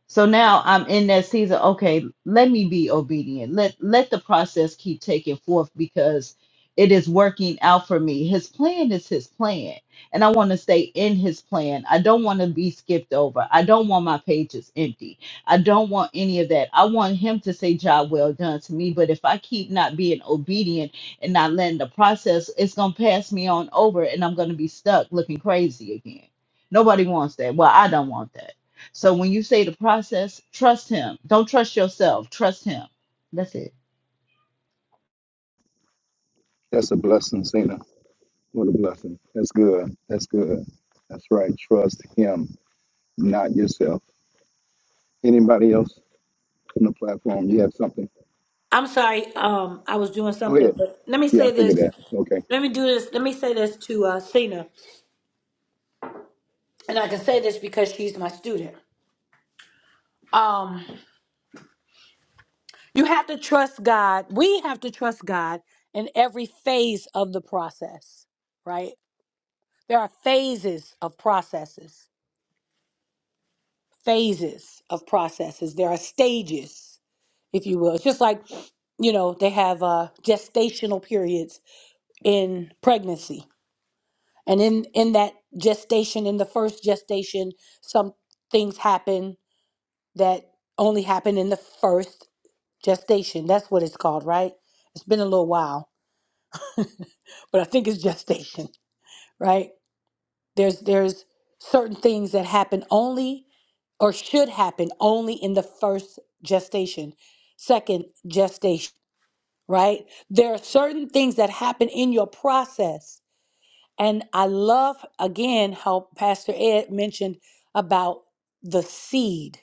Speaker 11: so now I'm in that season. Okay, let me be obedient. Let let the process keep taking forth because it is working out for me. His plan is his plan, and I want to stay in his plan. I don't want to be skipped over. I don't want my pages empty. I don't want any of that. I want him to say, "Job well done" to me. But if I keep not being obedient and not letting the process, it's gonna pass me on over, and I'm gonna be stuck looking crazy again. Nobody wants that. Well, I don't want that. So when you say the process, trust him. Don't trust yourself. Trust him. That's it.
Speaker 3: That's a blessing, Cena. What a blessing. That's good. That's good. That's right. Trust him, not yourself. Anybody else on the platform? You have something?
Speaker 1: I'm sorry. Um, I was doing
Speaker 3: Go
Speaker 1: something,
Speaker 3: ahead.
Speaker 1: but let me
Speaker 3: Yeah, I
Speaker 1: say
Speaker 3: figured
Speaker 1: this.
Speaker 3: that. Okay.
Speaker 1: Let me do this. Let me say this to uh, Cena. And I can say this because she's my student. Um. You have to trust God. We have to trust God in every phase of the process, right? There are phases of processes, phases of processes. There are stages, if you will. It's just like, you know, they have uh, gestational periods in pregnancy. And in, in that gestation, in the first gestation, some things happen that only happen in the first gestation. That's what it's called, right? It's been a little while but I think it's gestation, right? There's there's certain things that happen only or should happen only in the first gestation, second gestation, right? There are certain things that happen in your process. And I love again how Pastor Ed mentioned about the seed,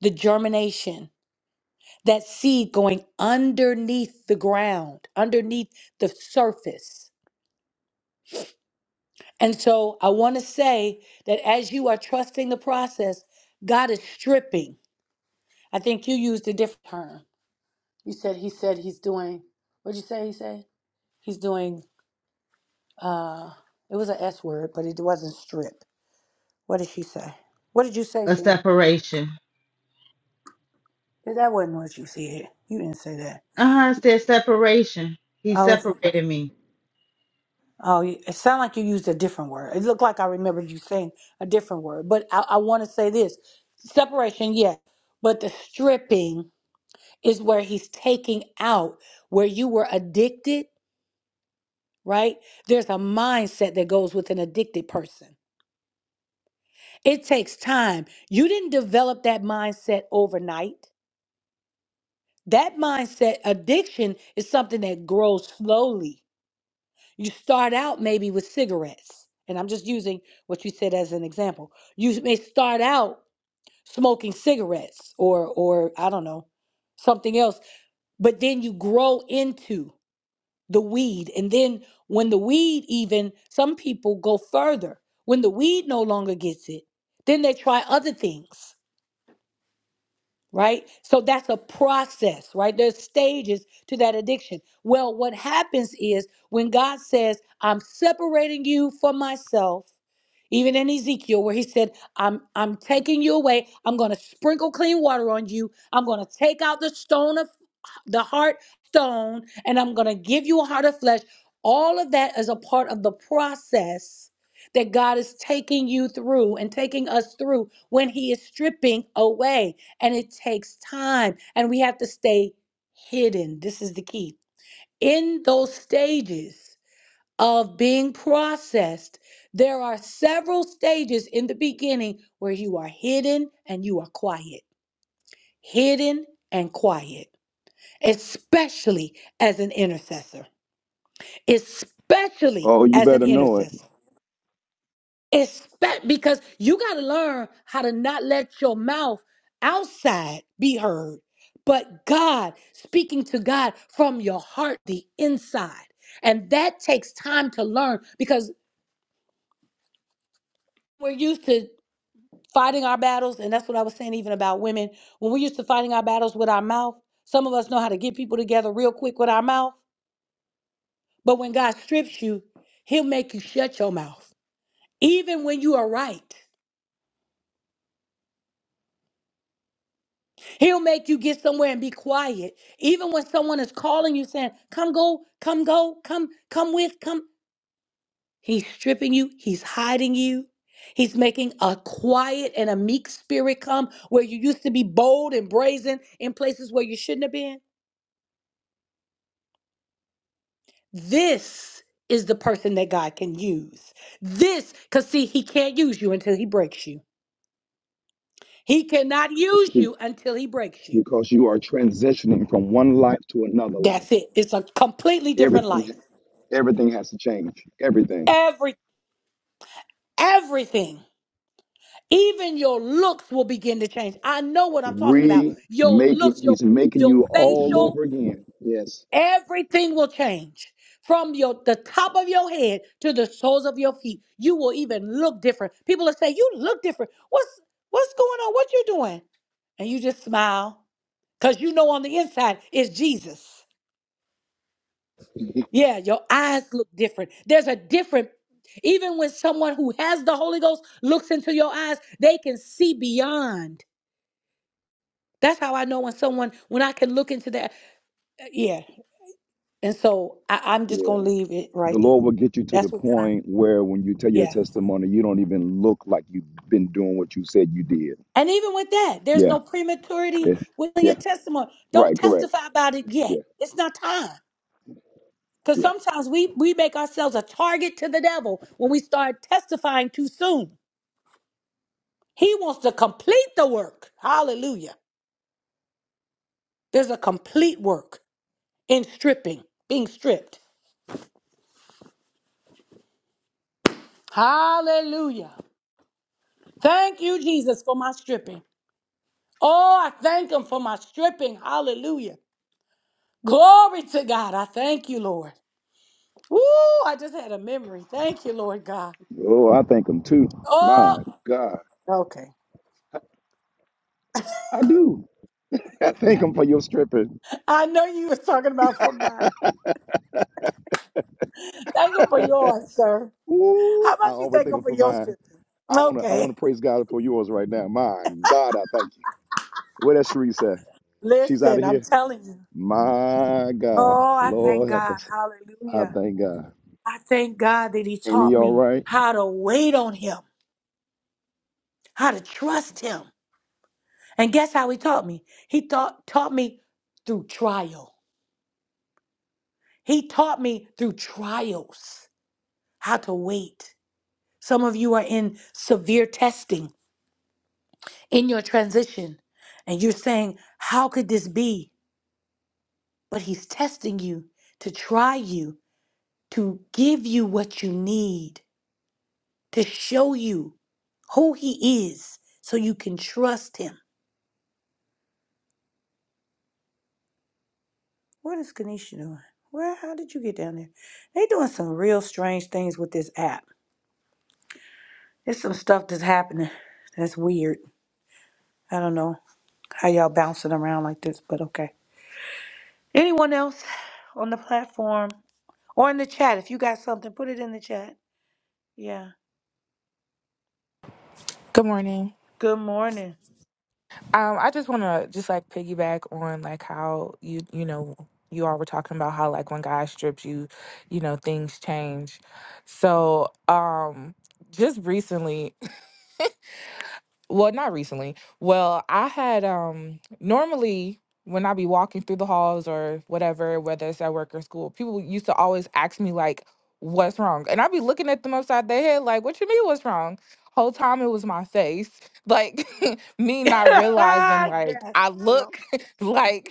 Speaker 1: the germination, that seed going underneath the ground, underneath the surface And so I want to say that as you are trusting the process, God is stripping. I think you used a different term. You said he said he's doing. What'd you say? He said he's doing. Uh, it was an S word, but it wasn't strip. What did she say? What did you say,
Speaker 11: A
Speaker 1: Cena?
Speaker 11: separation.
Speaker 1: That wasn't what you said. You didn't say that.
Speaker 11: Uh huh. It's their separation. He
Speaker 1: Oh, it's,
Speaker 11: separated me.
Speaker 1: oh, you- it sounded like you used a different word. It looked like I remembered you saying a different word. But I, I want to say this: separation, yes, but the stripping is where he's taking out where you were addicted, right? There's a mindset that goes with an addicted person. It takes time. You didn't develop that mindset overnight. That mindset, addiction, is something that grows slowly. You start out maybe with cigarettes, and I'm just using what you said as an example. You may start out smoking cigarettes or, or I don't know, something else but then you grow into the weed. And then when the weed, even some people go further. When the weed no longer gets it, then they try other things, right? So that's a process, right? There's stages to that addiction. Well, what happens is when God says, I'm separating you from myself. Even in Ezekiel, where he said, I'm I'm taking you away, I'm gonna sprinkle clean water on you, I'm gonna take out the stone of the heart stone, and I'm gonna give you a heart of flesh. All of that is a part of the process that God is taking you through and taking us through when He is stripping away. And it takes time, and we have to stay hidden. This is the key. In those stages, of being processed, there are several stages in the beginning where you are hidden and you are quiet. Hidden and quiet, especially as an intercessor. Especially
Speaker 3: Oh, you
Speaker 1: as an
Speaker 3: better know it.
Speaker 1: intercessor. Espe- because you got to learn how to not let your mouth outside be heard, but God, speaking to God from your heart, the inside. And that takes time to learn because we're used to. fighting our battles, and that's what I was saying even about women. When we used to fighting our battles with our mouth, some of us know how to get people together real quick with our mouth. But when God strips you, He'll make you shut your mouth, even when you are right. He'll make you get somewhere and be quiet, even when someone is calling you saying, "Come go, come go, come, come with, come." He's stripping you. He's hiding you. He's making a quiet and a meek spirit come where you used to be bold and brazen in places where you shouldn't have been. This is the person that God can use. This, because see, he can't use you until he breaks you. He cannot
Speaker 3: It's
Speaker 1: use
Speaker 3: be-
Speaker 1: you until he breaks you.
Speaker 3: because you are transitioning from one life to another life.
Speaker 1: That's it. It's a completely different
Speaker 3: Everything
Speaker 1: life.
Speaker 3: everything has to change. Everything.
Speaker 1: Every everything. Even your looks will begin to change. I know what I'm talking about. Your
Speaker 3: Remake it.
Speaker 1: looks, your
Speaker 3: He's making
Speaker 1: your
Speaker 3: you all
Speaker 1: facial.
Speaker 3: over again. Yes.
Speaker 1: Everything will change from your the top of your head to the soles of your feet. You will even look different. People will say, "You look different. What's what's going on? What you doing?" And you just smile cuz you know on the inside is Jesus. Yeah, your eyes look different. There's a different even when someone who has the Holy Ghost looks into your eyes, they can see beyond. That's how I know when someone when I can look into that. Yeah. And so I, I'm just gonna
Speaker 3: Yeah.
Speaker 1: leave it right
Speaker 3: The Lord
Speaker 1: there.
Speaker 3: will get you to the
Speaker 1: That's what God.
Speaker 3: point where when you tell your
Speaker 1: Yeah.
Speaker 3: testimony, you don't even look like you've been doing what you said you did.
Speaker 1: And even with that, there's
Speaker 3: Yeah.
Speaker 1: no prematurity
Speaker 3: Yeah.
Speaker 1: within
Speaker 3: Yeah.
Speaker 1: your testimony. Don't
Speaker 3: Right. Correct.
Speaker 1: testify about it yet.
Speaker 3: Yeah.
Speaker 1: It's not time. Because
Speaker 3: Yeah.
Speaker 1: sometimes we, we make ourselves a target to the devil when we start testifying too soon. He wants to complete the work. Hallelujah. There's a complete work in stripping, being stripped. Hallelujah. Thank you, Jesus, for my stripping. Oh, I thank him for my stripping. Hallelujah. Glory to God. I thank you, Lord. Woo! I just had a memory. Thank you, Lord God.
Speaker 3: Oh, I thank him too. My
Speaker 1: Oh,
Speaker 3: God.
Speaker 1: Okay.
Speaker 3: I do. I thank him for your stripping.
Speaker 1: I know you were talking about for mine. Thank him for yours, sir. How
Speaker 3: Ooh, I
Speaker 1: about you
Speaker 3: always
Speaker 1: thank
Speaker 3: thank
Speaker 1: him
Speaker 3: him
Speaker 1: for
Speaker 3: for
Speaker 1: your
Speaker 3: mine.
Speaker 1: sister?
Speaker 3: I wanna I wanna
Speaker 1: Okay.
Speaker 3: praise God for yours right now. My God, I thank you. What that Sharice say? She's out
Speaker 1: Listen,
Speaker 3: of
Speaker 1: I'm
Speaker 3: here.
Speaker 1: telling you.
Speaker 3: My God,
Speaker 1: Oh, I thank
Speaker 3: Lord help
Speaker 1: God.
Speaker 3: us. I
Speaker 1: Hallelujah.
Speaker 3: thank God.
Speaker 1: I thank God that he
Speaker 3: Ain't he
Speaker 1: taught
Speaker 3: all
Speaker 1: me
Speaker 3: right?
Speaker 1: how to wait on him, how to trust him. And guess how he taught me? He taught, taught me through trial. He taught me through trials how to wait. Some of you are in severe testing in your transition, and you're saying, How could this be? But He's testing you to try you, to give you what you need, to show you who He is so you can trust Him. What is Kanisha doing? Where, how did you get down there? They doing some real strange things with this app. There's some stuff that's happening that's weird. I don't know how y'all bouncing around like this, but okay. Anyone else on the platform or in the chat? If you got something, put it in the chat. Yeah.
Speaker 4: Good morning.
Speaker 1: Good morning.
Speaker 4: Um, I just want to just like piggyback on like how you you know you all were talking about how like when God strips you, you know things change. So um, just recently. well not recently well i had um normally when i be walking through the halls or whatever whether it's at work or school people used to always ask me like what's wrong and i'd be looking at them upside their head like what you mean what's wrong whole time it was my face like me not realizing like i look like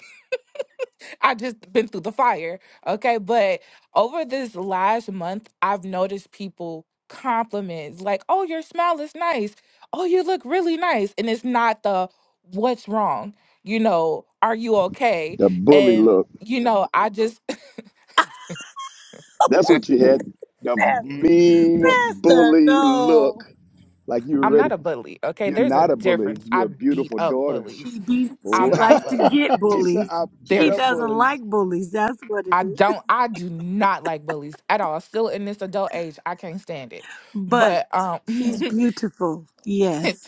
Speaker 4: I just been through the fire. Okay. But over this last month, I've noticed people compliments like, oh, your smile is nice. Oh, you look really nice. And it's not the what's wrong, you know, are you okay?
Speaker 3: The bully
Speaker 4: And,
Speaker 3: look.
Speaker 4: you know, I just,
Speaker 3: That's what you had. The
Speaker 1: Pastor,
Speaker 3: mean
Speaker 1: Pastor,
Speaker 3: bully look.
Speaker 1: no.
Speaker 3: Like you were
Speaker 4: I'm not
Speaker 3: ready.
Speaker 4: a bully. Okay.
Speaker 3: You're
Speaker 4: There's a
Speaker 3: not a bully.
Speaker 4: difference.
Speaker 3: You're
Speaker 4: I
Speaker 3: a
Speaker 4: beat
Speaker 3: beautiful
Speaker 4: up
Speaker 3: daughter.
Speaker 1: She
Speaker 4: bullies.
Speaker 1: be she
Speaker 3: Oh.
Speaker 4: I'm not a
Speaker 1: likes to
Speaker 4: bully.
Speaker 1: get
Speaker 3: she said,
Speaker 1: bullies.
Speaker 3: I beat
Speaker 1: She
Speaker 3: up
Speaker 4: There's,
Speaker 1: doesn't
Speaker 3: bullies.
Speaker 1: like bullies. That's what it
Speaker 4: I
Speaker 1: is.
Speaker 4: don't, I do not like bullies at all. Still in this adult age, I can't stand it.
Speaker 1: But
Speaker 4: But, um,
Speaker 1: she's
Speaker 3: Oh,
Speaker 1: beautiful. Yes.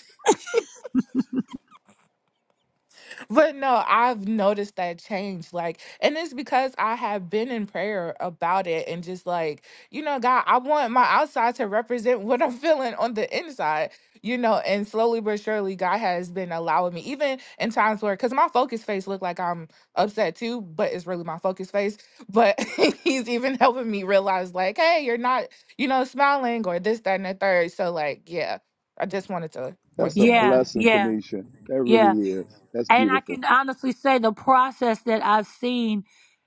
Speaker 4: But no, I've noticed that change. Like, and it's because I have been in prayer about it and just like, you know, God, I want my outside to represent what I'm feeling on the inside, you know, and slowly but surely, God has been allowing me, even in times where, because my focus face look like I'm upset too, but it's really my focus face. But He's even helping me realize, like, hey, you're not, you know, smiling or this, that, and the third. So, like, yeah, I just wanted to
Speaker 3: that's
Speaker 4: point
Speaker 3: a
Speaker 4: that out.
Speaker 1: Yeah.
Speaker 3: blessing,
Speaker 1: Yeah.
Speaker 3: Kanisha. That
Speaker 1: Yeah.
Speaker 3: really is. That's
Speaker 1: And I
Speaker 3: beautiful.
Speaker 1: can honestly say the process that I've seen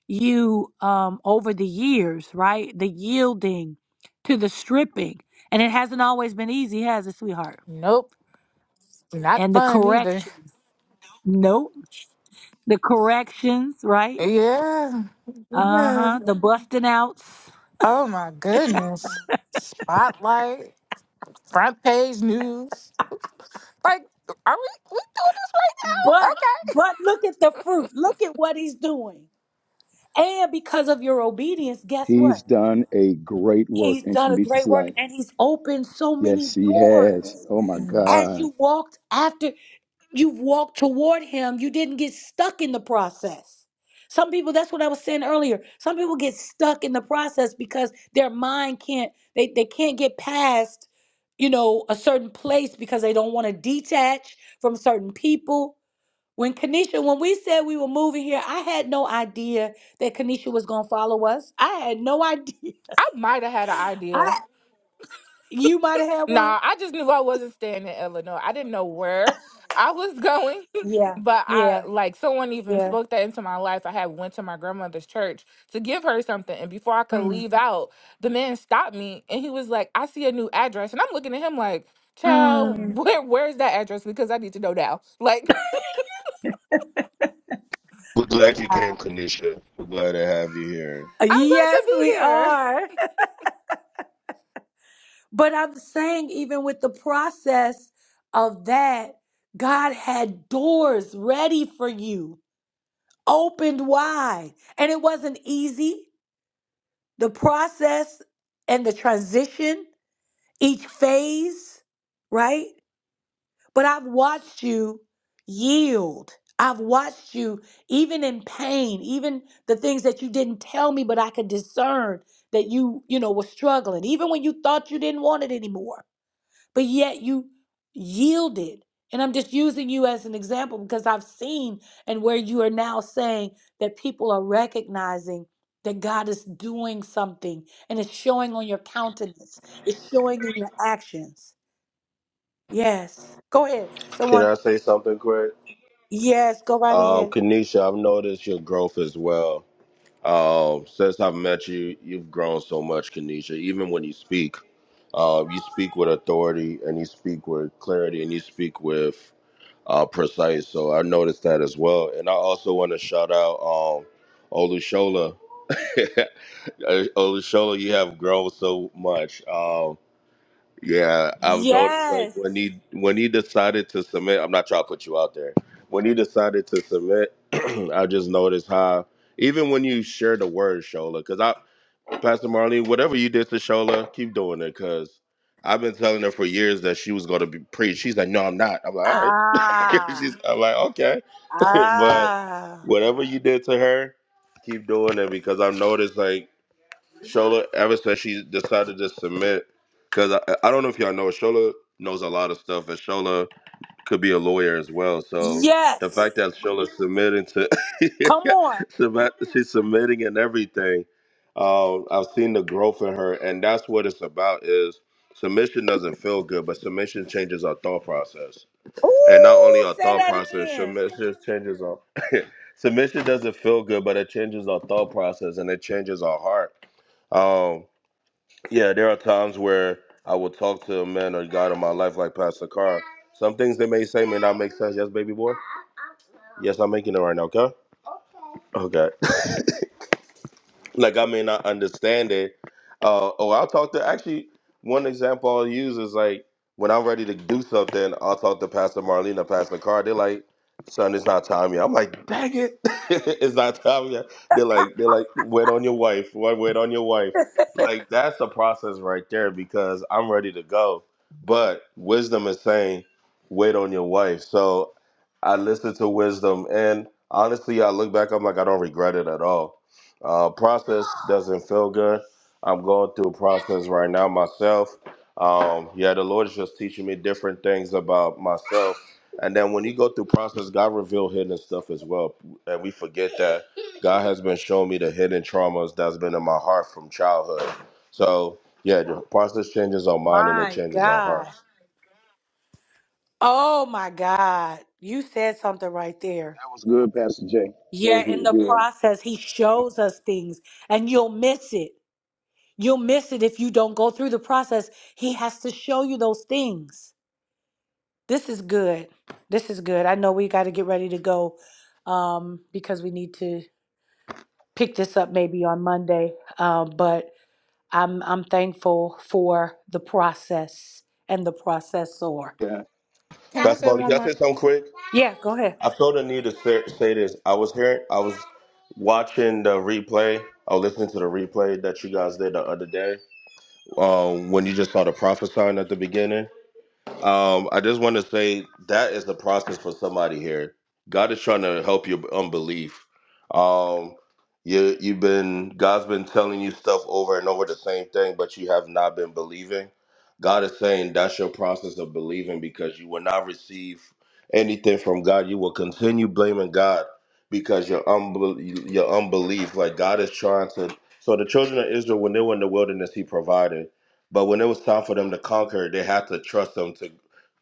Speaker 1: you um, over the years, right? The yielding to the stripping. And it hasn't always been easy, has it, sweetheart?
Speaker 4: Nope, not
Speaker 1: And the
Speaker 4: fun either.
Speaker 1: corrections. Nope. The corrections, right?
Speaker 4: Yeah,
Speaker 1: Uh
Speaker 4: yeah.
Speaker 1: huh. The busting outs.
Speaker 4: Oh my goodness. Spotlight, front page news. Like, are we we doing this right now?
Speaker 1: But,
Speaker 4: Okay.
Speaker 1: but look at the fruit. Look at what he's doing. And because of your obedience, guess what?
Speaker 3: He's done a great work
Speaker 1: He's
Speaker 3: in
Speaker 1: done a
Speaker 3: Kanisha's
Speaker 1: great work
Speaker 3: life.
Speaker 1: and he's opened so many
Speaker 3: Yes, he has.
Speaker 1: doors.
Speaker 3: Oh my
Speaker 4: Mhm.
Speaker 1: as
Speaker 3: God.
Speaker 1: you walked after you walked toward him, you didn't get stuck in the process. Some people, that's what I was saying earlier. Some people get stuck in the process because their mind can't, they, they can't get past, you know, a certain place because they don't want to detach from certain people. When Kanisha, when we said we were moving here, I had no idea that Kanisha was gonna follow us. I had no idea.
Speaker 4: I might have had an idea.
Speaker 1: I you might have had one.
Speaker 4: Nah, I just knew I wasn't staying in Illinois. I didn't know where I was going,
Speaker 1: Yeah,
Speaker 4: but I
Speaker 1: yeah,
Speaker 4: like someone even
Speaker 1: yeah.
Speaker 4: spoke that into my life. I had went to my grandmother's church to give her something, and before I could
Speaker 1: Mm.
Speaker 4: leave out, the man stopped me and he was like, "I see a new address," and I'm looking at him like,
Speaker 1: Mm.
Speaker 4: "Child, where where's that address? Because I need to know now." Like,
Speaker 12: We're glad you came, Kanisha. We're glad to have you here.
Speaker 4: I'm glad
Speaker 1: Yes,
Speaker 4: to be
Speaker 1: we
Speaker 4: here.
Speaker 1: are. But I'm saying, even with the process of that, God had doors ready for you, opened wide. And it wasn't easy. The process and the transition, each phase, right? But I've watched you yield. I've watched you, even in pain, even the things that you didn't tell me, but I could discern that you, you know, were struggling, even when you thought you didn't want it anymore, but yet you yielded. And I'm just using you as an example because I've seen and where you are now saying that people are recognizing that God is doing something and it's showing on your countenance, it's showing in your actions. Yes. Go ahead.
Speaker 12: Can
Speaker 1: Someone.
Speaker 12: I say something quick?
Speaker 1: Yes, go right
Speaker 12: Um,
Speaker 1: ahead.
Speaker 12: Kanisha, I've noticed your growth as well. Um, since I've met you, you've grown so much, Kanisha. Even when you speak, uh, you speak with authority and you speak with clarity and you speak with uh, precise. So I noticed that as well. And I also want to shout out um, Olushola. Olushola, you have grown so much. Um, Yeah, I've noticed like when he when he decided to submit, I'm not trying to put you out there. When he decided to submit, I just noticed how even when you share the word Shola, because I Pastor Marlene, whatever you did to Shola, keep doing it because I've been telling her for years that she was going to be preached. She's like, no, I'm not. I'm like, all right.
Speaker 1: Ah,
Speaker 12: She's, I'm like, okay. but whatever you did to her, keep doing it because I've noticed, like, Shola ever since she decided to submit because I, I don't know if y'all know Shola knows a lot of stuff, and Shola could be a lawyer as well. So the
Speaker 1: Yes,
Speaker 12: fact that Shola submitting to
Speaker 1: come on.
Speaker 12: submit- she's submitting and everything, um, I've seen the growth in her, and that's what it's about. Is submission doesn't feel good, but submission changes our thought process, and not only our
Speaker 1: Say
Speaker 12: thought
Speaker 1: that
Speaker 12: process,
Speaker 1: again.
Speaker 12: submission changes our submission doesn't feel good, but it changes our thought process and it changes our heart. Um, yeah, there are times where I will talk to a man or God in my life, like Pastor Carr. Some things they may say may not make sense. Yes, baby boy? Yes, I'm making it right now, okay? Okay. like I may not understand it. Uh, or I'll talk to actually one example I'll use is like when I'm ready to do something, I'll talk to Pastor Marlene or Pastor Carr. They're like, "Son, it's not time yet." I'm like, "Dang it, it's not time yet." They're like, "They're like, wait on your wife, wait wait on your wife." Like that's the process right there because I'm ready to go, but wisdom is saying, "Wait on your wife." So I listen to wisdom, and honestly, I look back, I'm like, I don't regret it at all uh, process doesn't feel good. I'm going through a process right now myself. Um, yeah, the Lord is just teaching me different things about myself. And then when you go through process, God reveal hidden stuff as well, and we forget that God has been showing me the hidden traumas that's been in my heart from childhood. So yeah, the process changes our mind and it
Speaker 1: My
Speaker 12: changes our
Speaker 1: God.
Speaker 12: heart.
Speaker 1: Oh my God. You said something right there.
Speaker 3: That was good, Pastor Jay. That
Speaker 1: Yeah,
Speaker 3: was
Speaker 1: in
Speaker 3: really
Speaker 1: the
Speaker 3: good.
Speaker 1: process, he shows us things and you'll miss it. You'll miss it if you don't go through the process. He has to show you those things. This is good. This is good. I know we got to get ready to go um, because we need to pick this up maybe on Monday. Um, but I'm I'm thankful for the process and the processor.
Speaker 3: Yeah,
Speaker 4: Can I
Speaker 12: Pastor
Speaker 4: say
Speaker 12: Molly, can
Speaker 4: one
Speaker 12: I
Speaker 4: more?
Speaker 12: say something quick?
Speaker 1: Yeah, go ahead.
Speaker 12: I felt a need to say, say this. I was hearing, I was watching the replay. I was listening to the replay that you guys did the other day um, when you just started prophesying at the beginning. Um, I just want to say that is the process for somebody here. God is trying to help your unbelief. Um, you you've been God's been telling you stuff over and over the same thing, but you have not been believing. God is saying that's your process of believing because you will not receive anything from God. You will continue blaming God because your unbel- your unbelief. Like God is trying to. So the children of Israel, when they were in the wilderness, He provided. But when it was time for them to conquer, they had to trust Him to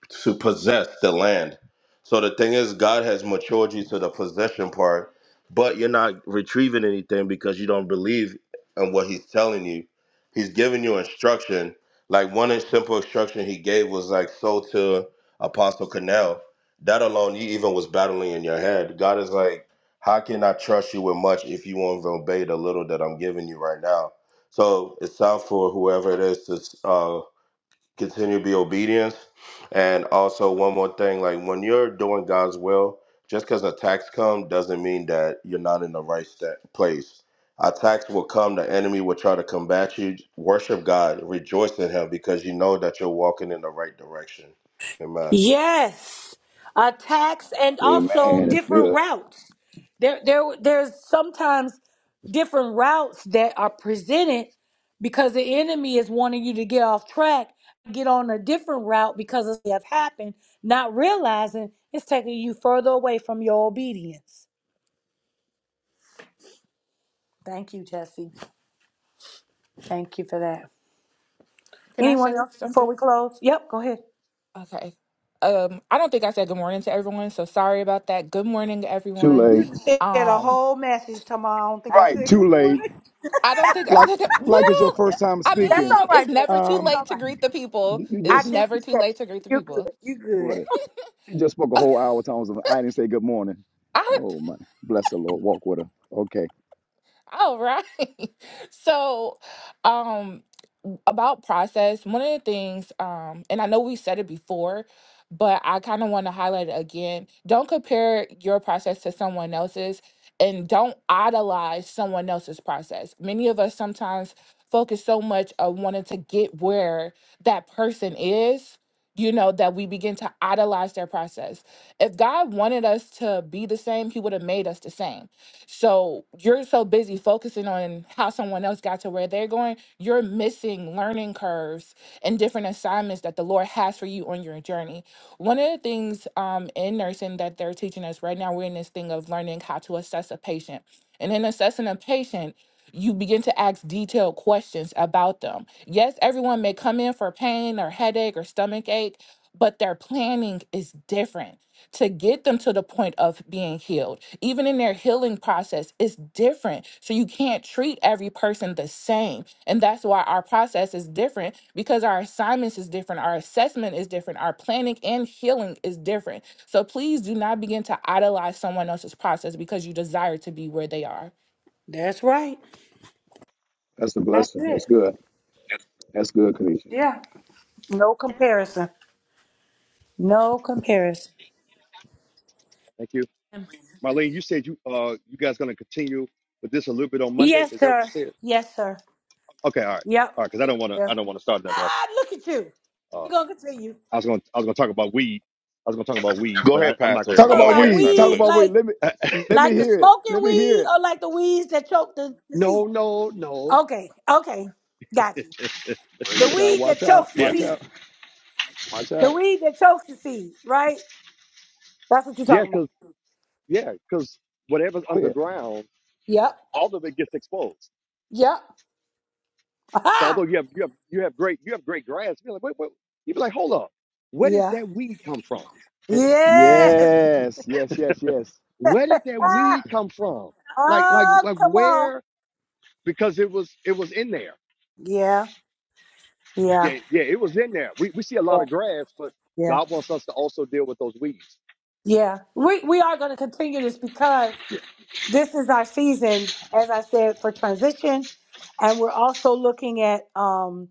Speaker 12: to possess the land. So the thing is, God has matured you to the possession part, but you're not retrieving anything because you don't believe in what He's telling you. He's giving you instruction. Like one simple instruction He gave was like, "So to Apostle Canal." That alone, you even was battling in your head. God is like, "How can I trust you with much if you won't obey the little that I'm giving you right now?" So it's time for whoever it is to. Uh, continue to be obedient. And also one more thing, like when you're doing God's will, just because attacks come doesn't mean that you're not in the right sta- place. Attacks will come, the enemy will try to combat you. Worship God, rejoice in him because you know that you're walking in the right direction. Amen.
Speaker 1: Yes, attacks and
Speaker 3: yeah.
Speaker 1: also
Speaker 3: Amen. It's
Speaker 1: different
Speaker 3: good.
Speaker 1: routes. There, there, there's sometimes different routes that are presented because the enemy is wanting you to get off track, get on a different route because of what have happened, not realizing it's taking you further away from your obedience. Thank you, Jesse. Thank you for that.
Speaker 4: Can I
Speaker 1: Anyone
Speaker 4: say
Speaker 1: else before
Speaker 4: something?
Speaker 1: we close? Yep, go ahead.
Speaker 4: Okay. Um, I don't think I said good morning to everyone, so sorry about that. Good morning,
Speaker 3: Too
Speaker 4: everyone.
Speaker 3: late.
Speaker 1: said a
Speaker 4: Um,
Speaker 1: whole message tomorrow. I don't think I
Speaker 3: Right.
Speaker 1: said good
Speaker 3: Too late.
Speaker 1: morning.
Speaker 4: I don't think I
Speaker 3: Like,
Speaker 4: said it.
Speaker 3: like it's your
Speaker 4: Well,
Speaker 3: first time
Speaker 4: I
Speaker 1: That's
Speaker 3: speaking.
Speaker 1: all
Speaker 4: mean, it's
Speaker 1: right, baby.
Speaker 4: never too
Speaker 1: That's
Speaker 3: Um,
Speaker 1: all
Speaker 4: late to
Speaker 1: right.
Speaker 4: greet the people.
Speaker 3: you, you
Speaker 4: It's
Speaker 1: I
Speaker 3: just
Speaker 1: think you
Speaker 4: never too
Speaker 1: said
Speaker 4: late
Speaker 1: it.
Speaker 4: to greet the
Speaker 1: You're good.
Speaker 4: people.
Speaker 1: You're good.
Speaker 3: what? It, she just spoke a whole hour. Times of I didn't say good morning.
Speaker 4: I.
Speaker 3: Oh my, bless the Lord. Walk with her. Okay,
Speaker 4: All right. So, um, about process, one of the things, um, and I know we said it before, but I kind of want to highlight it again. Don't compare your process to someone else's and don't idolize someone else's process. Many of us sometimes focus so much on wanting to get where that person is, you know, that we begin to idolize their process. If God wanted us to be the same, He would have made us the same so you're so busy focusing on how someone else got to where they're going, you're missing learning curves and different assignments that the Lord has for you on your journey. One of the things um, in nursing that they're teaching us right now, we're in this thing of learning how to assess a patient. And in assessing a patient, you begin to ask detailed questions about them. Yes, everyone may come in for pain or headache or stomach ache, but their planning is different to get them to the point of being healed even in their healing process it's different so you can't treat every person the same and that's why our process is different because our assignments is different our assessment is different our planning and healing is different so please do not begin to idolize someone else's process because you desire to be where they are
Speaker 1: That's right.
Speaker 3: that's a
Speaker 1: That's
Speaker 3: blessing.
Speaker 1: it.
Speaker 3: That's good. That's good, Kanisha.
Speaker 1: Yeah. No comparison. No comparison.
Speaker 10: Thank you. Marlene, you said you uh you guys gonna continue with this a little bit on Monday.
Speaker 1: Yes,
Speaker 10: Is that what you
Speaker 1: sir.
Speaker 10: said?
Speaker 1: Yes, sir.
Speaker 10: Okay, all right,
Speaker 1: Yep.
Speaker 10: all right. Because I don't want to
Speaker 1: Yeah.
Speaker 10: I don't want to start nothing else.
Speaker 1: Ah, look at you.
Speaker 10: Uh,
Speaker 1: We're gonna continue.
Speaker 10: I was gonna I was gonna talk about weed. I was gonna talk about weed,
Speaker 12: Go
Speaker 10: but I,
Speaker 12: ahead,
Speaker 10: I'm not gonna
Speaker 12: Pastor.
Speaker 3: Talk
Speaker 10: talk
Speaker 12: I
Speaker 1: Talk
Speaker 10: about
Speaker 3: about
Speaker 12: want to
Speaker 1: about
Speaker 12: hear it,
Speaker 3: weed.
Speaker 12: Sinai.
Speaker 3: Talk
Speaker 12: Let
Speaker 1: weed,
Speaker 12: me
Speaker 3: about weed.
Speaker 1: like
Speaker 3: Let me,
Speaker 10: it.
Speaker 3: let me
Speaker 1: like the
Speaker 3: hear it.
Speaker 1: smoking
Speaker 3: Let me hear
Speaker 1: weed
Speaker 3: it.
Speaker 1: or like the weeds that choke the, the seed.
Speaker 10: No, no, no.
Speaker 1: Okay, okay. Got you. The
Speaker 3: Praise God.
Speaker 1: weed
Speaker 3: Watch
Speaker 1: that
Speaker 3: out.
Speaker 1: chokes the
Speaker 10: yeah,
Speaker 3: Watch
Speaker 1: seed.
Speaker 3: out. Watch
Speaker 1: The
Speaker 3: out.
Speaker 1: weed that chokes the seed, right? That's what you're
Speaker 10: yeah,
Speaker 1: talking about.
Speaker 10: because yeah, because whatever's
Speaker 3: Go
Speaker 10: underground, all of it gets exposed. So although you have you have you have great you have great grass, you're like wait, wait. you be like hold up, where did that weed come from?
Speaker 3: ahead.
Speaker 1: Yes.
Speaker 3: Yes. Yes. Yes. Yes.
Speaker 10: Where did that weed come from? Like like
Speaker 1: Oh,
Speaker 10: like
Speaker 1: come on.
Speaker 10: where? Because it was it was in there.
Speaker 1: Yeah, yeah,
Speaker 10: Yeah, yeah, it was in there. We we see a lot
Speaker 1: yeah,
Speaker 10: of grass, but
Speaker 1: yeah,
Speaker 10: God wants us to also deal with those weeds.
Speaker 1: yeah. We we are going to continue this because this is our season, as I said, for transition, and we're also looking at um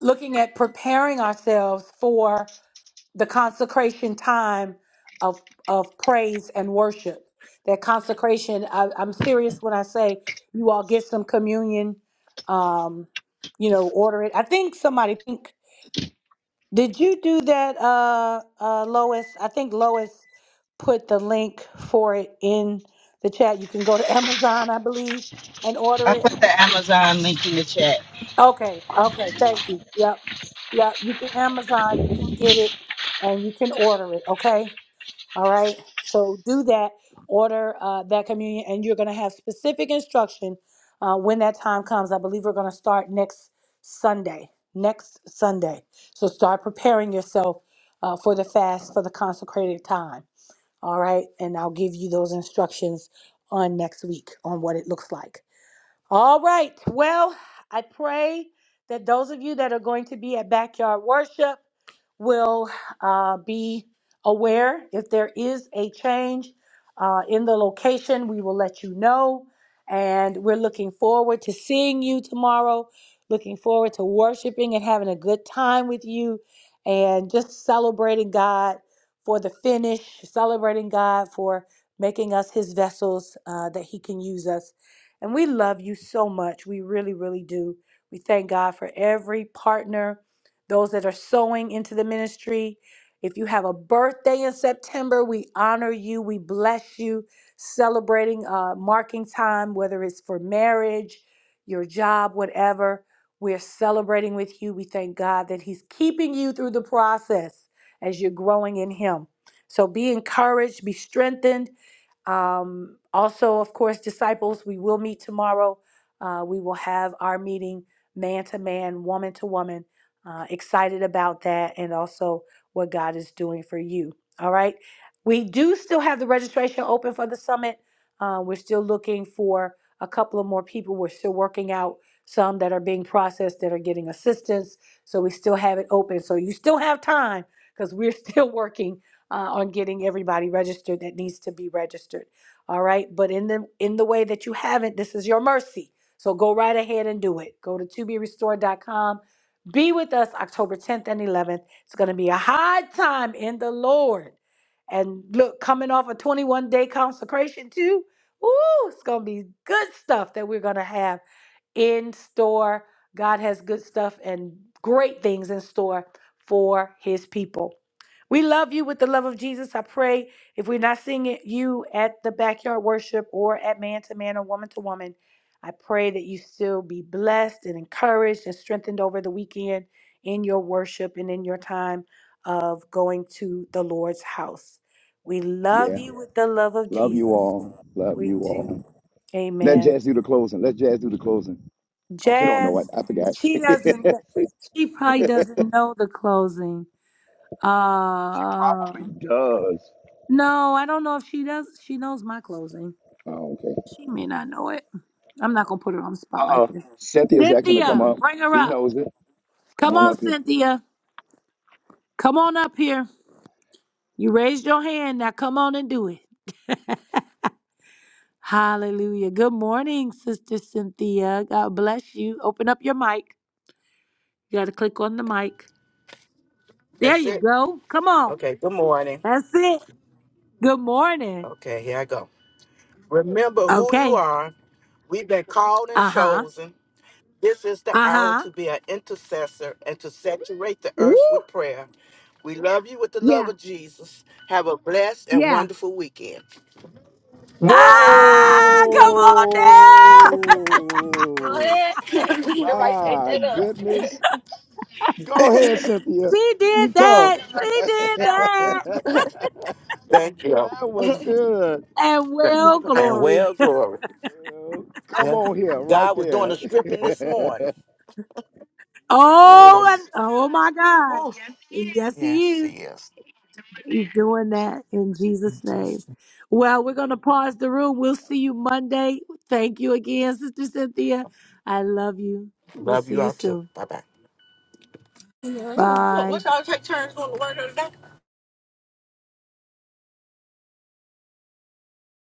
Speaker 1: looking at preparing ourselves for. the consecration time of of praise and worship. That consecration, I, I'm serious when I say you all get some communion, um, you know, order it. I think somebody think did you do that, uh, uh, Lois? I think Lois put the link for it in the chat. You can go to Amazon, I believe, and order
Speaker 11: I
Speaker 1: it.
Speaker 11: put the Amazon link in the chat.
Speaker 1: Okay, okay, thank you. Yep, yep. You can Amazon, you can get it, and you can order it. Okay. All right. So do that, order uh, that communion, and you're going to have specific instruction uh, when that time comes. I believe we're going to start next Sunday. Next Sunday. So start preparing yourself uh, for the fast, for the consecrated time. All right. And I'll give you those instructions on next week on what it looks like. All right. Well, I pray that those of you that are going to be at backyard worship, will uh, be aware if there is a change uh, in the location. We will let you know. And we're looking forward to seeing you tomorrow, looking forward to worshiping and having a good time with you, and just celebrating God for the finish, celebrating God for making us his vessels uh, that he can use us. And we love you so much. We really, really do. We thank God for every partner those that are sowing into the ministry. If you have a birthday in September, we honor you, we bless you, celebrating uh, marking time, whether it's for marriage, your job, whatever. We're celebrating with you. We thank God that He's keeping you through the process as you're growing in Him. So be encouraged, be strengthened. Um, also, of course, disciples, we will meet tomorrow. Uh, we will have our meeting man to man, woman to woman uh, excited about that and also what God is doing for you. All right. We do still have the registration open for the summit. Uh, we're still looking for a couple of more people. We're still working out some that are being processed that are getting assistance. So we still have it open. So you still have time because we're still working uh, on getting everybody registered that needs to be registered. All right. But in the in the way that you haven't, this is your mercy. So go right ahead and do it. Go to to be restored dot com. Be with us October 10th and 11th. It's going to be a high time in the Lord. And look, coming off a 21 day consecration, too. Ooh, it's going to be good stuff that we're going to have in store. God has good stuff and great things in store for his people. We love you with the love of Jesus. I pray if we're not seeing it, you at the backyard worship or at man to man or woman to woman. I pray that you still be blessed and encouraged and strengthened over the weekend in your worship and in your time of going to the Lord's house. We love
Speaker 3: Yeah.
Speaker 1: you with the love of
Speaker 3: Love you
Speaker 1: Jesus.
Speaker 3: all. Love
Speaker 1: We
Speaker 3: you
Speaker 1: do.
Speaker 3: all. Let
Speaker 1: Amen.
Speaker 3: Jazz do the closing. Let Jazz do the closing. Oh, she don't know
Speaker 1: Jazz,
Speaker 3: what. I forgot.
Speaker 1: she
Speaker 3: she
Speaker 1: doesn't, she probably doesn't know the closing. Uh,
Speaker 3: probably does.
Speaker 1: no, I don't know if she does. She knows my closing.
Speaker 3: Oh, okay.
Speaker 1: She may not know it. I'm not going to put her on the spot like
Speaker 3: Uh-uh.
Speaker 1: this.
Speaker 3: Cynthia's asking to come
Speaker 1: Cynthia,
Speaker 3: up.
Speaker 1: bring her
Speaker 3: She
Speaker 1: up.
Speaker 3: knows it. Come
Speaker 1: Come
Speaker 3: on
Speaker 1: on,
Speaker 3: up here.
Speaker 1: Cynthia. Come on up here. You raised your hand. Now come on and do it. Hallelujah. Good morning, Sister Cynthia. God bless you. Open up your mic. You got to click on the mic. There
Speaker 13: That's
Speaker 1: you
Speaker 13: it.
Speaker 1: go. Come on.
Speaker 13: Okay, good morning.
Speaker 1: That's it. Good morning.
Speaker 13: Okay, here I go. Remember who you
Speaker 1: Okay.
Speaker 13: are. We've been called and
Speaker 1: Uh huh.
Speaker 13: chosen. This is the
Speaker 1: Uh
Speaker 13: hour
Speaker 1: huh.
Speaker 13: to be an intercessor and to saturate the
Speaker 1: Woo.
Speaker 13: earth with prayer. We love you with the love
Speaker 1: Yeah.
Speaker 13: of Jesus. Have a blessed and
Speaker 1: Yeah.
Speaker 13: wonderful weekend.
Speaker 1: Ah, come on now.
Speaker 13: Go
Speaker 3: Whoa!
Speaker 13: ahead. Everybody take
Speaker 3: My
Speaker 13: that
Speaker 3: goodness. Go ahead,
Speaker 13: up.
Speaker 3: Cynthia.
Speaker 1: she did
Speaker 3: You tough.
Speaker 1: that. She did that.
Speaker 3: that
Speaker 13: Thank you.
Speaker 3: was good.
Speaker 1: And well,
Speaker 13: And
Speaker 1: glory.
Speaker 13: well, glory.
Speaker 3: Well, come
Speaker 13: Yeah.
Speaker 3: on here, right
Speaker 13: God was doing
Speaker 3: there.
Speaker 13: the stripping this morning.
Speaker 1: Oh,
Speaker 3: Yes.
Speaker 13: Yes.
Speaker 1: and, oh my God.
Speaker 13: Whew.
Speaker 1: Yes, he
Speaker 13: Yes,
Speaker 1: is.
Speaker 13: he is.
Speaker 1: He's doing that in Jesus'
Speaker 13: Mm-hmm.
Speaker 1: name. Well, we're going to pause the room. We'll see you Monday. Thank you again, Sister Cynthia. I love you. We'll
Speaker 13: Love
Speaker 1: see
Speaker 13: you
Speaker 1: you
Speaker 13: all too.
Speaker 1: soon.
Speaker 13: Bye bye.
Speaker 1: Bye.
Speaker 13: What y'all take turns going to work today?